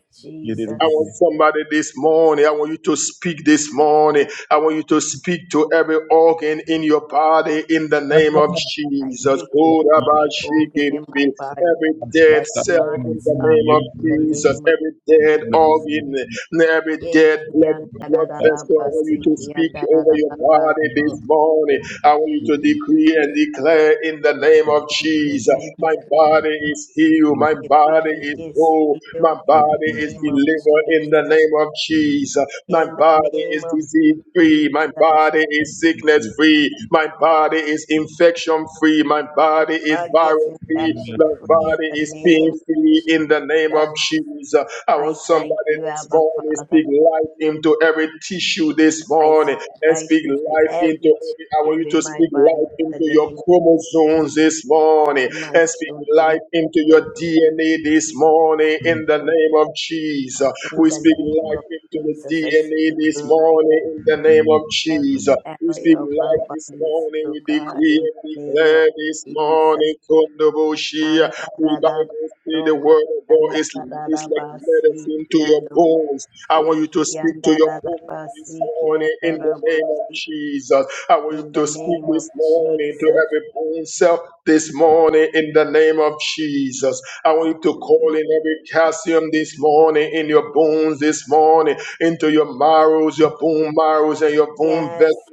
S5: I
S2: Jesus.
S5: want somebody this morning. I want you to speak this morning. I want you to speak to every organ in your body in the name of
S2: I
S5: Jesus.
S2: speak to every organ in
S5: Korabashikiribi.
S2: my body
S5: Every dead
S2: that
S5: cell in
S2: lines
S5: the
S2: up
S5: name of
S2: in the
S5: Jesus.
S2: name of
S5: Every
S2: Jesus.
S5: dead organ, every
S2: Yea,
S5: dead blood,
S2: kian
S5: blood vessel. I want you
S2: si
S5: to speak over your body
S2: So
S5: this morning. I want you to decree and declare in the name of
S2: I decree
S5: Jesus.
S2: and
S5: My
S2: declare
S5: body is healed. My
S2: my
S5: body
S2: body
S5: is
S2: is
S5: whole. My
S2: healed in
S5: body
S2: the
S5: is
S2: name of
S5: delivered in the
S2: Jesus.
S5: name of Jesus. My
S2: In the
S5: body
S2: name
S5: is
S2: of
S5: disease free. My
S2: Jesus,
S5: body is sickness
S4: you.
S5: free. My body is infection free. My
S2: my
S5: body is
S2: body is
S5: virus free.
S2: infection
S5: My
S2: free in
S5: body
S2: the
S5: is
S2: name
S5: pain free in the name of
S2: of Jesus.
S5: Jesus. I want
S2: I thank
S5: somebody
S2: you,
S5: this
S2: Abba
S5: morning to
S2: Father.
S5: speak life into every tissue this
S2: I
S5: morning
S2: speak
S5: and
S2: life
S5: speak
S2: into
S5: life into
S2: every
S5: every. I want
S2: tissue
S5: you
S2: in
S5: to
S2: my
S5: speak
S2: body
S5: life
S2: in the
S5: into your
S2: name
S5: chromosomes this morning
S2: of my
S5: and speak
S2: children and my
S5: life into your
S2: children's
S5: DNA this morning in the
S2: children.
S5: name of Jesus.
S2: In
S5: We
S2: the
S5: speak
S2: name of
S5: life into the
S2: Jesus, I
S5: DNA
S2: speak
S5: this
S2: life
S5: morning in the name of
S2: every
S5: Jesus. We
S2: area
S5: speak
S2: of our
S5: life this
S2: bodies,
S5: morning.
S2: to
S5: We
S2: God, in
S5: decree and
S2: the name of
S5: declare this
S2: Jesus.
S5: morning. Kondoboshia. We Bible say the
S2: Andarabasoko,
S5: word of God is, is like medicine
S2: andarabasiki,
S5: to your
S2: ando-
S5: bones. I want you to
S2: eki,
S5: speak to your bones this
S2: andarabasiki,
S5: morning in the name of
S2: andorobosi.
S5: Jesus. I want you
S2: In the
S5: to speak
S2: name
S5: this
S2: of
S5: morning to
S2: Jesus.
S5: every bone cell this morning in the name of Jesus. I want you to
S2: In the
S5: call
S2: name of
S5: in every
S2: Jesus.
S5: calcium this morning in your bones this morning, into your marrows, your bone marrows, and your bone vessels.
S2: Yes,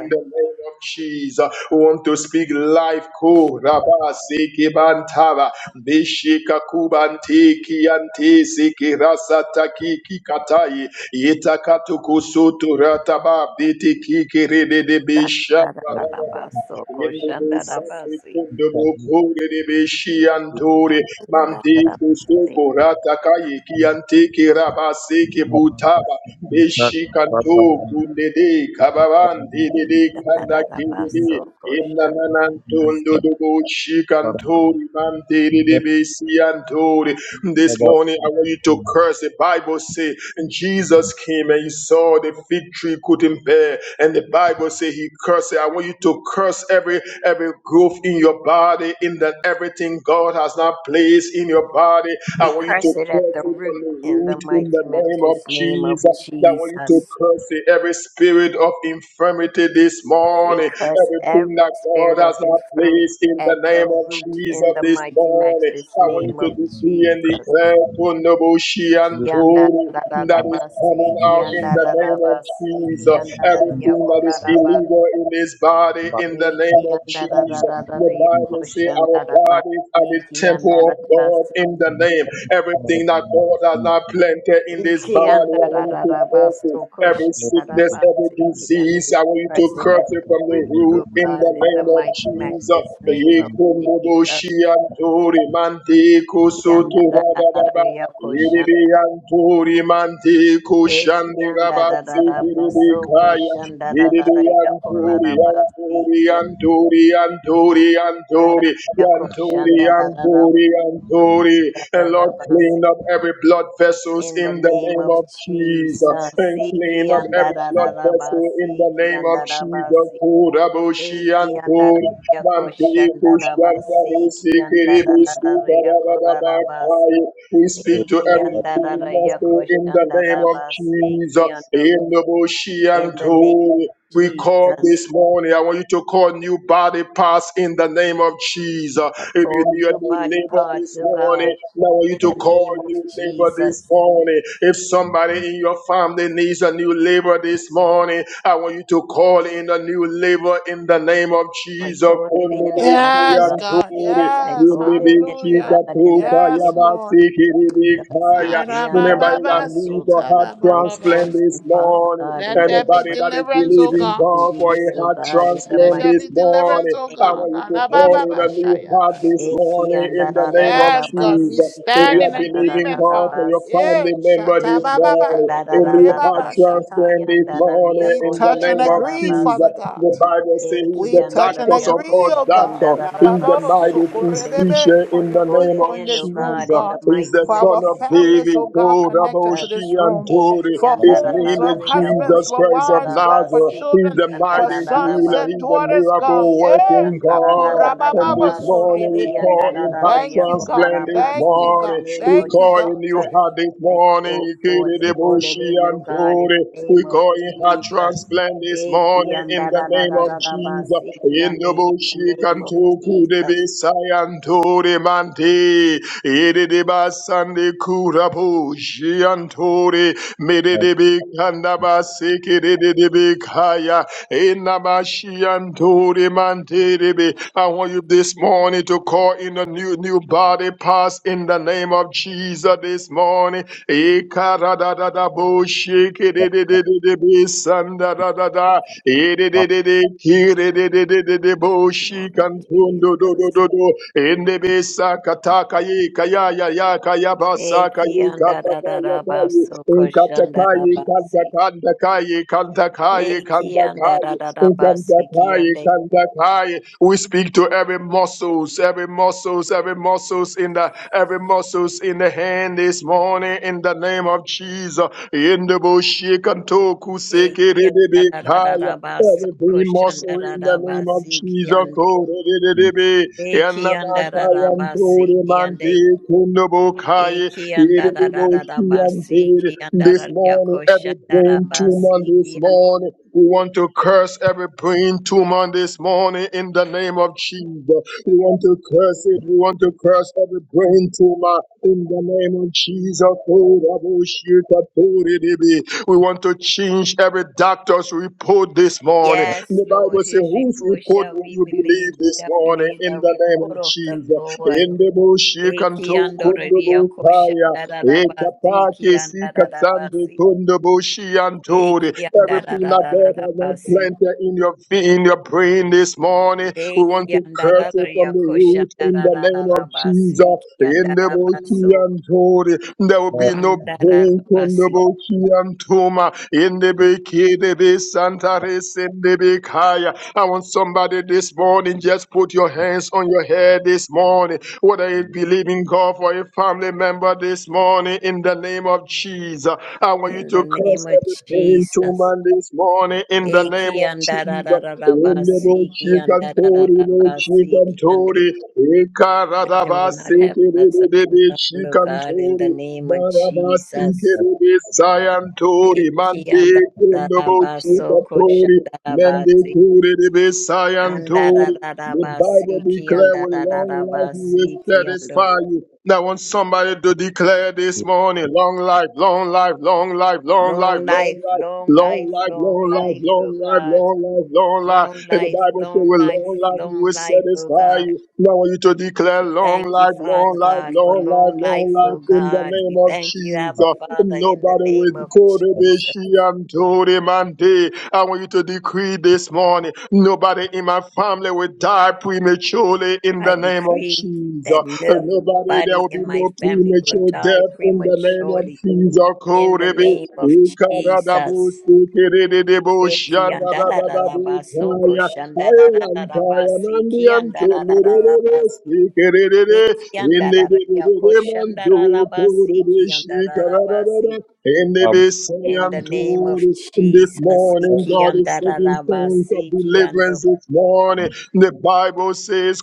S5: In the name of Jesus, we want to speak life. Ko raba seki bantaba, bishika kubanti kianti siki rasata kiki Itakatukusutu rataba biti kikiri de bisha.
S2: Sakarabasoko, shandarabasi. Eki, andarabasiki, andarabasoko, shandarabasi.
S5: This morning I want you to curse the Bible says. And Jesus came and he saw the fig tree couldn't bear. And the Bible says he cursed it. I want you to curse every every growth in your body, in that everything God has not placed in your body. I
S2: We
S5: want you to
S2: curse it at the
S5: curse it from
S2: root
S5: the
S2: in the
S5: root in
S2: mighty,
S5: the name of
S2: matchless name of
S5: Jesus. I want you to
S2: Jesus.
S5: curse it. Every spirit of infirmity this
S2: We
S5: morning,
S2: curse
S5: everything
S2: every
S5: that
S2: spirit
S5: God
S2: of
S5: has not
S2: infirmity
S5: placed in the
S2: at the
S5: name of
S2: root in
S5: Jesus
S2: the
S5: this
S2: mighty,
S5: morning.
S2: matchless
S5: I want
S2: name
S5: you to
S2: of
S5: decree and
S2: Jesus.
S5: declare, Wonderful Shianto, that is
S2: Ikiandadadadabasi,
S5: coming out in the name of
S2: ikiandadadabasi,
S5: Jesus. Everything that is
S2: ikiandadadariakodadabasi,
S5: illegal in this body in the name of Jesus. The Bible says our
S2: ikiandadadadariakoshandadabasi,
S5: bodies are the temple of God
S2: ikiandadabasi,
S5: in the name. Everything that God has not planted in this
S2: Iki
S5: body,
S2: anda
S5: I
S2: da
S5: want you
S2: da
S5: to
S2: da ba
S5: curse it.
S2: so kosha
S5: Every
S2: da da
S5: sickness,
S2: ba
S5: every
S2: siki anda.
S5: disease,
S2: We
S5: I want you to
S2: Press it
S5: curse
S2: at the
S5: it from the
S2: root,
S5: root
S2: O
S5: in the
S2: God, in the
S5: name of
S2: mighty
S5: Jesus.
S2: matchless name of Jesus.
S5: Yekumbubushi anturi mandi
S2: Yanda da da da da
S5: kusutu
S2: ya kosha da da.
S5: Yiribiyanturi manti
S2: Iki
S5: kushandi
S2: anda da
S5: rabatsi
S2: da da ba so
S5: kiribikaya.
S2: kosha da da da da ya kola
S5: Yiribiyanturi
S2: da ba
S5: yanturi
S2: siki
S5: yanturi yanturi
S2: anda da
S5: yanturi
S2: ya kosha
S5: yanturi
S2: da da da da ba
S5: yanturi
S2: siki
S5: yanturi.
S2: da da
S5: And
S2: da
S5: Lord,
S2: ba si.
S5: clean up every blood vessels
S2: In
S5: in
S2: the
S5: the
S2: name
S5: name
S2: of
S5: of Jesus.
S2: Jesus,
S5: And clean
S2: Iki
S5: up
S2: anda
S5: every
S2: da da
S5: blood
S2: da ba
S5: vessel in the
S2: siki
S5: name of
S2: anda da ba
S5: Jesus.
S2: si.
S5: Kurabushi
S2: Eki andara
S5: anturi
S2: ya
S5: manti
S2: koshandara
S5: kushanda
S2: basi ki
S5: risi
S2: andara
S5: kiribisuka
S2: ya korara basi
S5: rabababakaya. We speak to
S2: eki
S5: every
S2: andara ya
S5: soul in the name
S2: koshandara
S5: of
S2: basi
S5: Jesus.
S2: ki ando
S5: In the bush
S2: in
S5: and
S2: the name
S5: to-
S2: of
S5: We call
S2: Jesus
S5: this morning. I want you to call new body parts in the name of Jesus.
S2: I
S5: If you
S2: call
S5: do a
S2: new
S5: new
S2: body
S5: labor
S2: parts
S5: this
S2: of
S5: morning,
S2: God
S5: now I want you
S2: in
S5: to
S2: the
S5: call
S2: name of
S5: new labor this
S2: Jesus
S5: morning. If somebody in your family needs a new labor this morning, I want you to call in a new labor in the name of
S2: I
S5: Jesus.
S2: call it in Father
S1: Yes,
S2: God
S1: God.
S2: I
S1: Yes.
S2: call it in
S1: Hallelujah.
S2: God in the
S1: Yes,
S2: name of Jesus
S1: Lord. My
S2: Eki
S1: rabba
S5: Remember,
S2: andara
S5: I
S1: baba,
S2: basi.
S5: need a heart
S2: I call
S5: transplant
S2: on
S5: this
S2: Father
S5: morning.
S2: God in
S1: Let
S2: the
S1: there be
S2: name
S5: Anybody
S2: of
S5: that is
S1: deliverance, O
S2: Jesus.
S5: believing
S1: God.
S5: God for a
S2: Release, oh
S5: heart
S2: God, in the
S1: Let
S5: transplant
S2: mighty
S1: there
S5: this
S1: be
S5: morning,
S1: deliverance, O
S5: I
S2: name of
S1: God.
S5: want you
S1: La
S5: to
S1: la
S5: pour in a
S2: Jesus.
S5: new heart this
S2: Eki
S5: morning in
S2: anda
S5: the
S2: da da
S5: name
S2: da
S5: of
S2: da
S1: Yes, God.
S2: basi,
S1: We
S5: Jesus. If
S2: eki
S5: you
S1: stand in
S5: are
S2: anda da da
S5: believing
S2: da
S1: agreement,
S2: da
S5: God
S1: Father.
S5: for your
S2: basi,
S1: Yeah.
S5: family member
S1: Shata
S5: this
S2: eki
S1: baba
S5: morning,
S2: anda
S1: lo
S2: da
S5: a
S2: da
S5: new
S1: kore
S2: da
S5: heart
S2: basi,
S1: shata.
S2: eki
S5: transplant this
S2: anda da ria
S5: morning
S1: We
S5: in the
S1: touch and
S5: name
S2: koshanda
S5: of
S2: da
S1: agree, Father
S5: Jesus.
S2: basi,
S1: God.
S5: The Bible says he's
S2: eki
S1: We
S5: the
S2: anda
S1: touch
S2: da
S1: and
S5: doctor
S2: ria
S5: of
S1: agree,
S5: all
S1: oh
S2: koshanda
S1: God,
S5: doctors.
S2: da
S1: La
S2: da
S1: ba
S5: He's the
S1: ba o so
S5: mighty
S1: ko re
S2: basi,
S1: be be,
S5: physician
S1: for
S5: in
S1: your
S5: the
S2: Call
S5: name
S2: it
S1: people
S5: of
S1: in
S2: in, O
S1: this room,
S2: God,
S5: Jesus.
S2: in the
S1: God,
S5: He's
S2: mighty,
S5: the
S1: for
S5: son
S1: our
S5: of
S2: matchless name
S1: families,
S5: David.
S1: oh
S2: of
S1: God,
S5: Oh,
S1: connected to
S2: Jesus.
S5: Raboshi,
S1: this room,
S2: Eki
S5: Tori.
S1: for
S5: His
S1: homes, for
S5: name is
S2: andararararaya
S1: husbands,
S5: Jesus
S1: for
S5: Christ of
S1: wives, God, for
S5: Nazareth.
S2: koshandarabasi,
S5: He's
S1: children,
S2: ki
S5: the
S1: for
S5: mighty
S1: sons
S5: healer.
S1: and
S5: He's
S2: andarararabasi,
S5: the
S1: daughters, God.
S5: miracle
S2: eki
S1: Eh,
S5: working
S1: la ku ra ba
S5: God. And
S1: ba ba
S5: this
S1: so re
S5: morning
S2: andararararabasi,
S5: we
S1: be.
S2: ki
S5: call him heart
S2: andarararaya
S1: Thank you, God.
S5: transplant this
S2: kolarabasi,
S1: Thank you,
S2: In the
S5: morning.
S1: God.
S2: name
S5: We
S2: of
S1: Thank you,
S5: call him
S1: God.
S5: new
S2: Jesus,
S5: heart this
S2: I
S5: morning.
S2: call forth, I call it
S5: Ikedidebushi
S2: in, O
S5: and
S2: God, in the
S5: Tori. We
S2: name of
S5: call him heart
S2: Jesus.
S5: transplant this
S2: Eki
S5: morning in the name of Jesus.
S2: andararararabasi, ki
S5: In the
S2: ande, In the
S5: bushi
S2: name of
S5: kantoku de
S2: Jesus.
S5: Bisayan Tori Mante. Sande Kurabu Jiantore Medebe Kandaba Sekerebe Kaya Enabashiantore Manterebe. I want you this morning to call in a new new body pass in the name of Jesus this morning. Ekaradadadabo Shekerebe Sandadadada Edededede Kirededededebo
S2: Lord of
S5: Shikantondo
S2: Jesus.
S5: Dodododo Rebe sakata kaye kaya ya ya kaya basa
S2: Eki
S5: kaye
S2: anda
S5: kata
S2: da da
S5: kaya
S2: da
S5: kaye
S2: baso
S5: in kata
S2: koshanda da
S5: kaye kanta
S2: basi.
S5: kanta kaye kanta kaye
S2: Eki
S5: kanta
S2: anda
S5: kaye
S2: da da da
S5: in kanta
S2: basi ki
S5: kaye
S2: ande.
S5: kanta kaye. We speak to every muscles, every muscles, every muscles in the every muscles in the hand this morning in the name of Jesus. In the bush kantoku seke
S2: Eki
S5: rebe
S2: anda da da da da
S5: kaya.
S2: baso
S5: Every being
S2: koshanda
S5: muscle
S2: da
S5: in the
S2: da
S5: name of
S2: basi ki
S5: Jesus,
S2: ande.
S5: Kodidididididi,
S2: Eki anda da da basi ki
S5: Yanamakayantorimante,
S2: ande.
S5: Kundubukai,
S2: Eki anda da da da da basi
S5: Iridiboshiante.
S2: ki anda
S5: this
S2: da ya
S5: morning, every
S2: koshanda da
S5: brain tumor
S2: basi
S5: this
S2: ki ande.
S5: morning, we want to curse curse every brain tumor this morning in the name of Jesus. We want to curse it. We want to curse every brain tumor in the name of Jesus. Oh, Rabbo Shika Tori Dibi. We want to change every doctor's report this morning.
S2: Yes,
S5: The
S2: Lord,
S5: Bible says,
S2: his
S5: Whose
S2: report
S5: report
S2: shall
S5: will
S2: we
S5: you believe
S2: believe.
S5: this
S2: Shall
S5: morning
S2: believe
S5: in
S2: the
S5: the name
S2: report
S5: of
S2: of the
S5: Jesus?
S2: Lord.
S5: In the Bushi
S2: Eki
S5: Kanto Kundu
S2: andoreria kosha
S5: Bukaya.
S2: dararabasi, eki
S5: Ekapake sikatande
S2: andararabasi,
S5: kundo bushi
S2: eki
S5: anturi. Everything that God has not
S2: andarararabasi,
S5: planted in your feet, in your brain this morning, we
S2: eki
S5: want to curse it
S2: andararia
S5: from the
S2: kosha
S5: root in the name of
S2: darararabasi,
S5: Jesus.
S2: eki
S5: In the bushi
S2: andarabaso,
S5: anturi, there will be no brain kundo
S2: andararabasi.
S5: bushi antuma. In the bikini be santa res in the bikaya. I want somebody this morning just put your hands on your head this morning whether you believe in God for a family remember this morning in the name of Jesus. I want you
S2: In the
S5: to curse
S2: name of
S5: every pain to
S2: Jesus.
S5: man this morning in the
S2: Eki
S5: name of Jesus. Rendebo
S2: andarararabasi, eki
S5: shikantori, bo
S2: andarararabasi, eki ande.
S5: shikantori,
S2: Victim will
S5: ikaradabasi
S2: not happen a second
S5: kiridebe
S2: time, Lord God, in the
S5: shikantori,
S2: name of
S5: barabasi
S2: Jesus.
S5: kiribe sayantori,
S2: Eki
S5: mande
S2: anda da da
S5: kundebo
S2: ba so ko sha
S5: shikatori,
S2: da da
S5: mende
S2: basi
S5: kiridebe
S2: anda da
S5: sayantori.
S2: da da
S5: The
S2: ba
S5: Bible
S2: si ki
S5: declare
S2: anda
S5: with
S2: da da
S5: long
S2: da
S5: life
S2: ba
S5: He
S2: si
S5: will
S2: ki ando.
S5: satisfy you. Now, I want somebody to declare this morning long life, long life, long life, long life,
S2: Long
S5: long
S2: life,
S5: life.
S2: long
S5: Long
S2: life,
S5: life,
S2: long
S5: long life,
S2: life, oh
S5: long life,
S2: God.
S5: long life, long
S2: Long
S5: life. And the
S2: life,
S5: Bible says,
S2: long
S5: with long
S2: life,
S5: life, He
S2: long
S5: will
S2: life, oh
S5: satisfy
S2: God.
S5: you. Now I want you to declare
S2: We
S5: long
S2: thank you,
S5: life, long
S2: Father
S5: life,
S2: God, for
S5: long life,
S2: long
S5: long
S2: life, oh
S5: life in the
S2: God.
S5: name
S2: We
S5: of
S2: thank you, Abba
S5: Jesus.
S2: Father, in the
S5: Nobody
S2: name
S5: with
S2: of
S5: Kodebeshi
S2: Jesus.
S5: and Tori Mande. I want you to decree this morning. Nobody in my family will die prematurely in
S2: I
S5: the name of
S2: decree that
S5: Jesus. Nobody, there
S2: nobody
S5: will be
S2: in my
S5: no
S2: family will
S5: premature
S2: die
S5: death in the name
S2: prematurely
S5: of Jesus.
S2: in the
S5: Korebe,
S2: name of
S5: Ikaradabu,
S2: Jesus.
S5: Sikirididebo,
S2: Deki
S5: Shadadadabu,
S2: andarararabasoko
S5: Kaya. Shikara
S2: shandarararabasi ki andarararabasi. Deki andarararako shandararabasi ki andarararabasi.
S5: in the Messiah
S2: In the name
S5: told
S2: of
S5: in this
S2: Jesus.
S5: morning,
S2: Iki
S5: God is setting things of
S2: andarararabasi ki ando.
S5: deliverance this morning. The Bible says,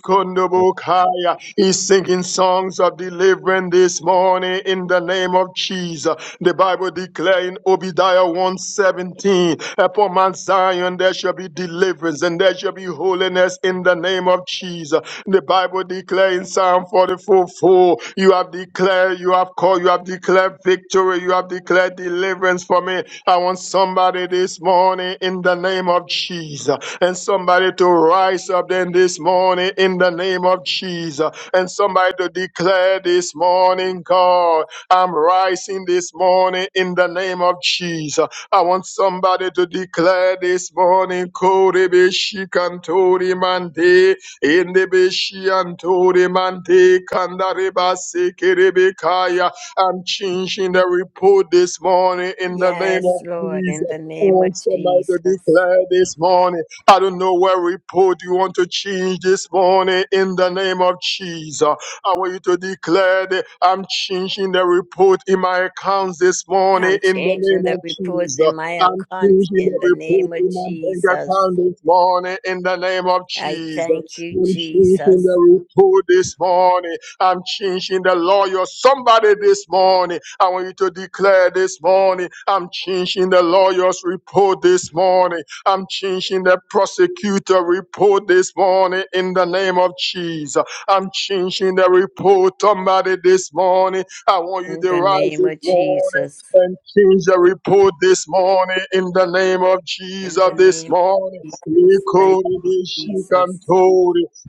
S4: Yes,
S5: Kundubukaya, He's singing songs of deliverance this morning in the name of Jesus. The Bible declaring Obadiah 117, upon Mount Zion there shall be deliverance and there shall be holiness in the name of Jesus. The Bible declaring Psalm 44:4 soul. You have declared, you have called, you have declared victory, you have declared deliverance for me. I want somebody this morning in the name of Jesus and somebody to rise up then this morning in the name of Jesus and somebody to declare this morning, God, I'm rising this morning in the name of Jesus. I want somebody to declare this morning, Kodebishi Kantori Mande, in the Indebeshiantore mante kandareba sekerebekaya. I'm changing the report this morning in the name
S2: Yes,
S5: of
S2: Lord, in
S5: Jesus.
S2: the
S5: I
S2: name of
S5: want somebody to
S2: Jesus.
S5: declare this morning? I don't know what report you want to change this morning in the name of Jesus. I want you to declare that I'm changing the report in my accounts this morning
S2: I'm
S5: in the
S2: changing
S5: name
S2: the
S5: of
S2: reports
S5: Jesus.
S2: in my
S5: I'm
S2: account
S5: changing
S2: in the
S5: the report
S2: name of
S5: in my bank
S2: Jesus.
S5: account this morning in the name of
S2: I
S5: Jesus.
S2: thank you,
S5: I'm changing
S2: Jesus.
S5: the report this morning. I'm changing the lawyer. Somebody this morning. I want you to declare this morning. I'm changing the lawyer's report this morning. I'm changing the prosecutor report this morning in the name of Jesus. I'm changing the report. Somebody this morning. I want you
S2: In
S5: to
S2: the
S5: rise
S2: name
S5: this
S2: of
S5: morning
S2: Jesus.
S5: and change the report this morning in the name of
S2: In
S5: Jesus
S2: the
S5: this
S2: name
S5: morning.
S2: of Jesus. Thank
S5: Ikoroboshikantori.
S2: you, Jesus.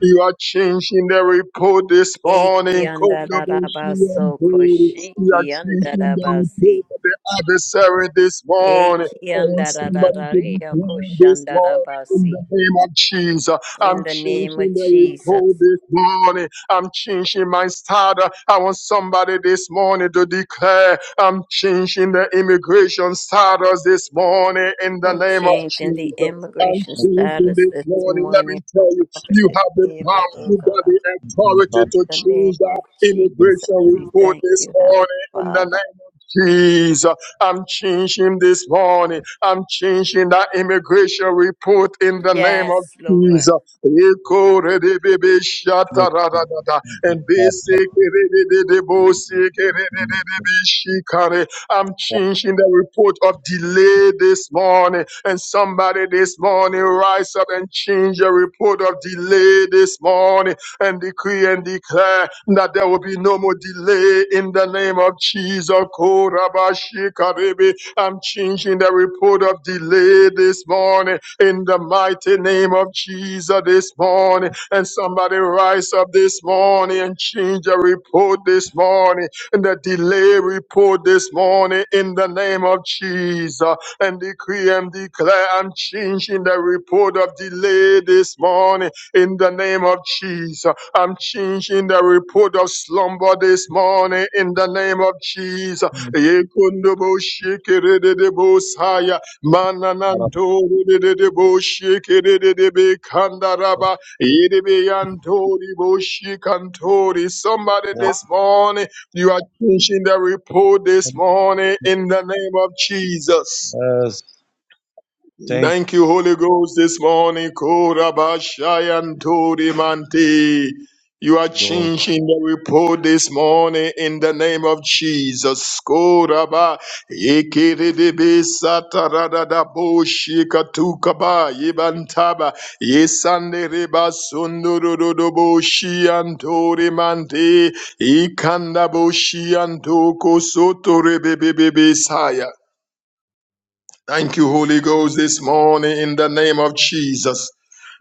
S5: You are changing the report this
S2: Eki
S5: morning. Koroboshikantori.
S2: andararabaso
S5: You are
S2: koshiki
S5: changing the
S2: andarabasi.
S5: report of the adversary this morning. I
S2: Eki
S5: want somebody to be
S2: andarararia
S5: clean this morning in
S2: koshandarabasi.
S5: the name of Jesus. I'm
S2: In the name of
S5: changing the
S2: Jesus.
S5: report this morning I'm changing my status. I want somebody this morning to declare I'm changing the immigration status this morning in the
S2: I'm
S5: name of
S2: changing the
S5: Jesus. I'm
S2: immigration
S5: changing
S2: status
S5: this
S2: this
S5: morning. Let me
S2: morning for
S5: tell you,
S2: Prophet
S5: you have the power,
S2: Eva, oh
S5: you got
S2: God.
S5: the authority to
S2: In the
S5: change
S2: name
S5: that
S2: of Jesus,
S5: immigration
S2: we
S5: report
S2: thank
S5: this
S2: you, our
S5: morning in the
S2: Father.
S5: name of Jesus. I'm changing this morning. I'm changing that immigration report in the name of
S2: Yes, Lord.
S5: Jesus. Ekoredebebe shataradadada. I'm changing the report of delay this morning. And somebody this morning rise up and change the report of delay this morning and decree and declare that there will be no more delay in the name of Jesus. Korabashikarebe I'm changing the report of delay this morning in the mighty name of Jesus this morning. And somebody rise up this morning and change the report this morning and the delay report this morning in the name of Jesus. And decree and declare I'm changing the report of delay this morning in the name of Jesus. I'm changing the report of slumber this morning in the name of Jesus. Yekundobo shikere de de bosaya. Manananto de de de bo shikere de de be kandaraba. Yedebe yantori bo shikantori. Somebody this morning, you are changing the report this morning in the name of Jesus.
S4: thank you,
S5: Thank you, Holy Ghost, this morning. Korabashayantori Manti. You are
S4: Lord.
S5: changing the report this morning in the name of Jesus. Koraba yekerebe sataradada boshikatukaba yebantaba yesandereba sundurudobo shiantori mante ikanda boshiantoko sotorebebebe saya. Thank you, Holy Ghost, this morning in the name of Jesus.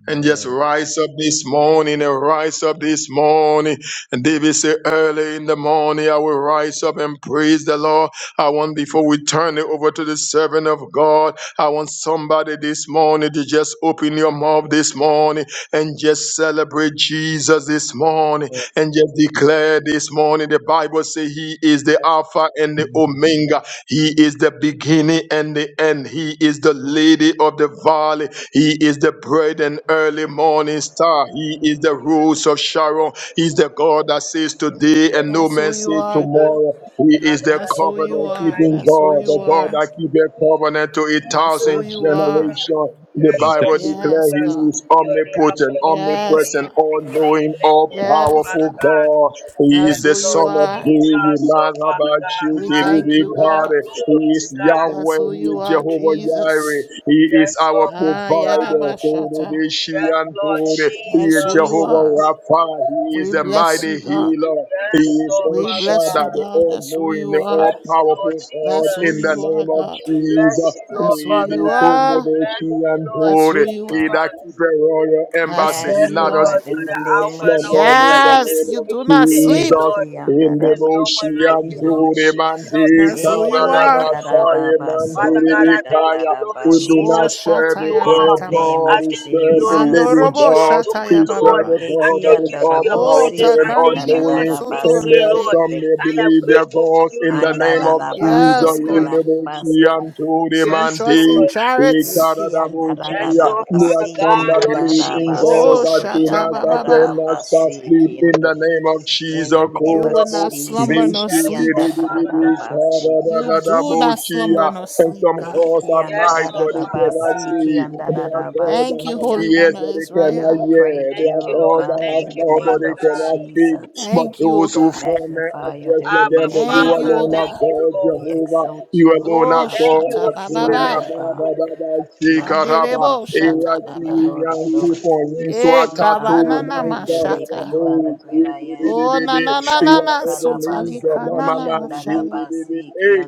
S5: And just
S4: Yes.
S5: rise up this morning and rise up this morning. And David said, early in the morning, I will rise up and praise the Lord. I want, before we turn it over to the servant of God, I want somebody this morning to just open your mouth this morning and just celebrate Jesus this morning and just declare this morning. The Bible says he is the Alpha and the Omega. He is the beginning and the the end. He is the lady of the valley. He is the bright and early morning star. He is the rose of Sharon. He's the God that says today and no
S1: That's who
S5: man
S1: you
S5: say
S1: are, God.
S5: tomorrow. He is
S7: Father
S5: the
S7: God,
S1: That's who
S7: there's no
S1: you
S5: covenant
S7: one
S1: are.
S5: keeping
S7: like you,
S1: That's who
S5: God,
S7: Lord
S1: you
S5: the God
S1: are.
S5: that
S7: Jesus.
S5: keeps a covenant to a
S1: That's who
S5: thousand
S1: you are.
S5: generations. The
S7: So
S5: Bible declares
S1: Yes,
S5: he
S7: Jesus,
S1: God.
S5: is
S7: you're the Alpha
S5: omnipotent,
S7: and Omega,
S1: Yes,
S5: omnipresent,
S7: you're
S1: God.
S7: the
S5: all
S7: beginning
S5: knowing,
S7: and the
S5: all
S7: end, Lord
S1: Yes,
S7: Father
S1: God.
S5: powerful
S7: God.
S5: God. He is
S1: That's
S5: the
S1: who
S7: Yes,
S1: you
S7: Lord
S5: son of
S1: are.
S7: Jesus,
S5: David,
S7: oh
S5: man of
S7: Father
S5: our
S7: God.
S1: We
S5: shaking
S1: thank you,
S7: Hallelujah.
S5: God.
S1: God.
S7: Glory
S5: He
S7: to
S5: is
S7: God.
S1: That's
S5: Yahweh,
S1: who
S5: He
S1: you
S5: is
S1: are,
S5: Jehovah Jireh.
S1: Jesus.
S5: He is
S7: Yes,
S5: our
S7: Lord
S1: Ah,
S7: Father
S5: provider.
S7: God.
S1: Yerabashata.
S7: Yes, Lord
S5: He
S1: That's
S5: is
S1: who you
S7: Jesus.
S5: Jehovah
S1: are.
S5: Rapha. He is
S1: We
S5: the
S1: bless you,
S5: mighty
S1: God.
S5: healer. He
S7: Yes,
S5: is
S7: Lord
S5: El
S1: We
S7: Father
S1: bless
S5: Shaddai,
S1: you,
S7: God.
S5: the
S1: God. That's who
S5: all-knowing,
S1: you
S5: the
S7: We
S1: are.
S7: bless you, Lord
S5: all-powerful God.
S1: That's who
S5: In the
S1: you
S7: Jesus.
S1: are,
S5: name of
S1: God.
S7: We bless
S5: Jesus,
S7: you, Lord
S1: That's who
S5: we
S7: Father
S1: you
S7: God.
S5: defend
S7: We
S1: are.
S5: the
S7: bless
S5: she
S7: you,
S5: and
S7: Lord
S1: That's who
S5: holy.
S1: you
S5: He
S1: are.
S5: that
S7: Jesus.
S5: keep royal
S1: That's who
S5: embassy, he
S7: Yes,
S2: Yes,
S1: you
S5: not us
S1: are.
S2: Lord,
S7: Lord,
S2: in
S7: you're
S5: sleep
S2: the
S7: the
S5: nor
S2: name
S7: Alpha
S2: of
S7: and
S5: slumber.
S7: Omega,
S5: In the
S2: Jesus.
S7: you're the
S1: Yes,
S5: name
S1: you
S5: of
S1: do
S7: beginning and
S1: not
S7: the end,
S1: sleep.
S5: Jesus,
S7: Lord.
S2: Eki
S5: in the
S7: There's
S2: andaraba
S7: no one
S5: bushi
S7: like
S5: and
S7: you,
S2: siki
S7: Lord
S2: ande,
S5: holy man,
S7: Jesus.
S5: the
S7: There's
S1: That's
S7: no
S1: who
S7: one
S1: you
S2: Eki
S7: like
S1: are.
S7: you, Lord.
S5: Karadabasai
S2: andaraba
S5: man,
S2: so
S7: Father God,
S5: the
S7: I thank
S5: Kaya.
S7: you, Lord
S5: We do
S2: Ekiandarabasokoshandarabasi.
S1: Oh,
S5: not
S7: Jesus, for who
S5: serve a
S7: you
S1: Shataya
S2: In
S5: dead
S7: are.
S2: the
S1: Kataba.
S2: name
S5: God,
S7: I
S2: of
S5: we
S7: thank you,
S5: serve a
S7: Lord, for
S2: Jesus.
S5: living
S7: what
S1: Mandorobo
S7: you are
S5: God.
S7: doing,
S5: We
S1: Shataya
S7: Lord.
S5: serve
S1: Baba.
S5: a
S7: I
S2: Eki
S5: God that
S7: thank you
S5: is
S7: for
S5: all
S7: your
S2: andarabo
S1: Oh,
S5: powerful
S7: presence.
S5: and
S7: I
S2: siki
S5: all
S7: thank you for
S1: Takandirio
S5: knowing.
S7: being
S2: andaraba
S5: And there
S7: here,
S2: siki
S5: are
S1: Sotorebe.
S7: Lord.
S5: some
S2: ande.
S5: may
S7: I am
S5: believe their
S7: grateful for
S5: gods
S7: you,
S5: in the
S7: Lord.
S5: name
S7: Father
S5: of
S7: God.
S2: Andaraba so
S5: Jesus
S1: Yes,
S5: in
S1: God.
S5: the
S2: kolabasi,
S5: bush, and to the
S1: Some
S7: Yes,
S1: trust in
S5: Mante.
S7: Lord.
S1: chariots.
S2: Ekiandarabosikiandarabasikiande.
S7: Yes,
S5: Ikaradabuchia.
S7: Lord,
S5: There are
S7: Father
S5: some
S7: God,
S5: that
S7: Lord
S5: believe in God
S1: Oh,
S7: Jesus.
S5: that do
S1: Shata
S5: not that
S1: Baba.
S5: cannot stop
S2: Andararabasokolabasi.
S5: sleep in
S2: Ekiandarabasikiandarabasokoshandarabasikiando.
S5: the name of
S2: In
S5: Jesus.
S2: the name
S1: You
S2: of
S1: will not
S5: Korabu.
S1: slumber
S2: Jesus,
S1: nor
S7: Yes,
S1: sleep.
S7: oh
S2: da da da
S7: Father
S2: da
S5: Bishikidididi.
S7: God, Lord
S2: basi,
S1: You do
S7: Jesus.
S1: not
S5: Karadadadabuchia.
S1: slumber nor
S5: And
S1: sleep,
S5: some
S1: God.
S5: cause
S2: iki
S5: have
S2: anda
S7: Yes,
S2: da
S5: eyes
S2: da
S7: oh
S5: but
S2: da
S5: they
S7: Father
S5: cannot
S2: basi, basi, da
S5: see.
S7: God.
S5: There are
S2: Ikiandarararabasi,
S5: cause that
S1: Thank
S2: Ikiandarararabasi,
S1: you,
S5: have
S1: Holy
S2: Ikiando.
S1: One
S5: ears
S1: of
S5: but they cannot
S2: we
S1: Israel.
S2: praise
S5: hear. There
S7: Thank
S5: are
S2: you,
S7: you,
S2: O
S5: cause
S7: Lord.
S5: that
S2: God,
S5: have
S2: in
S7: Thank
S2: the
S7: you,
S5: mouth but
S2: name
S7: Father
S5: they
S2: of
S7: God.
S5: cannot speak.
S2: Jesus.
S5: But
S1: Thank you, O
S5: those who
S2: We
S1: God.
S5: form their
S2: magnify your
S5: address let
S2: holy
S7: Abba,
S5: them, but
S2: name,
S5: you
S2: O
S1: Thank you,
S7: Father.
S1: O
S5: alone
S2: God.
S5: are
S7: Thank
S1: God.
S7: you,
S5: God. Lord
S2: We
S7: Lord.
S5: Jehovah.
S2: exalt
S5: You
S2: you, O
S5: alone are
S1: Oh,
S2: God.
S7: Thank
S2: We
S7: you,
S5: God.
S1: Shata
S2: lift
S7: Holy
S2: you up,
S5: Atuna
S2: O
S1: Baba.
S7: Spirit.
S2: God.
S5: Baba Baba
S2: You are the
S5: Shikaraba.
S2: King
S1: Manderebo
S2: of kings
S1: Shata
S2: and
S5: Iraki
S2: the
S1: Baba.
S2: Lord of lords.
S5: Yankupon
S1: Eh,
S2: You are our
S5: Swatatu
S1: Kabanana
S2: friend and maker.
S1: Mashata.
S2: You are the
S5: Mankarabo.
S2: great I am.
S1: Oh, na
S5: Shikirididibi.
S2: Iki
S1: na na
S2: anda
S1: na
S2: da
S5: Ya
S2: da
S1: na,
S2: da da baso
S5: Ebenezer
S2: so
S1: sutalika
S2: ko
S1: na
S5: Mama
S1: na
S2: shanda da
S1: mashaya.
S5: Mandididibi. Eh,
S2: ba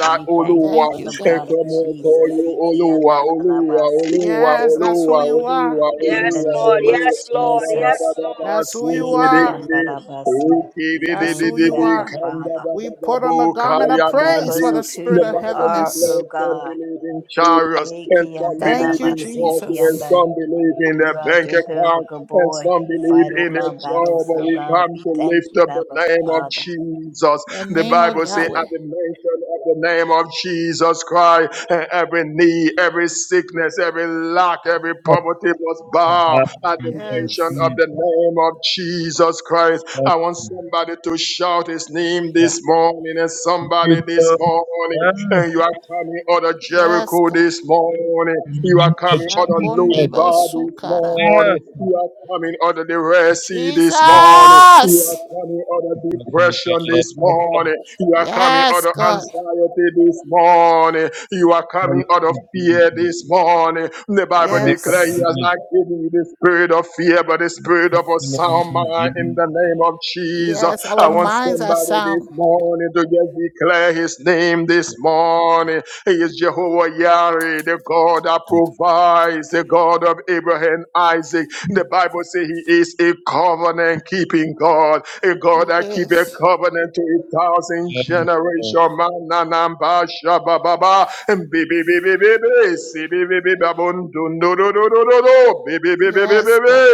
S2: And we thank you
S5: Oluwa.
S1: Thank
S2: for the
S1: you, God.
S2: blood of
S5: Ekomoto
S2: Jesus.
S5: you Oluwa Oluwa Oluwa
S2: Ikiandarabasikiando.
S1: Yes, that's who
S5: Oluwa
S1: you are.
S5: Oluwa
S2: In the
S7: Yes,
S5: Oluwa
S7: Lord.
S2: name of
S5: Oluwa.
S7: Yes,
S5: Ba,
S7: Lord.
S5: ba, ba,
S7: Yes,
S5: ba,
S2: Jesus.
S5: ba, ba,
S7: Lord.
S1: That's who you are.
S5: Shikirididibi.
S2: Ikiandarabasi. We
S1: That's
S2: thank
S1: who
S2: you,
S1: you
S2: Abba
S1: are.
S2: Father,
S1: We put on the garment of praise
S5: Okidididididikandababababokayamandi.
S2: because
S1: for the
S2: of who
S1: spirit
S5: The
S1: of
S2: you
S5: Bible
S2: are, O
S1: heaviness.
S5: declares some
S2: God.
S5: believe in chariots and some
S1: Thank
S5: believe
S1: you,
S5: in horses and
S1: Jesus.
S2: Ikiandarabasikianda.
S5: some believe in
S2: You
S5: their
S2: are
S5: bank account.
S2: Jehovah
S5: And
S2: Gabor.
S5: some
S2: You
S5: believe
S2: fight all
S5: in a
S2: our
S5: job,
S2: battles,
S5: but
S2: O
S5: we
S2: God.
S5: come
S2: We
S5: to
S2: thank
S5: lift
S2: you,
S5: up
S2: Abba
S5: the name
S2: Father.
S5: of Jesus.
S1: The
S5: The
S1: name of
S5: Bible says,
S1: Yahweh.
S5: at the mention of the name of Jesus Christ, eh, every knee, every sickness, every lack, every poverty must bow at the mention
S1: Yes.
S5: of the name of Jesus Christ. I want somebody to shout his name this morning, and somebody this morning and
S4: Yes,
S5: you are coming out of
S1: Yes,
S5: Jericho
S1: God.
S5: this morning.
S4: in the
S5: You are
S4: name of
S5: coming out of
S1: Shakundi
S5: Lodibar this
S1: Bosukaraba.
S5: morning. You are coming out of the Red Sea this morning. You
S1: Jesus.
S5: are coming out of depression this morning. You are coming out
S1: Yes,
S5: of
S1: God.
S5: anxiety this morning. You are coming out of fear this morning. The Bible declares He
S1: Yes.
S5: has not given you the spirit of fear, but the spirit of a sound mind in
S4: Jesus.
S5: the name of Jesus.
S1: Yes,
S5: I
S1: our
S5: want
S1: minds are
S5: somebody
S1: sound.
S5: this morning to just declare his name this morning. He is Jehovah Yahweh, the God that provides, the God of Abraham, Isaac. The Bible says he is a covenant keeping God, a God that keep a
S1: Yes.
S5: covenant to a thousand generations. Mananamba shabababa and baby baby baby baby baby
S1: Yes,
S5: baby
S1: God.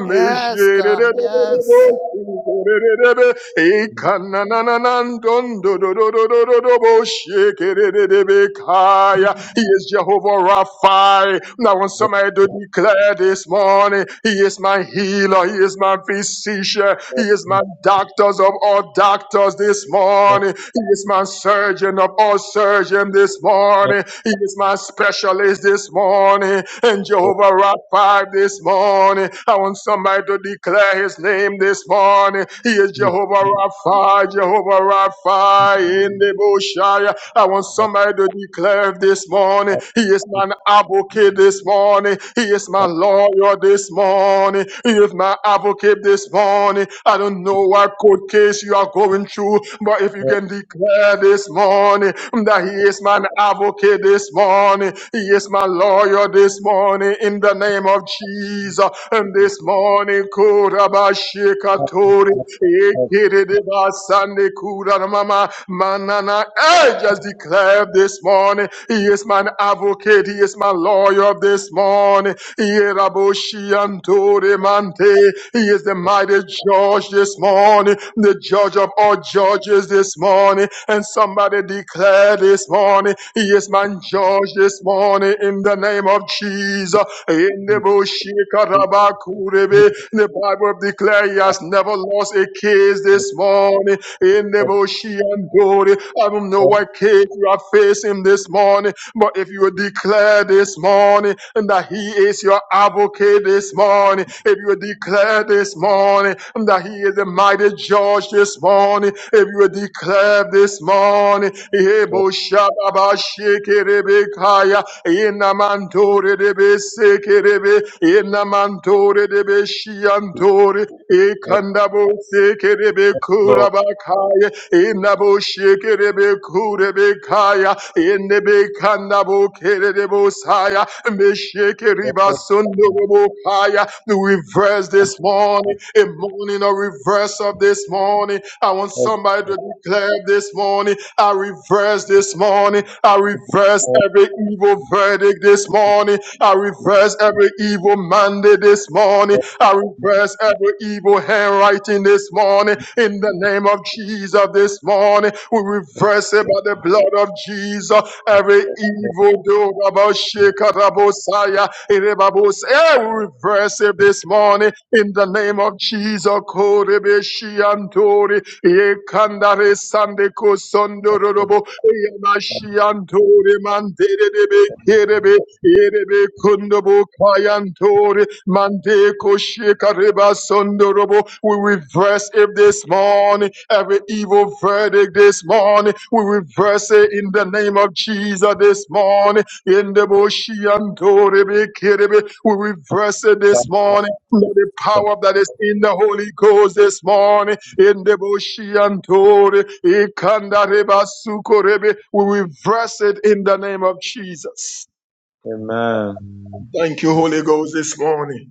S1: Yes, God. Yes.
S5: he is Jehovah Rapha. Now, want somebody to declare this morning, He is my healer, He is my physician, He is my doctors of all doctors this morning, He is my surgeon of all surgeons this morning, He is my specialist this morning, and Jehovah Rapha this morning. I want somebody to declare His name this morning. He is Jehovah Rapha, Jehovah Rapha in the bush. I want want somebody to declare this morning,
S4: Yes.
S5: He is
S4: with
S5: my advocate this morning. He is my
S4: the
S5: lawyer this morning. He is my advocate this morning. I don't know what court case you are going through, but if you can
S4: former
S5: declare this morning that He is my advocate this morning, He is my lawyer this morning in the name of Jesus. And this morning,
S4: partners
S5: Kurabashikatori,
S4: of the group after
S5: Ekiribasande Kuramama, Manana, I just declared this morning, He is my advocate, He is my lawyer this morning. He is the mighty judge this morning, the judge of all judges this morning. And somebody declared this morning, He is my judge this morning in the name of Jesus.
S4: the
S5: Yendeboshi Karabakurebe. The Bible declares He has never lost a case this morning. In the bushy and glory. I don't know
S4: birth
S5: what case you are facing this morning, but if you will declare this morning that He is your advocate this morning, if you will declare this morning that He is the mighty judge this morning, if you will declare this morning,
S4: of
S5: Ebo Shababa Sheke Rebekaya, Inamantore de Besekerebe, Inamantore de Beshiantore,
S4: the
S5: Ekandabo Sekerebe
S4: first law,
S5: Kurabakaya. Inabo shekerebe kurebe kaya. Inebe kanabo kerebo saya. Meshekeriba
S4: perfect coming,
S5: sundorobo kaya. The reverse
S4: the
S5: this morning.
S4: partners
S5: A morning of reverse of this morning. I want
S4: of
S5: somebody to declare this morning. I reverse this morning. I reverse
S4: all
S5: every evil verdict this morning. I reverse every evil mandate this morning.
S4: the
S5: I reverse every evil handwriting this morning. In the name of Jesus this morning, we reverse it by the blood of Jesus. Every
S4: law, the
S5: evil do about Shekarabosaya. We reverse it this morning. In the name of Jesus. Santori, Yekandare Sandeko Sondorobo, Yamashiantori Manderebe Kerebe, Yerebe Kundobo Kayantori, Mandeko Shekareba Sondorobo. We reverse it this morning, every evil verdict this morning. We reverse it in the name of Jesus this morning. In the Boshiantori Kerebe, we reverse it this
S4: past.
S5: morning. Let the power that is in the Holy Ghost this morning. Endeboshiantore, ikandarebasukorebe. We reverse it in the name of Jesus.
S4: Amen.
S5: Thank you, Holy Ghost, this morning.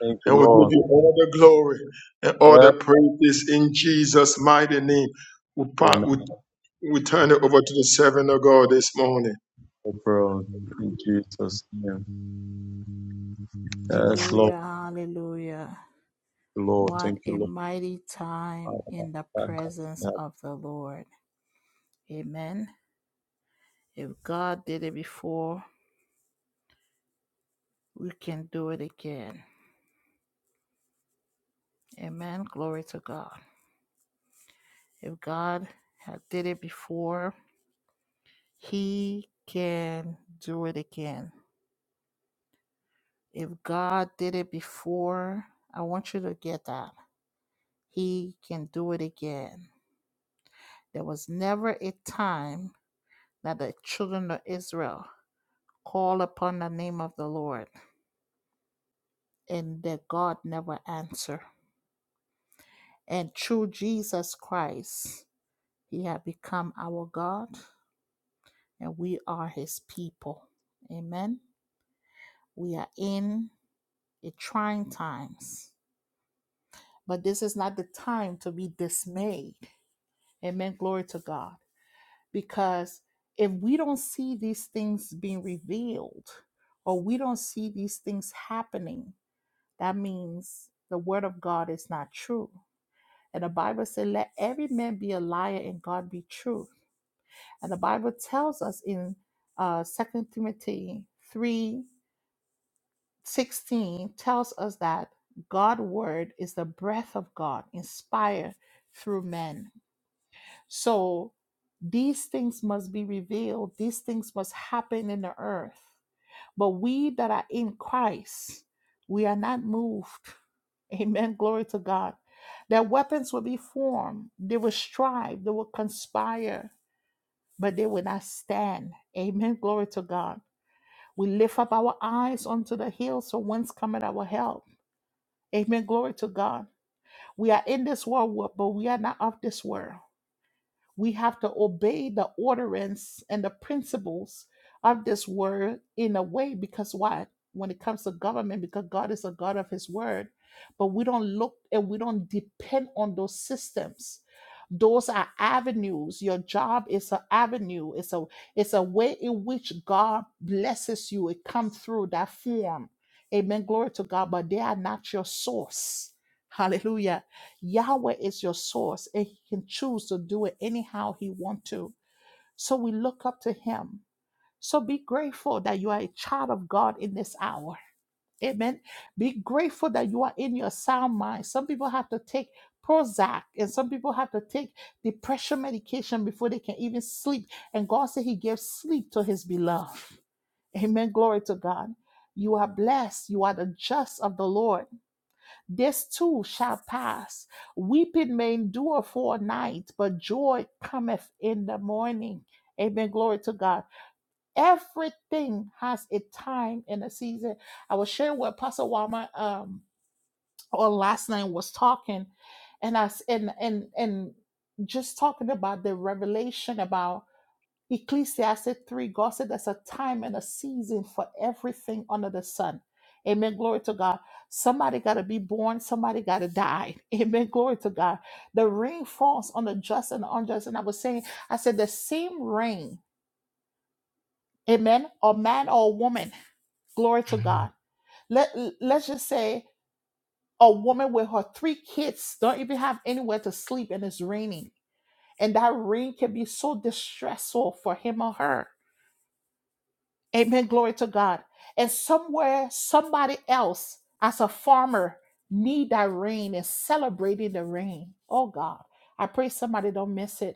S4: Thank you,
S5: And we give
S4: Lord.
S5: you all the glory and all the
S4: Yes,
S5: praises in Jesus' mighty name. We, part,
S4: Amen.
S5: we, we turn it over to the servant of God this morning.
S4: April, in Jesus' name. Yes, Lord.
S1: Hallelujah. Hallelujah. What
S4: Thank
S1: a
S4: you, Lord.
S1: mighty time
S4: Thank you,
S1: in the presence
S4: Lord.
S1: of the Lord. Amen. If God did it before, we can do it again. Amen. Glory to God. If God had did it before, he can do it again. If God did it before, I want you to get that. He can do it again. There was never a time that the children of Israel called upon the name of the Lord and their God never answered. And through Jesus Christ, He had become our God and we are His people. Amen. We are in a trying times, but this is not the time to be dismayed. Amen. Glory to God. because if we don't see these things being revealed or we don't see these things happening, that means the word of God is not true. And the Bible said, Let every man be a liar and God be true. And the Bible tells us in uh, 2 Timothy three sixteen tells us that God's word is the breath of God inspired through men. So These things must be revealed, these things must happen in the earth. But we that are in Christ, we are not moved. (laughs) Amen. Glory to God. Their weapons will be formed, they will strive, they will conspire, but they will not stand. Amen. Glory to God. We lift up our eyes unto the hills, so whence cometh our help? Amen. Glory to God. We are in this world, but we are not of this world. We have to obey the orderance and the principles of this word in a way because why? When it comes to government, because God is a God of His word, but we don't look and we don't depend on those systems those are avenues your job is an avenue it's a it's a way in which god blesses you it comes through that form amen glory to god but they are not your source hallelujah yahweh is your source and he can choose to do it anyhow he want to so we look up to him so be grateful that you are a child of god in this hour Amen. Be grateful that you are in your sound mind. Some people have to take Prozac and some people have to take depression medication before they can even sleep. And God said He gives sleep to His beloved. Amen. Glory to God. You are blessed. You are the just of the Lord. This too shall pass. Weeping may endure for a night, but joy cometh in the morning. Amen. Glory to God. Everything has a time and a season. I was sharing what Pastor Wama um or last night was talking, and us and and and just talking about the revelation about Ecclesiastes 3. God said there's a time and a season for everything under the sun. Amen. Glory to God. Somebody got to be born. Somebody got to die. (laughs) Amen. Glory to God. The rain falls on the just and the unjust. And I was saying, I said, the same rain, amen, or man or woman Glory to God. Let let's just say a woman with her three kids don't even have anywhere to sleep and it's raining. And that rain can be so distressful for him or her. Amen. Glory to God. And somewhere somebody else as a farmer need that rain and celebrating the rain. Oh God. I pray somebody don't miss it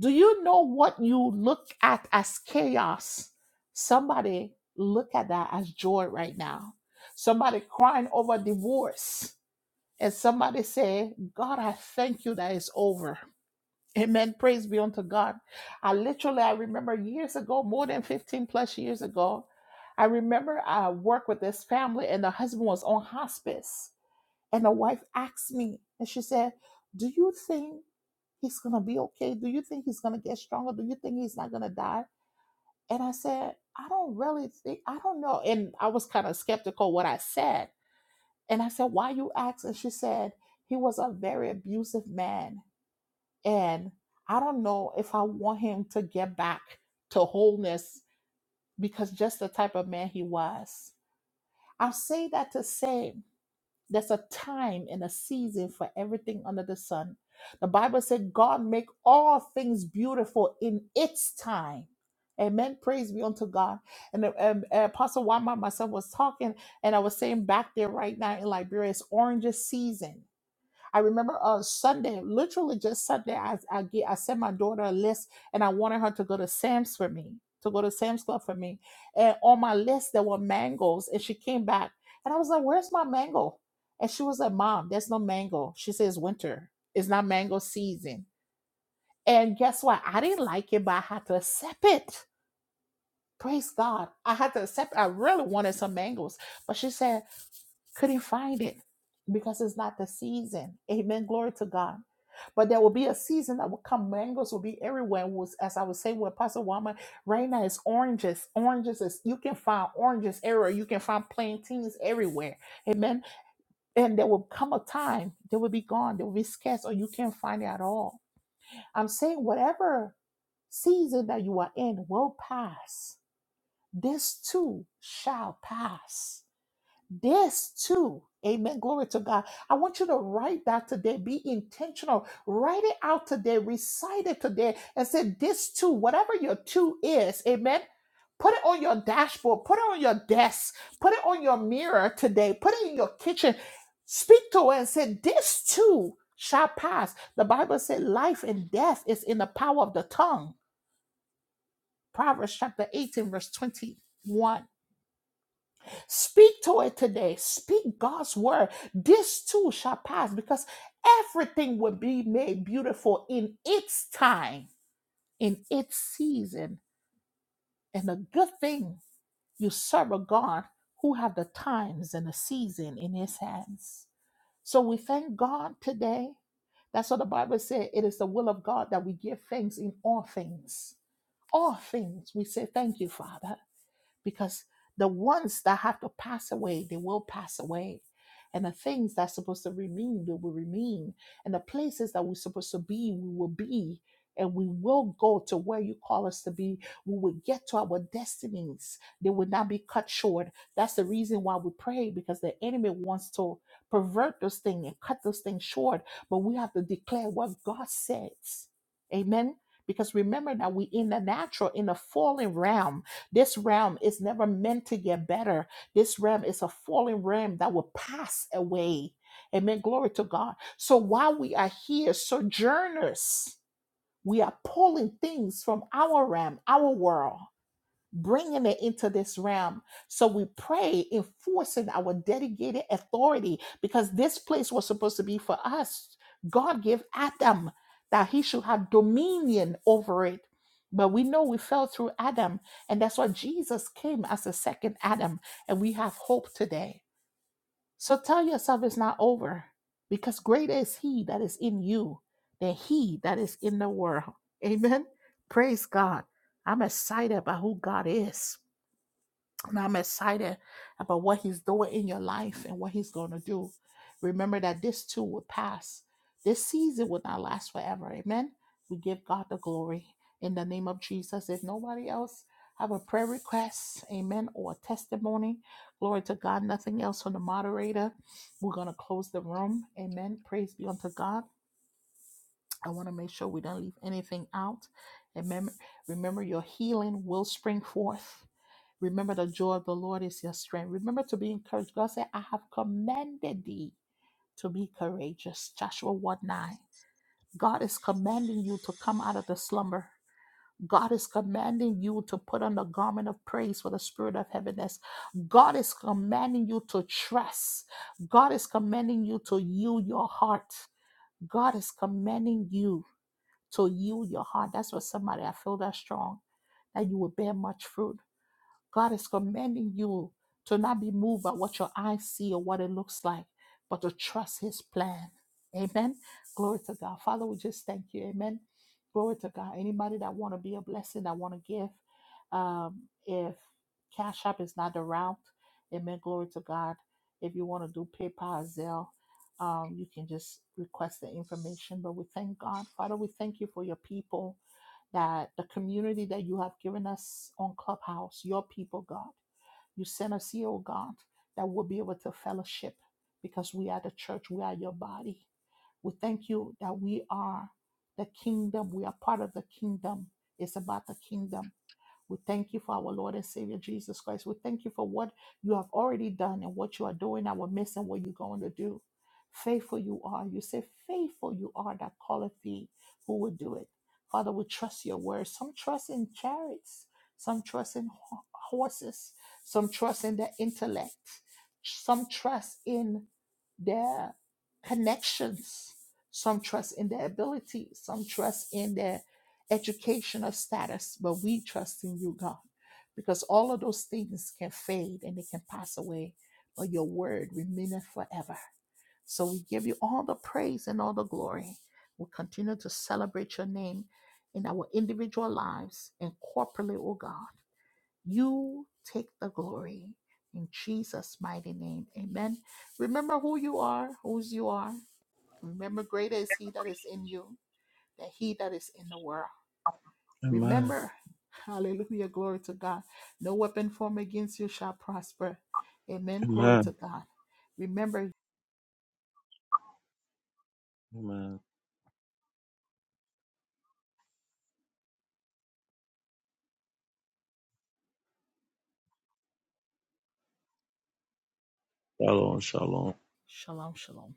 S1: Do you know what you look at as chaos? Somebody look at that as joy right now. Somebody crying over divorce. And somebody say, God, I thank you that it's over. Amen. Praise be unto God. I literally, I remember years ago, more than 15 plus years ago, I remember I worked with this family and the husband was on hospice. And the wife asked me, and she said, Do you think He's going to be okay. Do you think he's going to get stronger? Do you think he's not going to die? And I said, I don't really think, I don't know. And I was kind of skeptical what I said. And I said, Why you ask? And she said, He was a very abusive man. And I don't know if I want him to get back to wholeness because just the type of man he was. I say that to say There's a time and a season for everything under the sun. The Bible said God make all things beautiful in its time. Amen. Praise be unto God. And uh, um, uh, Apostle Wama myself was talking, and I was saying back there right now in Liberia, it's oranges season. I remember on Sunday, literally just Sunday, I I, get, I sent my daughter a list and I wanted her to go to Sam's for me, to go to Sam's Club for me. And on my list, there were mangoes. And she came back and I was like, Where's my mango? And she was like, Mom, there's no mango. She says, Winter. It's not mango season. And guess what? I didn't like it, but I had to accept it. Praise God. I had to accept I really wanted some mangoes. But she said, couldn't find it because it's not the season. Amen. Glory to God. But there will be a season that will come. Mangoes will be everywhere. And was- As I was saying with Pastor Wama, right now it's oranges. Oranges is you can find oranges everywhere. You can find plantains everywhere. Amen. And there will come a time they will be gone. They will be scarce, or you can't find it at all. I'm saying whatever season that you are in will pass. This too shall pass this too. Amen. Glory to God. I want you to write that today. Be intentional. Write it out today. Recite it today and say this too, whatever your two is. Amen. Put it on your dashboard. Put it on your desk. Put it on your mirror today. Put it in your kitchen. Speak to it and say this too shall pass. The Bible said life and death is in the power of the tongue. Proverbs chapter 18, verse 21. Speak to it today. Speak God's word. This too shall pass because everything will be made beautiful in its time, in its season. And a good thing you serve a God who have the times and the season in his hands. So we thank God today. That's what the Bible says. It is the will of God that we give thanks in all things. All things. We say thank you, Father because the ones that have to pass away, they will pass away. And the things that's supposed to remain, they will remain. And the places that we're supposed to be, we will be. And we will go to where you call us to be. We will get to our destinies. They will not be cut short. That's the reason why we pray, because the enemy wants to pervert those things and cut those things short. But we have to declare what God says. Amen. Because remember that we in the natural, in the fallen realm. This realm is never meant to get better. This realm is a fallen realm that will pass away. Amen. Glory to God. So while we are here, sojourners, we are pulling things from our realm, our world bringing it into this realm. So we pray, enforcing our dedicated authority, because this place was supposed to be for us. God gave Adam that he should have dominion over it. But we know we fell through Adam, and that's why Jesus came as the second Adam, and we have hope today. So tell yourself it's not over, because greater is he that is in you than he that is in the world. Amen. Praise God. I'm excited about who God is. And I'm excited about what he's doing in your life and what he's going to do. Remember that this too will pass. This season will not last forever. Amen. We give God the glory in the name of Jesus. If nobody else have a prayer request, amen, or a testimony, glory to God. Nothing else from the moderator. We're going to close the room. Amen. Praise be unto God. I want to make sure we don't leave anything out. Amen. Remember, your healing will spring forth. Remember the joy of the Lord is your strength. Remember to be encouraged. God said, I have commanded thee to be courageous. Joshua 1 9. God is commanding you to come out of the slumber. God is commanding you to put on the garment of praise for the spirit of heaviness. God is commanding you to trust. God is commanding you to yield your heart. God is commanding you to yield your heart. That's what somebody I feel that strong that you will bear much fruit God is commanding you to not be moved by what your eyes see or what it looks like, but to trust His plan. Amen. Glory to God. Father, we just thank you. Amen. Glory to God. Anybody that want to be a blessing, that want to give, um, if Cash App is not the route, Amen. Glory to God. If you want to do PayPal, Zelle, um, you can just request the information. But we thank God, Father. We thank you for your people that the community that you have given us on Clubhouse, your people, God, you sent us here, oh God, that we'll be able to fellowship because we are the church, we are your body. We thank you that we are the kingdom, we are part of the kingdom. It's about the kingdom. We thank you for our Lord and Savior Jesus Christ. We thank you for what you have already done and what you are doing, our midst, and what you're going to do. Faithful you are. You say, Faithful you are that calleth thee who will do it. Father, we trust your word. Some trust in chariots, some trust in ho- horses, some trust in their intellect, some trust in their connections, some trust in their ability, some trust in their educational status, but we trust in you, God, because all of those things can fade and they can pass away, but your word remaineth forever. So we give you all the praise and all the glory. We'll continue to celebrate your name in our individual lives and corporately, oh God. You take the glory in Jesus' mighty name. Amen. Remember who you are, whose you are. Remember, greater is He that is in you than He that is in the world.
S4: Amen.
S1: Remember, hallelujah, glory to God. No weapon formed against you shall prosper. Amen. Glory to
S4: Amen.
S1: God. Remember,
S4: Amen. Shalom. Shalom.
S1: shalom, shalom.